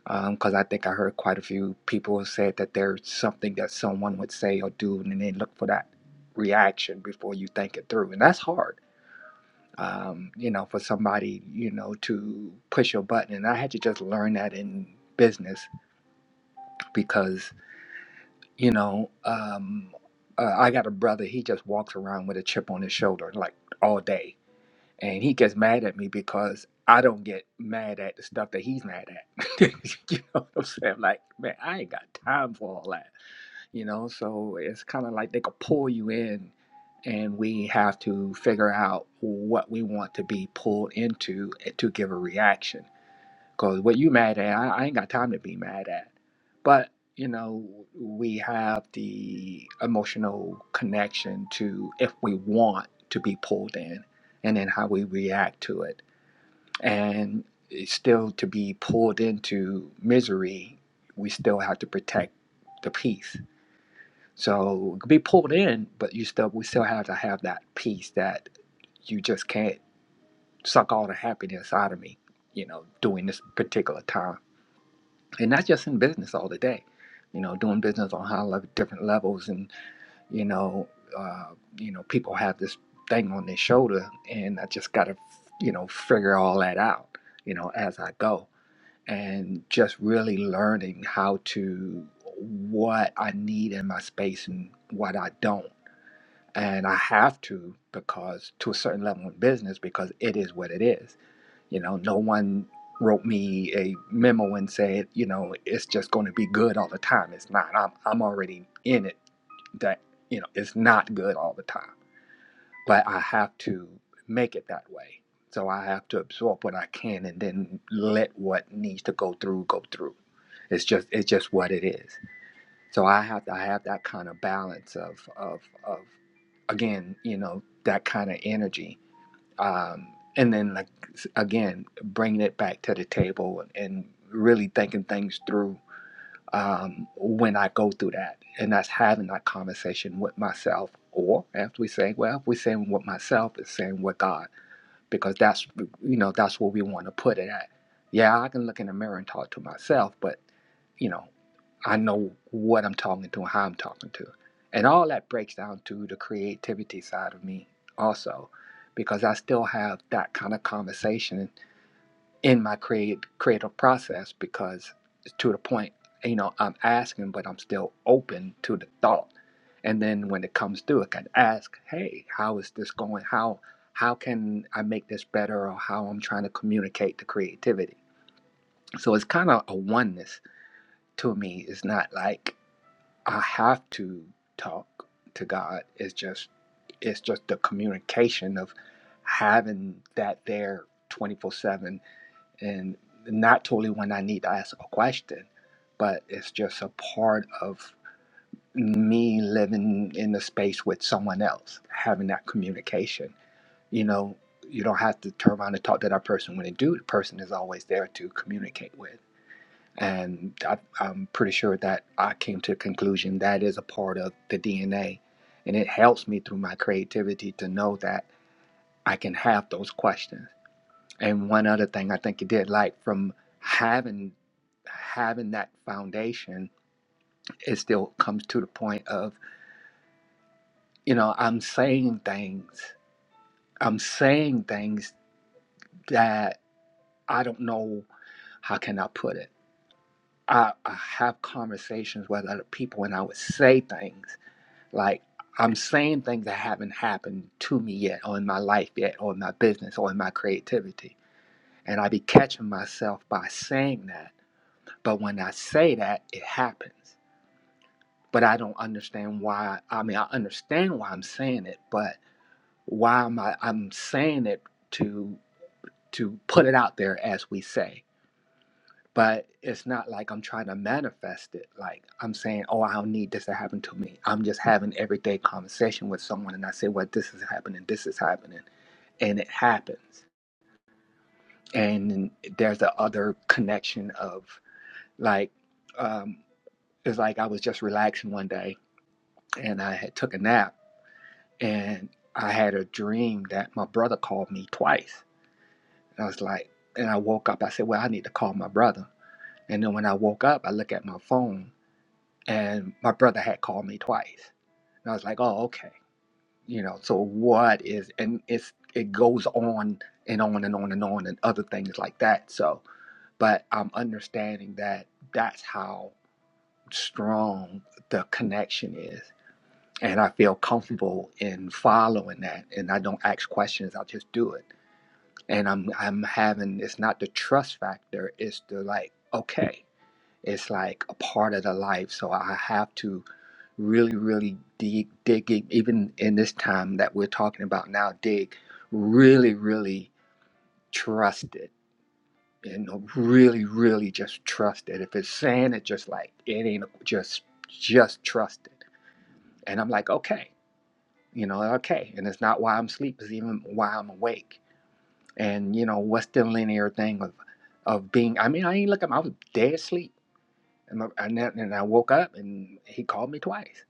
because I think I heard quite a few people said that there's something that someone would say or do, and then look for that reaction before you think it through, and that's hard. Um, you know, for somebody you know to push your button, and I had to just learn that in business because you know um, uh, I got a brother. He just walks around with a chip on his shoulder like all day and he gets mad at me because I don't get mad at the stuff that he's mad at. you know what I'm saying? Like, man, I ain't got time for all that. You know, so it's kind of like they could pull you in, and we have to figure out what we want to be pulled into eh, to give a reaction. Because what you mad at, I, I ain't got time to be mad at. But, you know, we have the emotional connection to if we want to be pulled in and then how we react to it. And it's still to be pulled into misery, we still have to protect the peace. So be pulled in, but you still we still have to have that peace that you just can't suck all the happiness out of me, you know, during this particular time and not just in business all the day you know doing business on high level different levels and you know uh, you know people have this thing on their shoulder and i just gotta you know figure all that out you know as i go and just really learning how to what i need in my space and what i don't and i have to because to a certain level in business because it is what it is you know, no one wrote me a memo and said, you know, it's just going to be good all the time. It's not. I'm I'm already in it that, you know, it's not good all the time. But I have to make it that way. So I have to absorb what I can and then let what needs to go through go through. It's just it's just what it is. So I have to I have that kind of balance of of of again, you know, that kind of energy um, and then like again bringing it back to the table and really thinking things through um, when i go through that and that's having that conversation with myself or after we say well if we're saying with myself it's saying with god because that's you know that's where we want to put it at yeah i can look in the mirror and talk to myself but you know. I know what I'm talking to and how I'm talking to. And all that breaks down to the creativity side of me also, because I still have that kind of conversation in my create, creative process because to the point, you know, I'm asking, but I'm still open to the thought. And then when it comes through, I can ask, hey, how is this going? How how can I make this better or how I'm trying to communicate the creativity? So it's kind of a oneness to me. It's not like I have to talk to God. It's just it's just the communication of having that there 24/7 and not totally when I need to ask a question, but it's just a part of me living in the space with someone else, having that communication. You know, you don't have to turn around and talk to that person when you do. The person is always there to communicate with. And I, I'm pretty sure that I came to the conclusion that is a part of the DNA. And it helps me through my creativity to know that I can have those questions. And one other thing I think it did, like from having having that foundation, it still comes to the point of, you know, I'm saying things. I'm saying things that I don't know how can I put it. I, I have conversations with other people and I would say things Like I'm saying things that haven't happened to me yet, or in my life yet, or in my business, or in my creativity. And I be catching myself by saying that. But when I say that, it happens. But I don't understand why. I mean, I understand why I'm saying it, but why am I? I'm saying it to to put it out there as we say. but it's not like I'm trying to manifest it. Like I'm saying, oh, I don't need this to happen to me. I'm just having everyday conversation with someone, and I say, well, this is happening, this is happening, and it happens. And there's the other connection of like, um, it's like I was just relaxing one day, and I had took a nap, and I had a dream that my brother called me twice. And I was like, and I woke up. I said, well, I need to call my brother. And then when I woke up, I look at my phone and my brother had called me twice and i was like oh okay you know so what is and it's it goes on and on and on and on and other things like that so but i'm understanding that that's how strong the connection is and i feel comfortable in following that and i don't ask questions i just do it and i'm i'm having it's not the trust factor it's the like okay it's like a part of the life so i have to really, really dig, digging, even in this time that we're talking about now, dig, really, really trust it. You know, really, really just trust it. If it's saying it, just like it ain't, just, just trust it. And I'm like, okay, you know, okay. And it's not why I'm asleep; it's even why I'm awake. And you know, what's the linear thing of, of being? I mean, I ain't looking. I was dead asleep, and I, and then- and I woke up, and he called me twice.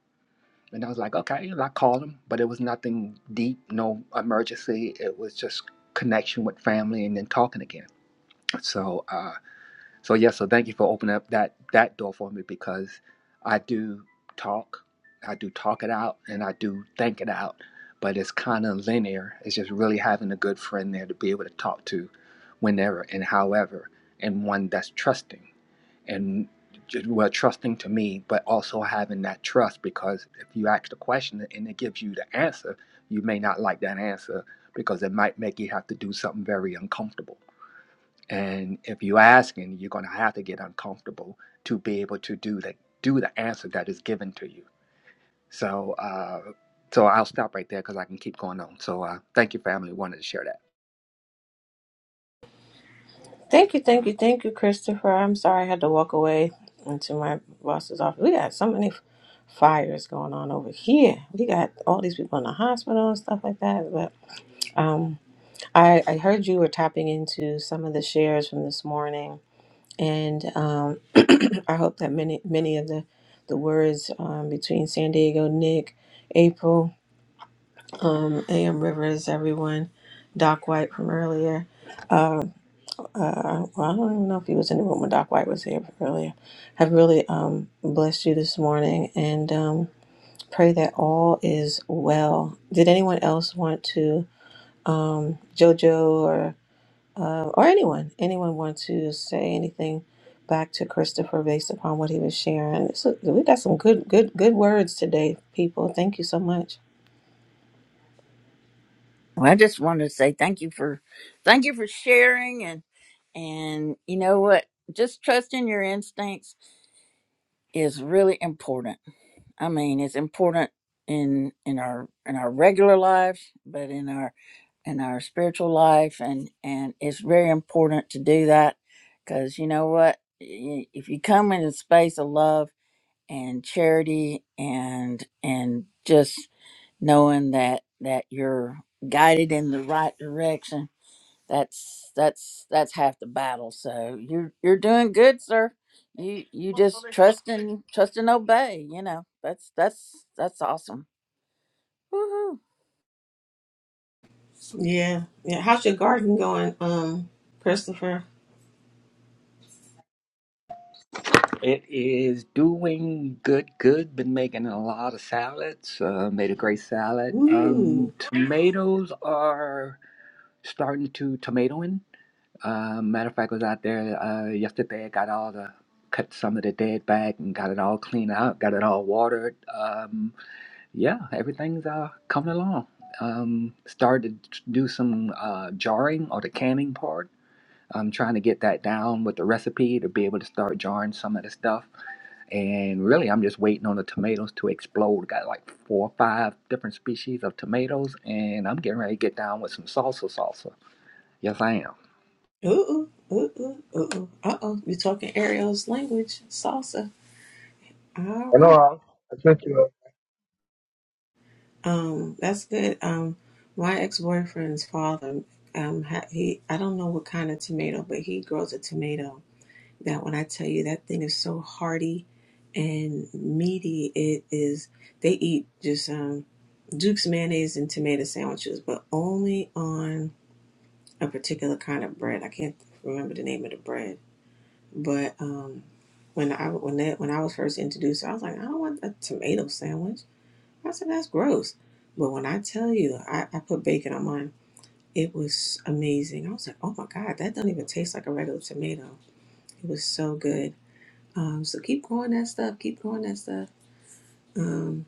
And I was like, okay, and I called him, but it was nothing deep, no emergency. It was just connection with family and then talking again. So, uh, so yeah, so thank you for opening up that that door for me because I do talk, I do talk it out, and I do think it out, but it's kind of linear. It's just really having a good friend there to be able to talk to, whenever and however, and one that's trusting and well trusting to me but also having that trust because if you ask the question and it gives you the answer you may not like that answer because it might make you have to do something very uncomfortable and if you ask and you're going to have to get uncomfortable to be able to do the do the answer that is given to you so uh so i'll stop right there because i can keep going on so uh thank you family wanted to share that
Thank you, thank you, thank you, Christopher. I'm sorry I had to walk away into my boss's office. We got so many fires going on over here. We got all these people in the hospital and stuff like that. But um, I, I heard you were tapping into some of the shares from this morning, and um, I hope that many many of the the words um, between San Diego, Nick, April. um, AM Rivers, everyone, Doc White from earlier. Uh, uh, well, I don't even know if he was in the room when Doc White was here earlier. Have really um, blessed you this morning and um, pray that all is well. Did anyone else want to, um, JoJo or uh, or anyone, anyone want to say anything back to Christopher based upon what he was sharing? This we got some good, good, good words today, people. Thank you so much.
Well, I just wanted to say thank you for thank you for sharing and and you know what? Just trusting your instincts is really important. I mean, it's important in in our in our regular lives, but in our in our spiritual life and and it's very important to do that because you know what? Y- If you come in a space of love and charity and and just knowing that that you're guided in the right direction that's that's that's half the battle so you're you're doing good sir you you just trust and trust and obey you know that's that's that's awesome Woohoo.
Yeah. Yeah. How's your garden going, um, Christopher?
It is doing good, good. Been making a lot of salads. Uh, made a great salad. Um,
Ooh.
tomatoes are starting to tomato in. Uh, matter of fact, I was out there uh, yesterday. I got all the cut some of the dead back and got it all cleaned out. Got it all watered. Um, yeah, everything's uh, coming along. Um, started to do some uh, jarring or the canning part I'm trying to get that down with the recipe to be able to start jarring some of the stuff. And really, I'm just waiting on the tomatoes to explode. Got like four or five different species of tomatoes, and I'm getting ready to get down with some salsa salsa. Yes, I am.
Ooh. Ooh. Ooh. Ooh. Ooh. Uh oh. You're talking Ariel's language, salsa. All
I
right.
know, I sent you
Um, that's good. Um, my ex boyfriend's father, um, ha- he, I don't know what kind of tomato, but he grows a tomato that when I tell you that thing is so hearty and meaty, it is, they eat just, um, Duke's mayonnaise and tomato sandwiches, but only on a particular kind of bread. I can't remember the name of the bread, but um, when I when that when I was first introduced, I was like, I don't want a tomato sandwich. I said that's gross. But when I tell you, I, I put bacon on mine. It was amazing. I was like, oh my god, that doesn't even taste like a regular tomato. It was so good. Um, so keep growing that stuff. Keep growing that stuff. Um,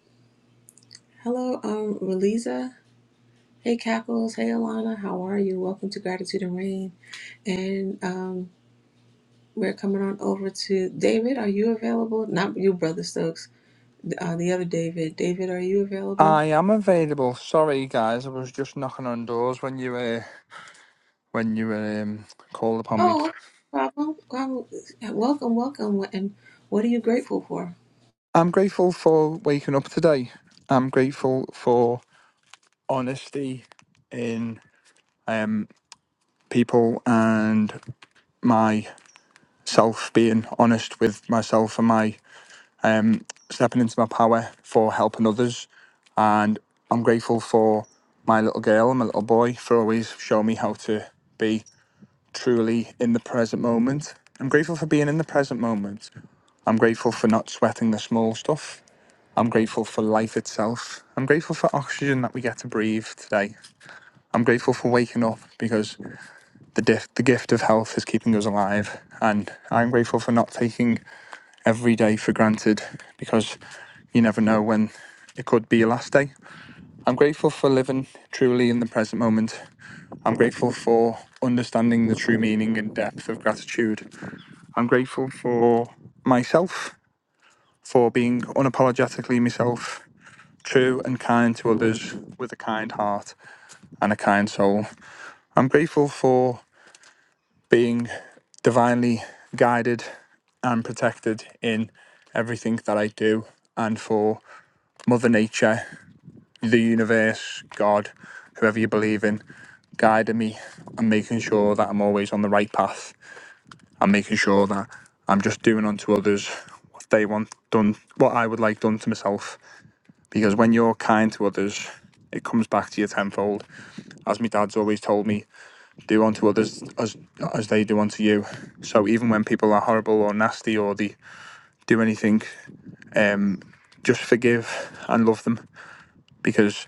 hello, um, Reliza. Hey, Cackles. Hey, Alana. How are you? Welcome to Gratitude and Rain. And um, We're coming on over to David. Are you available? Not you, Brother Stokes. Uh, the other David. David, are you available?
I am available. Sorry, guys, I was just knocking on doors when you uh, when you um, called upon me.
Oh, okay. no problem. Well, Welcome, welcome. And what are you grateful for?
I'm grateful for waking up today. I'm grateful for honesty in um, people and myself being honest with myself and my um, stepping into my power for helping others. And I'm grateful for my little girl and my little boy for always showing me how to be. truly in the present moment. I'm grateful for being in the present moment. I'm grateful for not sweating the small stuff. I'm grateful for life itself. I'm grateful for oxygen that we get to breathe today. I'm grateful for waking up because the, dif- the gift of health is keeping us alive. And I'm grateful for not taking every day for granted because you never know when it could be your last day. I'm grateful for living truly in the present moment. I'm grateful for understanding the true meaning and depth of gratitude. I'm grateful for myself for being unapologetically myself, true and kind to others with a kind heart and a kind soul. I'm grateful for being divinely guided and protected in everything that I do and for Mother Nature, the universe, God, whoever you believe in, guiding me and making sure that I'm always on the right path and making sure that I'm just doing unto others what they want done, what I would like done to myself. Because when you're kind to others, it comes back to you tenfold. As my dad's always told me, do unto others as as they do unto you. So even when people are horrible or nasty or they do anything, um, just forgive and love them. Because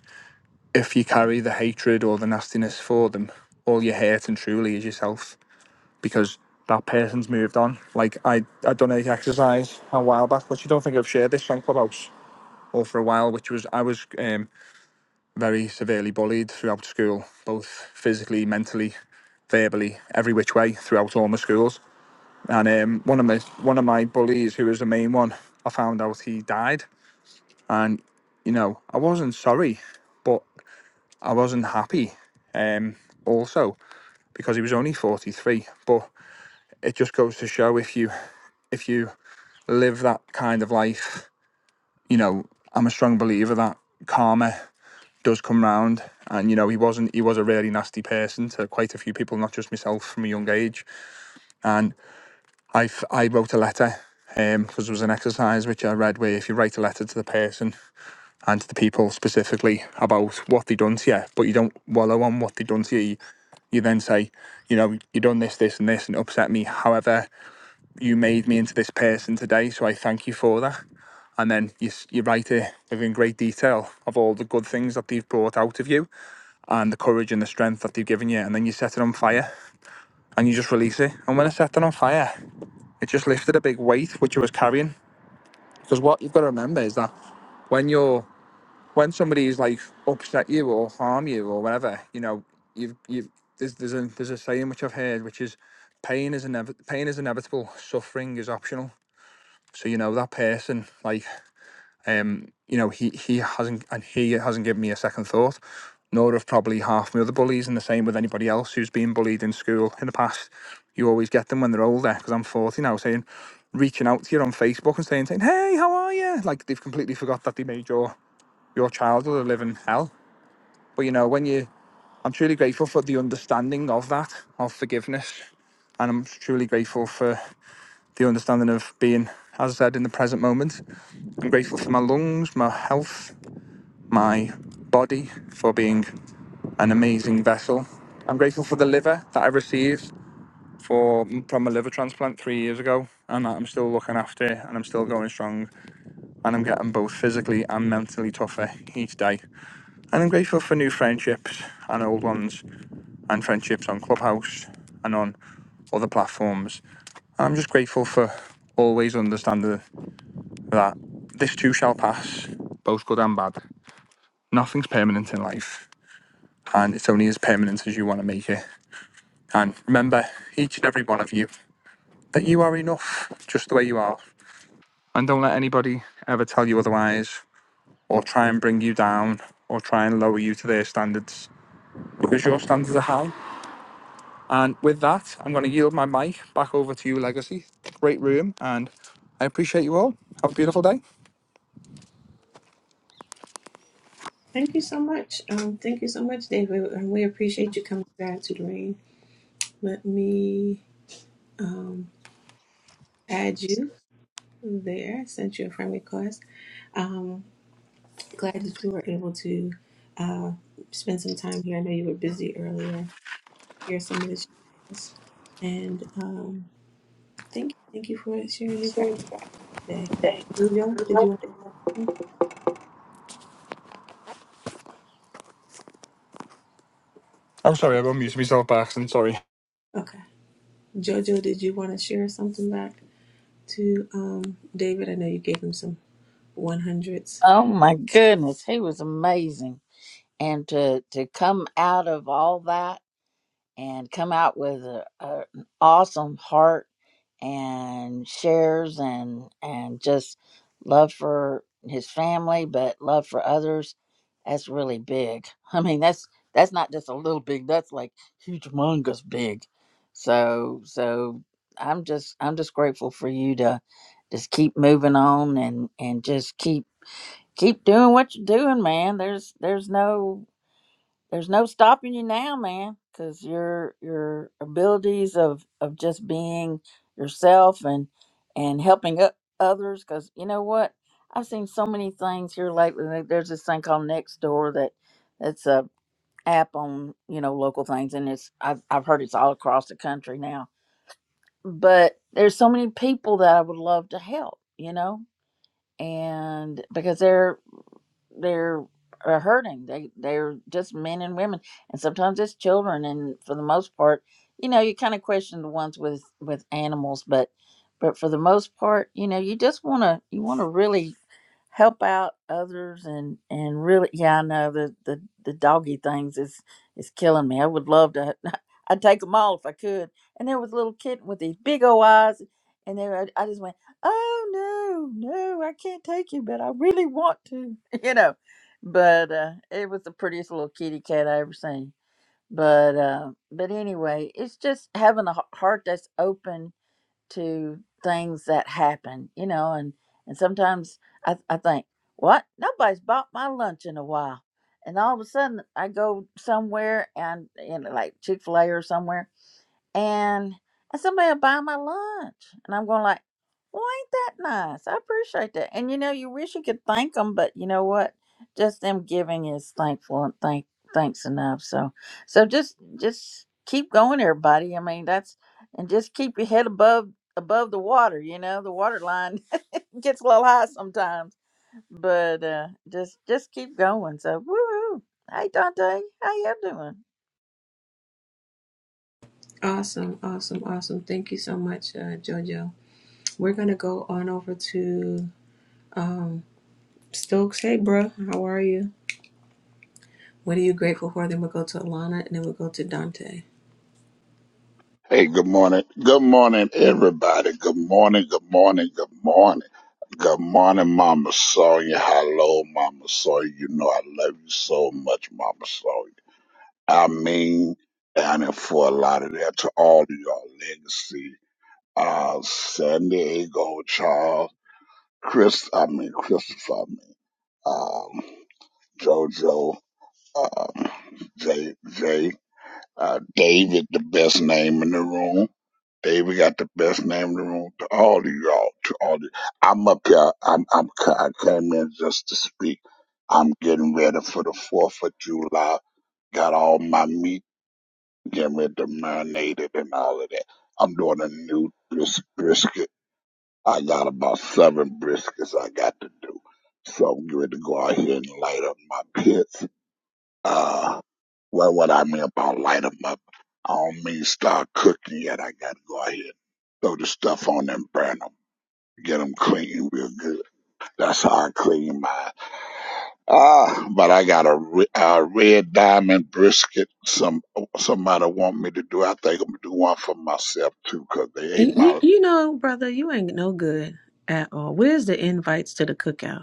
if you carry the hatred or the nastiness for them, all you're hurting truly is yourself because that person's moved on. Like I, I done a exercise a while back, which you don't think I've shared this on Clubhouse or for a while, which was I was um, very severely bullied throughout school, both physically, mentally, verbally, every which way throughout all my schools. And um, one of my one of my bullies, who was the main one, I found out he died, and you know I wasn't sorry, but I wasn't happy. Um, also because he was only forty three, but it just goes to show if you if you live that kind of life, you know, I'm a strong believer that karma does come round. And you know, he wasn't. He was a really nasty person to quite a few people, not just myself, from a young age. And I I wrote a letter um, because it was an exercise which I read where if you write a letter to the person and to the people specifically about what they done to you, but you don't wallow on what they done to you. You you then say, you know, you done this, this, and this, and it upset me. However, you made me into this person today, so I thank you for that And then you, you write it within great detail of all the good things that they've brought out of you and the courage and the strength that they've given you. And then you set it on fire and you just release it. And when I set it on fire, it just lifted a big weight which I was carrying. Because what you've got to remember is that when you're when somebody's like upset you or harm you or whatever, you know, you've you've there's there's a there's a saying which I've heard which is pain is inev pain is inevitable, suffering is optional. So you know that person like Um, you know, he he hasn't and he hasn't given me a second thought, nor have probably half my other bullies, and the same with anybody else who's been bullied in school in the past. You always get them when they're older, because I'm 40 now, saying, reaching out to you on Facebook and saying, saying, hey, how are you? Like they've completely forgot that they made your your childhood a living hell. But you know, when you, I'm truly grateful for the understanding of that, of forgiveness, and I'm truly grateful for the understanding of being, as I said, in the present moment. I'm grateful for my lungs, my health, my body for being an amazing vessel. I'm grateful for the liver that I received for from a liver transplant three years ago, and that I'm still looking after, and I'm still going strong, and I'm getting both physically and mentally tougher each day. And I'm grateful for new friendships and old ones, and friendships on Clubhouse and on other platforms. And I'm just grateful for always understanding that this too shall pass, both good and bad. Nothing's permanent in life and it's only as permanent as you want to make it. And remember, each and every one of you, that you are enough just the way you are. And don't let anybody ever tell you otherwise, or try and bring you down, or try and lower you to their standards, because your standards are high. And with that, I'm going to yield my mic back over to you, Legacy. Great room, and I appreciate you all. Have a beautiful day.
Thank you so much. Um, thank you so much, David. And we appreciate you coming to Gratitude Rain. Let me um, add you there. I Sent you a friend request. Um, glad that you were able to uh, spend some time here. I know you were busy earlier. Hear some of this. And um. Thank you. Thank you for sharing your gratitude today. Jojo, did you want
I'm
to?
sorry, I unmuted myself by accident, sorry.
Okay. Jojo, did you want to share something back to um, David? I know you gave him some 100s.
oh my goodness he was amazing and to to come out of all that and come out with a, a, an awesome heart and shares and and just love for his family but love for others that's really big i mean that's that's not just a little big that's like huge humongous big so so i'm just i'm just grateful for you to just keep moving on and and just keep keep doing what you're doing man there's there's no there's no stopping you now, man, because your your abilities of of just being yourself and and helping o- others. Because you know what, I've seen so many things here lately. like, There's this thing called Nextdoor that that's a app on you know local things, and it's I've I've heard it's all across the country now. But there's so many people that I would love to help, you know, and because they're they're are hurting. They they're just men and women, and sometimes it's children. And for the most part, you know, you kind of question the ones with with animals, but but for the most part, you know, you just want to you want to really help out others and and really yeah i know the the, the doggy things is is killing me i would love to i'd take them all if i could and there was a little kitten with these big old eyes and there i, I just went oh no no i can't take you but i really want to you know but uh it was the prettiest little kitty cat i ever seen but uh but anyway it's just having a h- heart that's open to things that happen, you know, and and sometimes I, I think, what? Nobody's bought my lunch in a while. And all of a sudden I go somewhere and, and like Chick-fil-A or somewhere and and somebody will buy my lunch and i'm going like well ain't that nice i appreciate that and you know you wish you could thank them but you know what just them giving is thankful and thank thanks enough so so just just keep going everybody i mean that's and just keep your head above above the water you know the water line gets a little high sometimes but uh just just keep going so woo hey dante how you doing
Awesome. Awesome. Awesome. Thank you so much, uh, Jojo. We're going to go on over to um, Stokes. Hey, bro. How are you? What are you grateful for? Then we'll go to Alana and then we'll go to Dante.
Hey, good morning. Good morning, everybody. Good morning, good morning, good morning. Good morning, Mama Sonia. Hello, Mama Sonia. You know I love you so much, Mama Sonia. I mean, down in Fort Lauderdale to all of your legacy. Uh, San Diego, Charles, Chris, I mean, Christopher, I mean, um, JoJo, um, Jay, Jay, uh, David, the best name in the room. Baby got the best name in the room to all of y'all. To all of you. I'm up here. I'm, I'm, c- I came in just to speak. I'm getting ready for the 4th of July. Got all my meat, getting ready to marinate it and all of that. I'm doing a new bris- brisket. I got about seven briskets I got to do. So I'm ready to go out here and light up my pits. Uh, well, what I mean about light 'em up, I don't mean start cooking yet. I gotta go ahead and throw the stuff on them, burn 'em, get 'em clean real good. That's how I clean mine. Ah, but I got a, re- a red diamond brisket. Some somebody want me to do. I think I'm gonna do one for myself too, 'cause they ate
You, you,
my.
you know, brother, you ain't no good at all. Where's the invites to the cookout?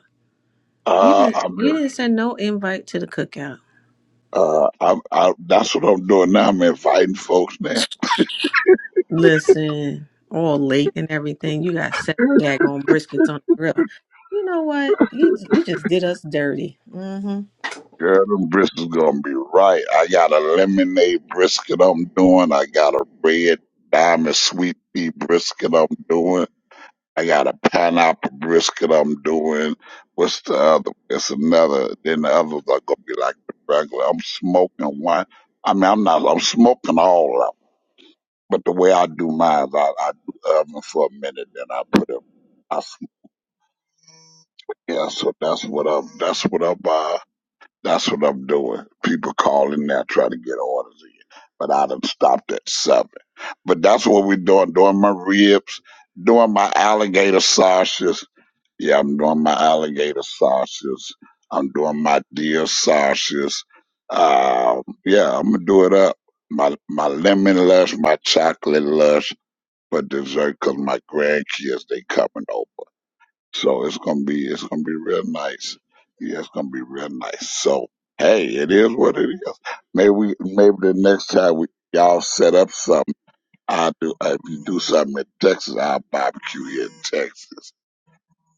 You
Uh,
didn't,
I'm.
you didn't send no invite to the cookout.
Uh, I, I, that's what I'm doing now. I'm inviting folks now.
Listen, all late and everything. You got seven daggone briskets on the grill. You know what? You you just did us dirty. Mm-hmm.
Girl, them brisket's gonna be right. I got a lemonade brisket I'm doing. I got a red diamond sweet pea brisket I'm doing. I got a pineapple brisket I'm doing. What's the other? It's another. Then the others are gonna be like the regular. I'm smoking one. I mean, I'm not. I'm smoking all of them. But the way I do mine, I, I do oven for a minute, then I put it. I, sm- yeah, so that's what up. That's what up. That's what I'm doing. People calling now trying to get orders in, but I done stopped at seven. But that's what we're doing. Doing my ribs, doing my alligator sausages. Yeah, I'm doing my alligator sausages. I'm doing my deer sausages. Um, yeah, I'm gonna do it up. My my lemon lush, my chocolate lush for dessert 'cause my grandkids they coming over. So it's gonna be it's gonna be real nice. Yeah, it's gonna be real nice. So hey, it is what it is. Maybe we maybe the next time we y'all set up something, i do if you do something in Texas, I'll barbecue here in Texas.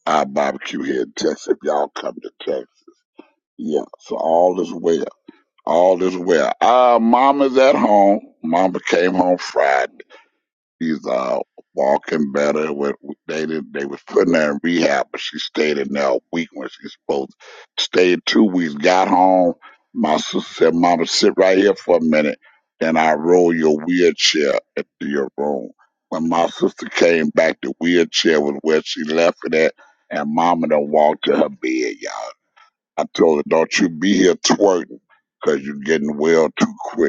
I'll barbecue here in Texas if y'all come to Texas. Yeah, so all is well. All is well. Uh mama's at home. Mama came home Friday. She's uh walking better. What they did, they was putting her in rehab, but she stayed in there a week when she supposed to stay two weeks. Got home, my sister said, "Mama, sit right here for a minute." Then I roll your wheelchair into your room. When my sister came back, the wheelchair was where she left it at, and Mama done walked to her bed, y'all. I told her, "Don't you be here twerking, 'cause you you're getting well too quick."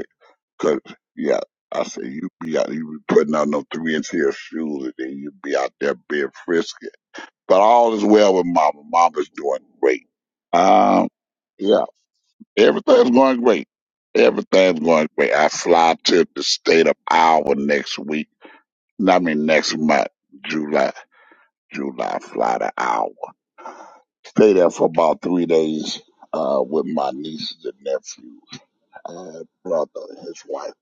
Cause yeah, I say you be out, you be putting on them three inch heel shoes, and then you be out there being frisky. But all is well with Mama. Mama's doing great. Um, yeah, everything's going great. Everything's going great. I fly to the state of Iowa next week. I mean next month, July. July, fly to Iowa. Stay there for about three days uh, with my nieces and nephews. uh, brother, his wife.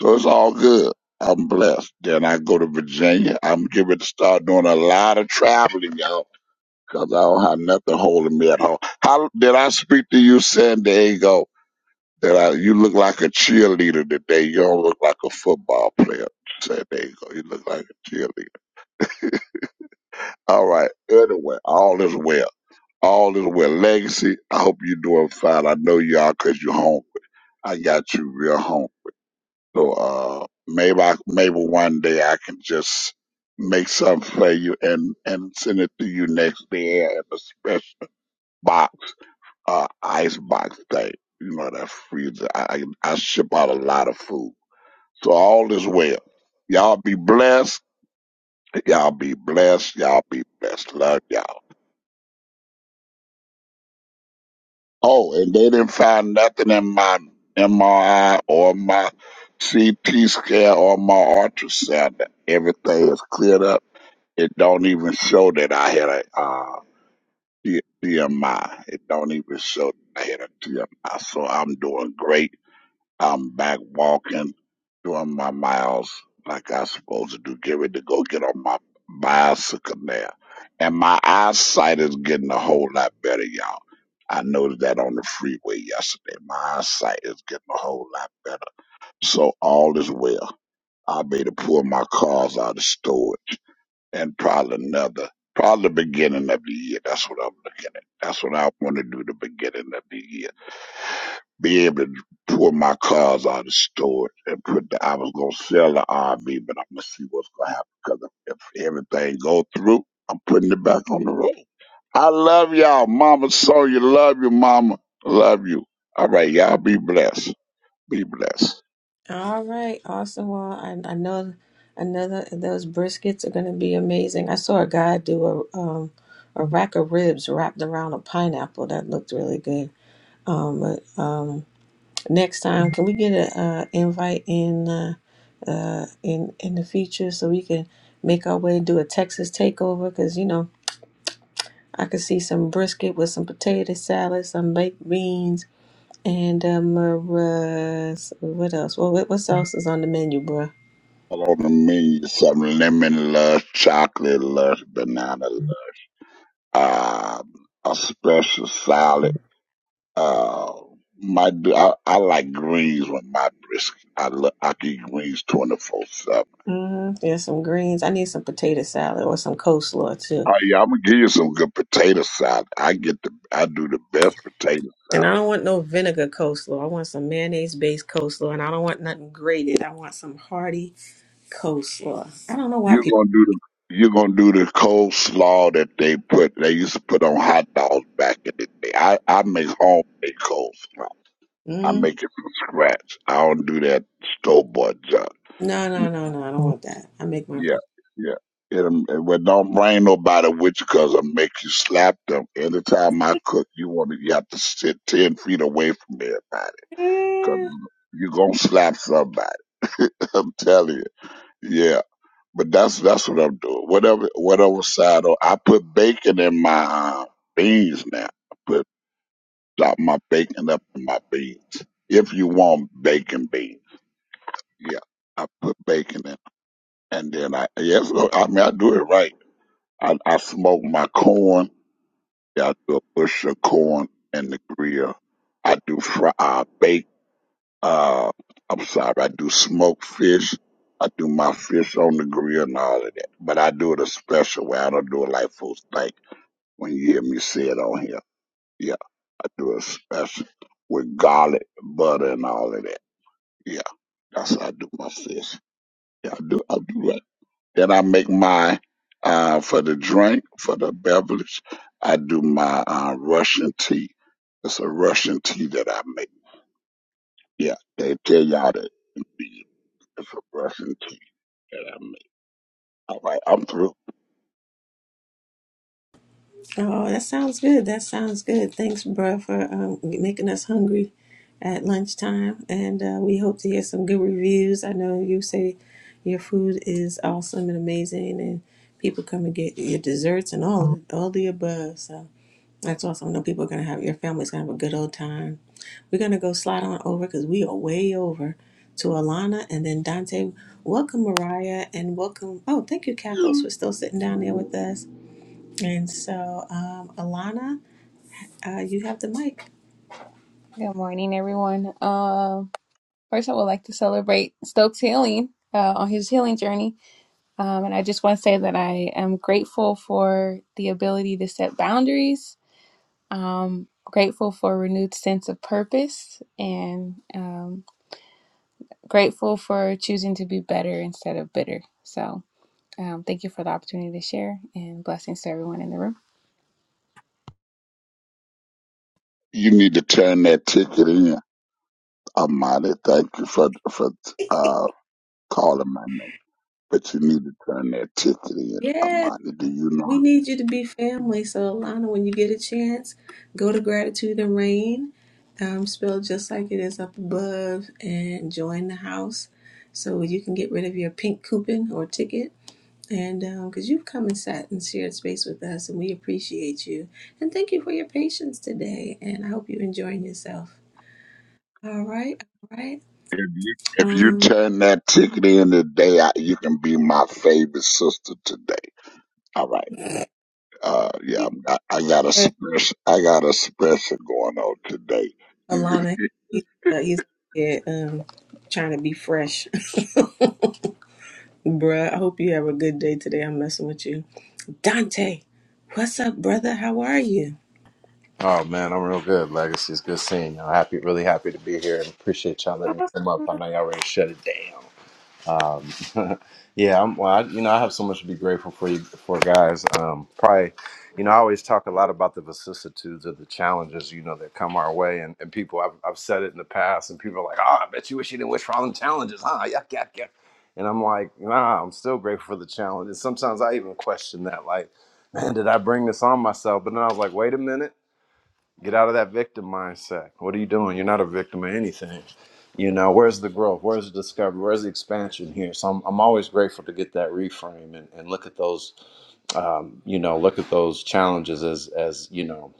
So it's all good. I'm blessed. Then I go to Virginia. I'm getting to start doing a lot of traveling, y'all, because I don't have nothing holding me at home. How did I speak to you, San Diego? That I, you look like a cheerleader today. You don't look like a football player, San Diego. You look like a cheerleader. All right. Anyway, all is well. All is well. Legacy, I hope you're doing fine. I know you are because you're home. I got you real home. So uh, maybe I, maybe one day I can just make something for you and and send it to you next day in a special box, uh, ice box thing. You know that freezer. I I I ship out a lot of food, so all is well. Y'all be blessed. Y'all be blessed. Y'all be blessed. Love y'all. Oh, and they didn't find nothing in my MRI or my CT scan or my ultrasound. Everything is cleared up It don't even show that I had a uh, T- TMI. It don't even show that I had a T M I. So I'm doing great. I'm back walking, doing my miles like I supposed to do. Get ready to go get on my bicycle now. And my eyesight is getting a whole lot better, y'all. I noticed that on the freeway yesterday. My eyesight is getting a whole lot better. So all is well. I made to pull my cars out of storage and probably another, probably the beginning of the year. That's what I'm looking at. That's what I want to do the beginning of the year. Be able to pull my cars out of storage and put the, I was going to sell the RV, but I'm going to see what's going to happen because if everything go through, I'm putting it back on the road. I love y'all. Mama Sonya, love you, mama. Love you. All right, y'all be blessed. Be blessed.
All right, awesome. Well, I, I know another those briskets are going to be amazing. I saw a guy do a um, a rack of ribs wrapped around a pineapple that looked really good. Um, but um, next time, can we get a uh, invite in uh, uh, in in the future so we can make our way and do a Texas takeover? Because you know, I could see some brisket with some potato salad, some baked beans, and um, uh, what else? Well, what, what else is on the menu, bruh?
All on the menu, some lemon lush, chocolate lush, banana um, a special salad. Uh, my I, I like greens with my brisket. I lo- I can eat greens twenty four seven.
Mm, there's some greens. I need some potato salad or some coleslaw too.
Oh yeah, I'm gonna give you some good potato salad. I get the I do the best potato
And
salad.
I don't want no vinegar coleslaw. I want some mayonnaise based coleslaw, and I don't want nothing grated. I want some hearty coleslaw. I don't know why
You're
people.
gonna do the you're gonna do the coleslaw that they put they used to put on hot dogs back in the day. I I make homemade coleslaw. I
Mm,
make it from scratch. I don't do that store bought junk.
no, no, no, no. I don't want that. I make my.
Yeah, yeah. It'll, it, well, don't bring nobody with you 'cause it'll make you slap them. Anytime I cook, you want to, you have to sit 10 feet away from everybody 'cause you're going to slap somebody. I'm telling you. Yeah. But that's, that's what I'm doing. Whatever, whatever side, or I put bacon in my uh, beans now. I put, chop my bacon up in my beans. If you want bacon beans. Yeah. I put bacon in. And then I, yes, I mean, I do it right. I, I smoke my corn. Yeah, I do a bush of corn in the grill. I do fry, I bake. Uh, I'm sorry, I do smoked fish. I do my fish on the grill and all of that. But I do it a special way. I don't do it like folks think when you hear me say it on here. Yeah, I do it special with garlic, butter, and all of that. Yeah, that's how I do my fish. Yeah, I do. I do. that. Then I make my uh, for the drink, for the beverage. I do my uh, Russian tea. It's a Russian tea that I make. Yeah, they tell y'all that it's a Russian tea that I make. All right, I'm through.
Oh, that sounds good. That sounds good. Thanks, bruh, for um, making us hungry at lunchtime. And uh, we hope to hear some good reviews. I know you say your food is awesome and amazing, and people come and get your desserts and all all the above. So that's awesome. I know people are gonna have your family's gonna have a good old time. We're gonna go slide on over because we are way over to Alana and then Dante. Welcome, Mariah, and welcome. Oh, thank you, Cathos, for still sitting down there with us. And so, um, Alana, uh, you have the mic.
Good morning, everyone. Um, first, I would like to celebrate Stokes' healing uh, on his healing journey. Um, and I just want to say that I am grateful for the ability to set boundaries, um, grateful for a renewed sense of purpose, and um, grateful for choosing to be better instead of bitter. So, um, thank you for the opportunity to share, and blessings to everyone in the room.
You need to turn that ticket in, Amadi. Thank you for for uh, calling my name, but you need to turn that ticket in,
Yes,
Amadi. Do you know?
we need you to be family. So, Alana, when you get a chance, go to Gratitude and Rain, um, spelled just like it is up above, and join the house so you can get rid of your pink coupon or ticket. And because you've come and sat and shared space with us, and we appreciate you. And thank you for your patience today. And I hope you're enjoying yourself. All right, all right.
If you if you
Um,
turn that ticket in today, I, you can be my favorite sister today. All right. Uh, yeah, I'm- I, I got a special. I got a special going on today. You,
Alana, he's, uh, he's yeah, um, trying to be fresh. Bruh, I hope you have a good day today. I'm messing with you. Dante, what's up, brother? How are you?
Oh man, I'm real good. Legacy is good seeing y'all. Happy, really happy to be here, and appreciate y'all letting me come up. I know y'all ready to shut it down. Um, yeah, I'm. Well, I, you know, I have so much to be grateful for you, for guys. Um, probably, you know, I always talk a lot about the vicissitudes of the challenges, you know, that come our way, and, and people. I've, I've said it in the past, and people are like, "Oh, I bet you wish you didn't wish for all them challenges, huh?" Yuck, yuck, yuck. And I'm like, Nah, I'm still grateful for the challenge. And sometimes I even question that, like, "Man, did I bring this on myself?" But then I was like, "Wait a minute." Get out of that victim mindset. What are you doing? You're not a victim of anything. You know, where's the growth? Where's the discovery? Where's the expansion here? So I'm, I'm always grateful to get that reframe and, and look at those, um, you know, look at those challenges as, as, you know,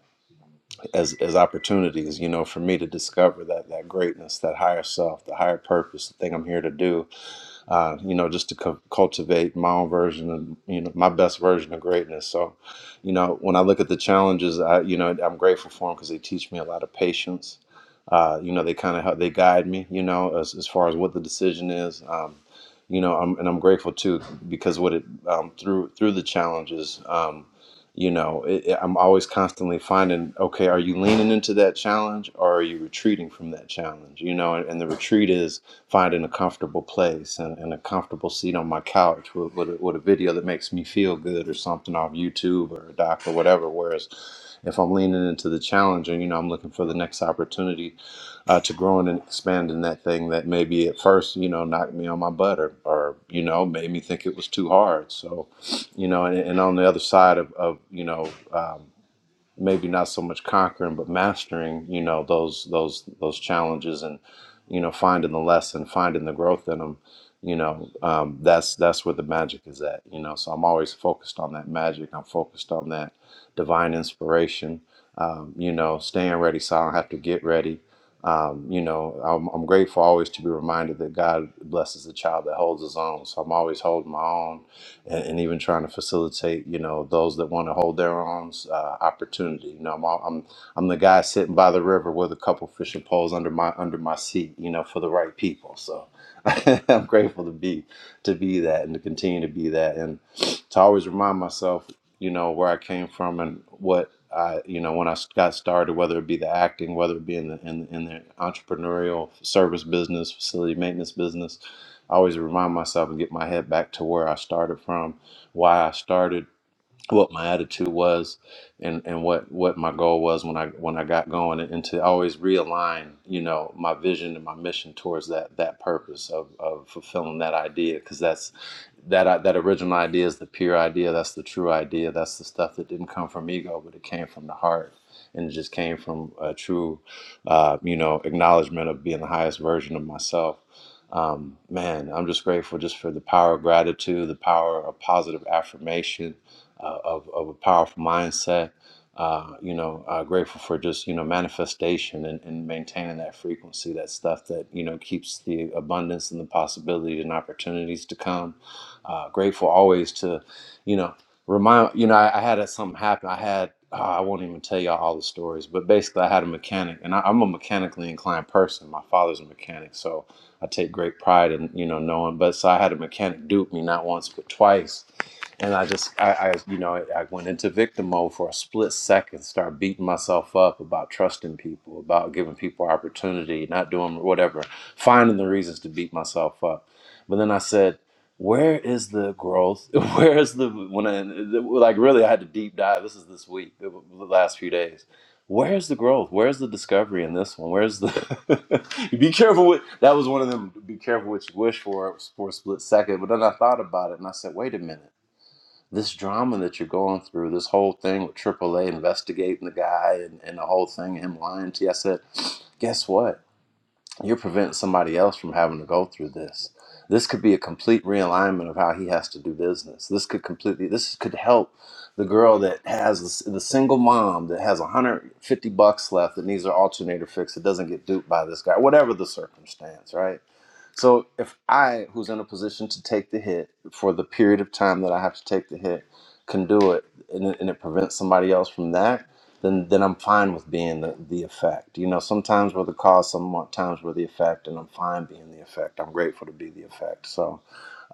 as, as opportunities, you know, for me to discover that, that greatness, that higher self, the higher purpose, the thing I'm here to do uh, you know, just to cu- cultivate my own version of, you know, my best version of greatness. So, you know, when I look at the challenges, I, you know, I'm grateful for them because they teach me a lot of patience. Uh, you know, they kind of help, they guide me, you know, as, as far as what the decision is. Um, you know, I'm, and I'm grateful too because what it um, through through the challenges. Um, you know it, it- i'm always constantly finding okay are you leaning into that challenge or are you retreating from that challenge you know and, and the retreat is finding a comfortable place and, and a comfortable seat on my couch with, with, a, with a video that makes me feel good or something off youtube or a doc or whatever whereas if i'm leaning into the challenge and you know i'm looking for the next opportunity uh, to grow and expand in that thing that maybe at first you know knocked me on my butt or, or you know made me think it was too hard so you know, and, and on the other side of, of you know, um, maybe not so much conquering, but mastering, you know, those those those challenges and, you know, finding the lesson, finding the growth in them, you know, um, that's that's where the magic is at, you know. So I'm always focused on that magic. I'm focused on that divine inspiration, um, you know, staying ready so I don't have to get ready. Um, you know, I'm, I'm grateful always to be reminded that God blesses the child that holds his own. So I'm always holding my own and, and even trying to facilitate, you know, those that want to hold their own uh, opportunity. You know, I'm, all, I'm I'm the guy sitting by the river with a couple fishing poles under my under my seat, you know, for the right people. So I'm grateful to be to be that and to continue to be that, and to always remind myself, you know, where I came from and what. I, you know, when I got started, whether it be the acting, whether it be in the in, in the entrepreneurial service business, facility maintenance business, I always remind myself and get my head back to where I started from, why I started, what my attitude was and and what what my goal was when I when I got going and, and to always realign you know my vision and my mission towards that that purpose of, of fulfilling that idea because that's that i- that original idea is the pure idea that's the true idea that's the stuff that didn't come from ego but it came from the heart and it just came from a true uh, you know acknowledgement of being the highest version of myself um, man, I'm just grateful just for the power of gratitude, the power of positive affirmation, uh, of, of a powerful mindset. Uh, you know, uh, grateful for just, you know, manifestation and, and maintaining that frequency, that stuff that, you know, keeps the abundance and the possibilities and opportunities to come. Uh, grateful always to, you know, remind, you know, I, I had a- something happen. I had, ah, I won't even tell y'all all the stories, but basically I had a mechanic and I, I'm a mechanically inclined person. My father's a mechanic. So I take great pride in, you know, knowing, but so I had a mechanic dupe me not once, but twice and I just I, I you know I went into victim mode for a split second, start beating myself up about trusting people, about giving people opportunity, not doing whatever, finding the reasons to beat myself up. But then I said, where is the growth? Where is the when I like really I had to deep dive. This is this week, the the last few days. Where's the growth? Where's the discovery in this one? Where's the be careful with that was one of them be careful what you wish for for a split second. But then I thought about it and I said, wait a minute this drama that you're going through, this whole thing with AAA investigating the guy and, and the whole thing, him lying to you. I said, guess what? You're preventing somebody else from having to go through this. This could be a complete realignment of how he has to do business. This could completely, this could help the girl that has this, the single mom that has 150 bucks left that needs her alternator fixed that doesn't get duped by this guy, whatever the circumstance, right? So if I, who's in a position to take the hit for the period of time that I have to take the hit, can do it, and it, and it prevents somebody else from that, then then I'm fine with being the, the effect. You know, sometimes we're the cause, some more times we're the effect, and I'm fine being the effect. I'm grateful to be the effect. So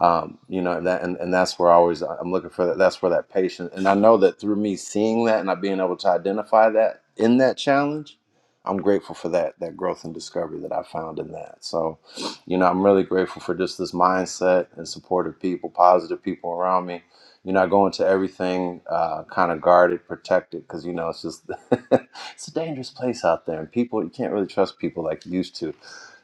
um, you know that and, and that's where I always I'm looking for that that's where that patience and I know that through me seeing that and I being able to identify that in that challenge I'm grateful for that that growth and discovery that I found in that so you know I'm really grateful for just this mindset and supportive people positive people around me you know I go into everything uh, kind of guarded protected because you know it's just it's a dangerous place out there and people you can't really trust people like you used to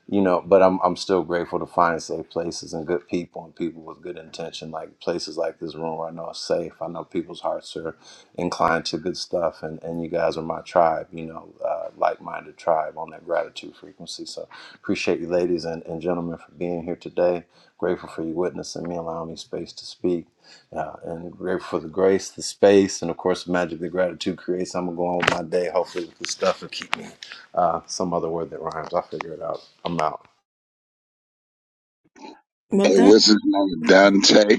you know but i'm i'm still grateful to find safe places and good people and people with good intention like places like this room where i know it's safe i know people's hearts are inclined to good stuff and and you guys are my tribe you know uh, like-minded tribe on that gratitude frequency so appreciate you ladies and, and gentlemen for being here today grateful for you witnessing me allowing me space to speak uh, and grateful for the grace the space and of course the magic that gratitude creates i'm gonna go on with my day hopefully with this stuff will keep me uh, some other word that rhymes. I'll figure it out. I'm out.
Well,
hey,
Don-
what's his name? Dante.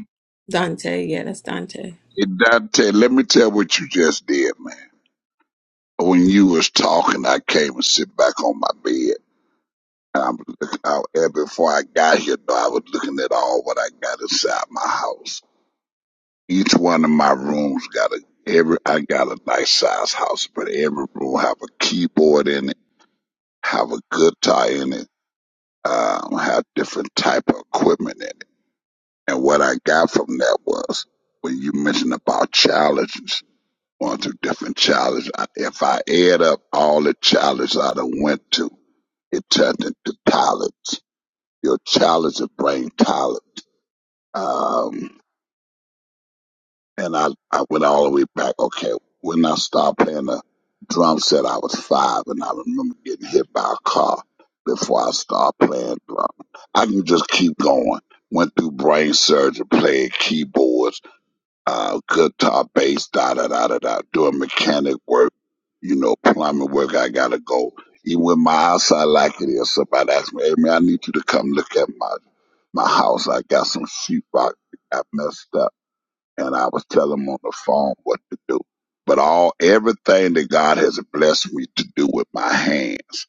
Dante, yeah, that's Dante.
Hey, Dante, let me tell what you just did, man. When you was talking, I came and sit back on my bed. And I'm looking out and before I got here. Though I was looking at all what I got inside my house. Each one of my rooms got a every. I got a nice size house, but every room have a keyboard in it, have a guitar in it. um, have different type of equipment in it. And what I got from that was when you mentioned about challenges, going through different challenges. I, if I add up all the challenges I done went to, it turned into talent. Your challenges bring talent. Um, and I, I went all the way back. Okay, when I started playing the drum set, I was five, and I remember getting hit by a car before I started playing drum. I can just keep going. Went through brain surgery, played keyboards, uh, guitar, bass, da da da da da, doing mechanic work, you know, plumbing work. I gotta go. Even with my eyesight like it is, somebody asked me, "Hey man, I need you to come look at my my house. I got some sheetrock that got messed up." and I was telling him on the phone what to do. But all everything that God has blessed me to do with my hands,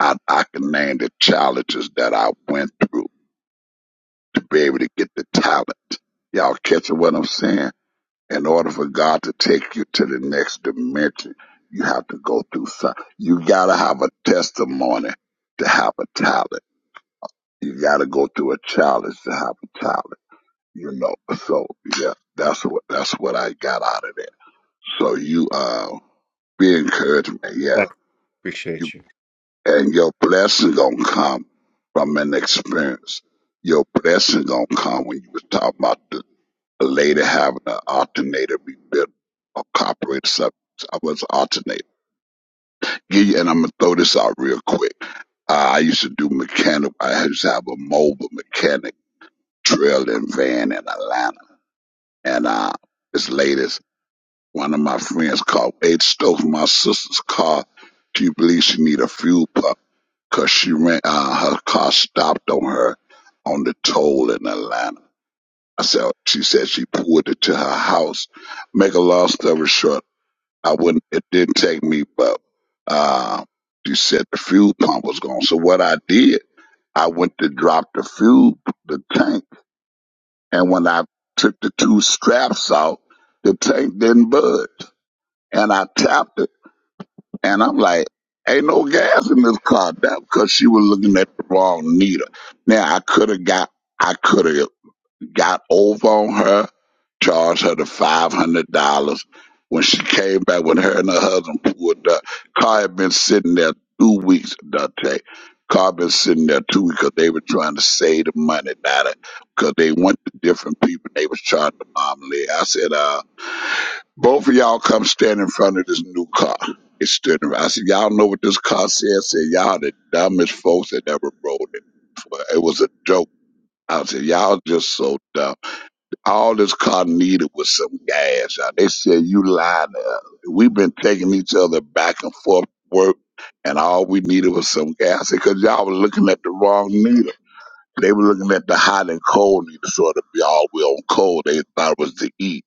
I, I can name the challenges that I went through to be able to get the talent. Y'all catching what I'm saying? In order for God to take you to the next dimension, you have to go through something. You gotta have a testimony to have a talent. You gotta go through a challenge to have a talent. You know, so yeah, that's what that's what I got out of that. So you uh be encouragement Yeah.
Thank
You
Appreciate you.
and your blessing gonna come from an experience. Your blessing gonna come when you was talking about the, the lady having an alternator rebuilt or copyright subjects. I was alternating. Give you, and I'm gonna throw this out real quick. Uh, I used to do mechanic. I used to have a mobile mechanic drill and van in Atlanta, and uh, this lady One of my friends caught Ed stole from my sister's car. She believes she need a fuel pump? Cause she ran uh, her car stopped on her on the toll in Atlanta. I said she said she pulled it to her house. Make a long story short, I wouldn't. It didn't take me, but uh, she said the fuel pump was gone. So what I did, I went to drop the fuel, the tank, and when I took the two straps out, the tank didn't budge, and I tapped it And I'm like, ain't no gas in this car. That because she was looking at the wrong needle. Now I could have got I could have got over on her, charged her the five hundred dollars. When she came back when her and her husband pulled up, car had been sitting there two weeks, Dante. Car been sitting there two weeks because they were trying to save the money now because they went to different people they was charging the mom and I said, uh both of y'all come stand in front of this new car. It stood around. I said, Y'all know what this car said? I said, Y'all the dumbest folks that ever rode it. Well, It was a joke. I said, Y'all just so dumb. All this car needed was some gas. Y'all. They said, You lied to us. We've been taking each other back and forth to work, and all we needed was some gas. I said, Because y'all were looking at the wrong needle. They were looking at the hot and cold needle, so it'd be all we on cold. They thought it was the E.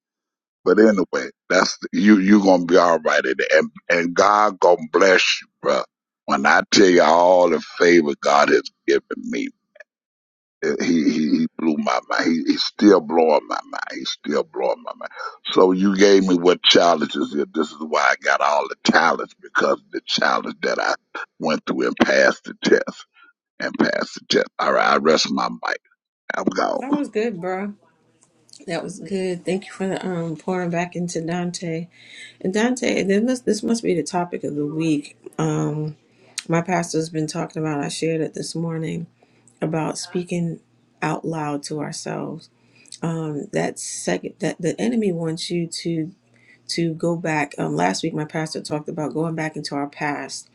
But anyway, that's you. You gonna be all right, and and and God gonna bless you, bro. When I tell you all the favor God has given me, eh, he he, he blew my mind. He, he's still blowing my mind. He's still blowing my mind. So you gave me what challenges is. This is why I got all the talents because of the challenge that I went through and passed the test and passed the test. All right, I rest my mic. I'm gone.
That was good, bro. That was good. Thank you for the um pouring back into Dante. And Dante, this must this must be the topic of the week. Um, my pastor's been talking about. I shared it this morning about speaking out loud to ourselves um, that second that the enemy wants you to to go back um, last week my pastor talked about going back into our past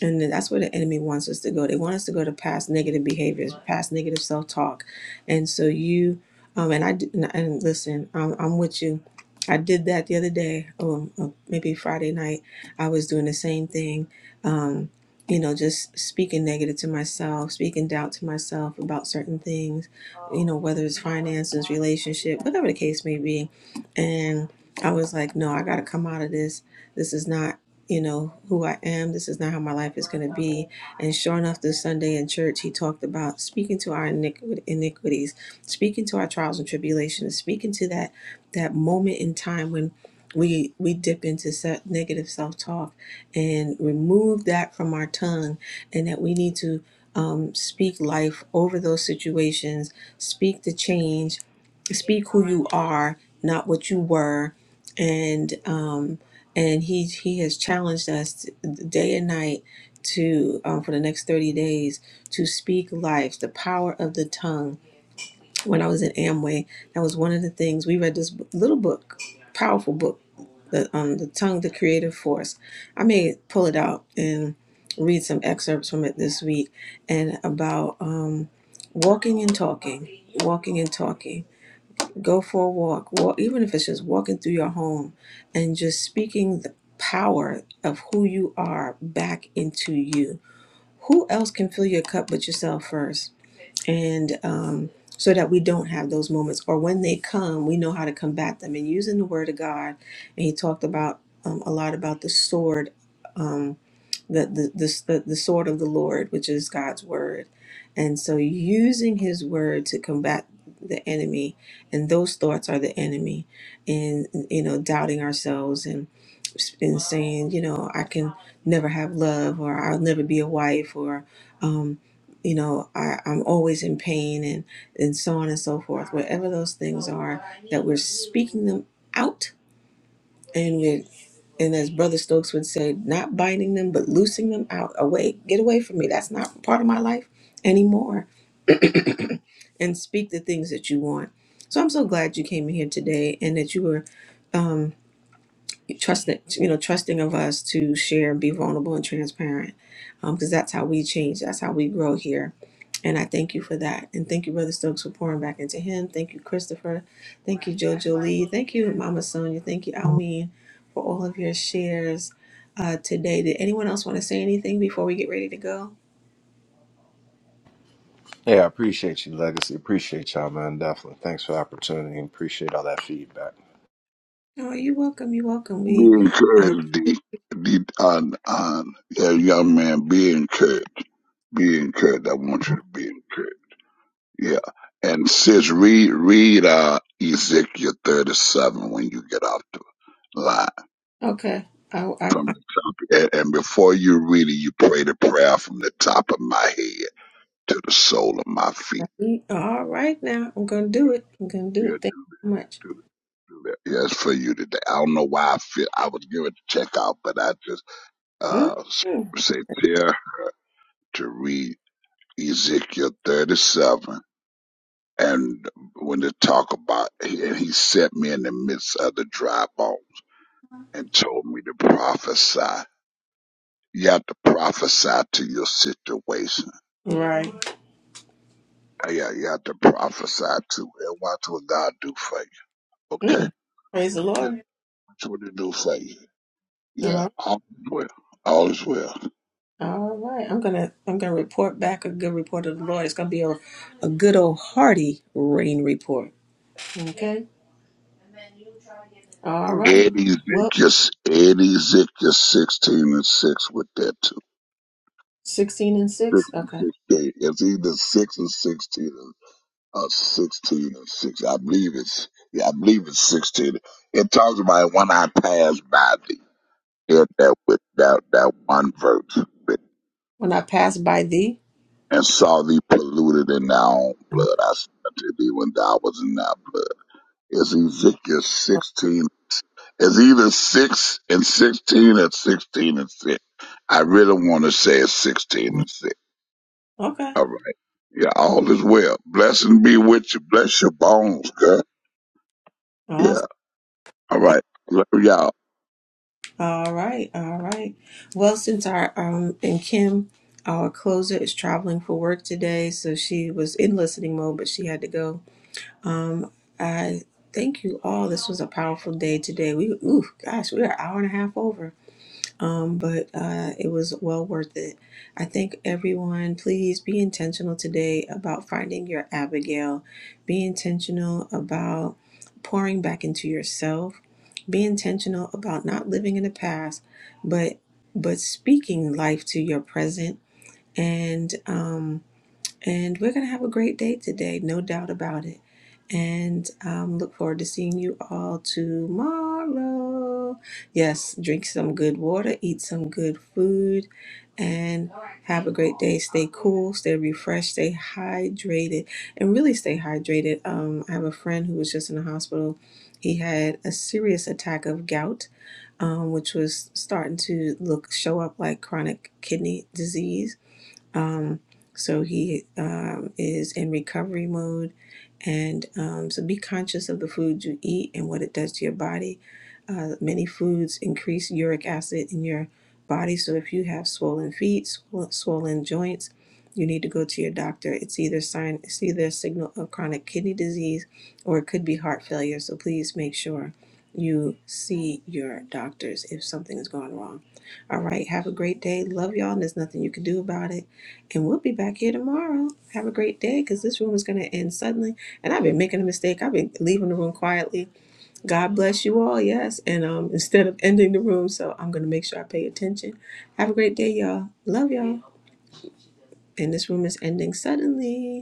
and then that's where the enemy wants us to go. They want us to go to past negative behaviors, past negative self talk. And so you, um, and I, d- and and listen, I'm, I'm with you. I did that the other day, um, uh, maybe Friday night. I was doing the same thing, um, you know, just speaking negative to myself, speaking doubt to myself about certain things, you know, whether it's finances, relationship, whatever the case may be. And I was like, no, I got to come out of this. This is not you know, who I am. This is not how my life is going to be. And sure enough, this Sunday in church, he talked about speaking to our iniqui- iniquities, speaking to our trials and tribulations, speaking to that that moment in time when we we dip into se- negative self talk and remove that from our tongue, and that we need to um, speak life over those situations, speak the change, speak who you are, not what you were, and. Um, and he he has challenged us t- day and night to um, for the next 30 days to speak life the power of the tongue when i was in amway that was one of the things we read this b- little book powerful book the um the tongue the creative force i may pull it out and read some excerpts from it this week and about um walking and talking walking and talking Go for a walk. Well, even if it's just walking through your home and just speaking the power of who you are back into you. Who else can fill your cup but yourself first? and um, so that we don't have those moments or when they come we know how to combat them and using the word of god and he talked about um, a lot about the sword um, the, the, the, the, the sword of the lord which is god's word and so using his word to combat the enemy and those thoughts are the enemy and you know doubting ourselves and and saying you know i can never have love or i'll never be a wife or um, you know, I, I'm always in pain and, and so on and so forth. Whatever those things are, that we're speaking them out and we're and as Brother Stokes would say, not binding them but loosing them out. Away, get away from me. That's not part of my life anymore. and speak the things that you want. So I'm so glad you came in here today and that you were um, trust that you know trusting of us to share and be vulnerable and transparent because that's how we change that's how we grow here and i thank you for that and thank you brother stokes for pouring back into him thank you christopher thank you jojo lee thank you mama sonia thank you almeen for all of your shares uh, today did anyone else want to say anything before we get ready to go
Yeah, I appreciate you, Legacy. Appreciate y'all, man. Definitely. Thanks for the opportunity. and Appreciate all that feedback.
oh you're welcome you're welcome
Be
we uh,
encouraged, D. D on, on. Yeah, young man, be encouraged. Be encouraged. I want you to be encouraged. Yeah. And sis, read, read, uh, Ezekiel 37 when you get off the line
okay I, I,
from the top. And, and before you read it, you pray the prayer from the top of my head to the sole of my feet.
I, all right now i'm gonna do it i'm gonna do
Yeah,
it thank
do,
you so much
do, do that. Yeah, it's for you today. I don't know why I feel I was given to check out, but I just, uh,
Mhm.
say, prayer to read. Ezekiel 37. And when they talk about, and he set me in the midst of the dry bones and told me to prophesy. You have to prophesy to your situation.
Right.
Yeah, yeah, you have to prophesy to it. And watch what God do for you. Okay?
Mm. Praise the
Yeah,
Lord.
watch what he do for you. Yeah,
All
all is well. All is well.
all right. I'm gonna I'm gonna report back a good report of the Lord. It's gonna be a, a good old hearty rain report. Okay. All right.
And
Well,
Ezekiel, and Ezekiel 16 and 6 with that too.
sixteen and
6
six. Okay.
and 16. It's either 6 and 16 uh, 16 or 6. I believe it's, yeah, I believe it's 16. It talks about when I passed by thee, hear that with that, that one verse,
When I pass by thee.
and saw thee polluted in thy own blood. I said unto thee when thou was in thy blood. It's Ezekiel 16. It's either 6 and 16 or 16 and 6. I really want to say it's 16 and 6.
Okay.
All right. Yeah, all is well. Blessing be with you. Bless your bones, girl. Yeah.
Awesome.
All right. Love y'all.
All right. All right. Well, since our um and Kim, our closer is traveling for work today, so she was in listening mode, but she had to go. Um, I thank you all. This was a powerful day today. We, ooh, gosh, we are an hour and a half over. Um, but uh, it was well worth it. I thank everyone. Please be intentional today about finding your Abigail. Be intentional about pouring back into yourself. Be intentional about not living in the past, but but speaking life to your present and um, and we're going to have a great day today, no doubt about it. And um, look forward to seeing you all tomorrow. Yes, drink some good water, eat some good food, and have a great day. Stay cool, stay refreshed, stay hydrated, and really stay hydrated. Um, I have a friend who was just in the hospital. He had a serious attack of gout, um, which was starting to look show up like chronic kidney disease um, so he um, is in recovery mode. And um, so be conscious of the food you eat and what it does to your body. Uh, many foods increase uric acid in your body. So if you have swollen feet, sw- swollen joints, you need to go to your doctor. It's either sign, it's either a signal of chronic kidney disease, or it could be heart failure. So please make sure you see your doctors if something is going wrong. All right, have a great day. Love y'all, and there's nothing you can do about it. And we'll be back here tomorrow. Have a great day because this room is going to end suddenly. And I've been making a mistake. I've been leaving the room quietly. God bless you all. Yes. And um, instead of ending the room, so I'm going to make sure I pay attention. Have a great day, y'all. Love y'all. And this room is ending suddenly.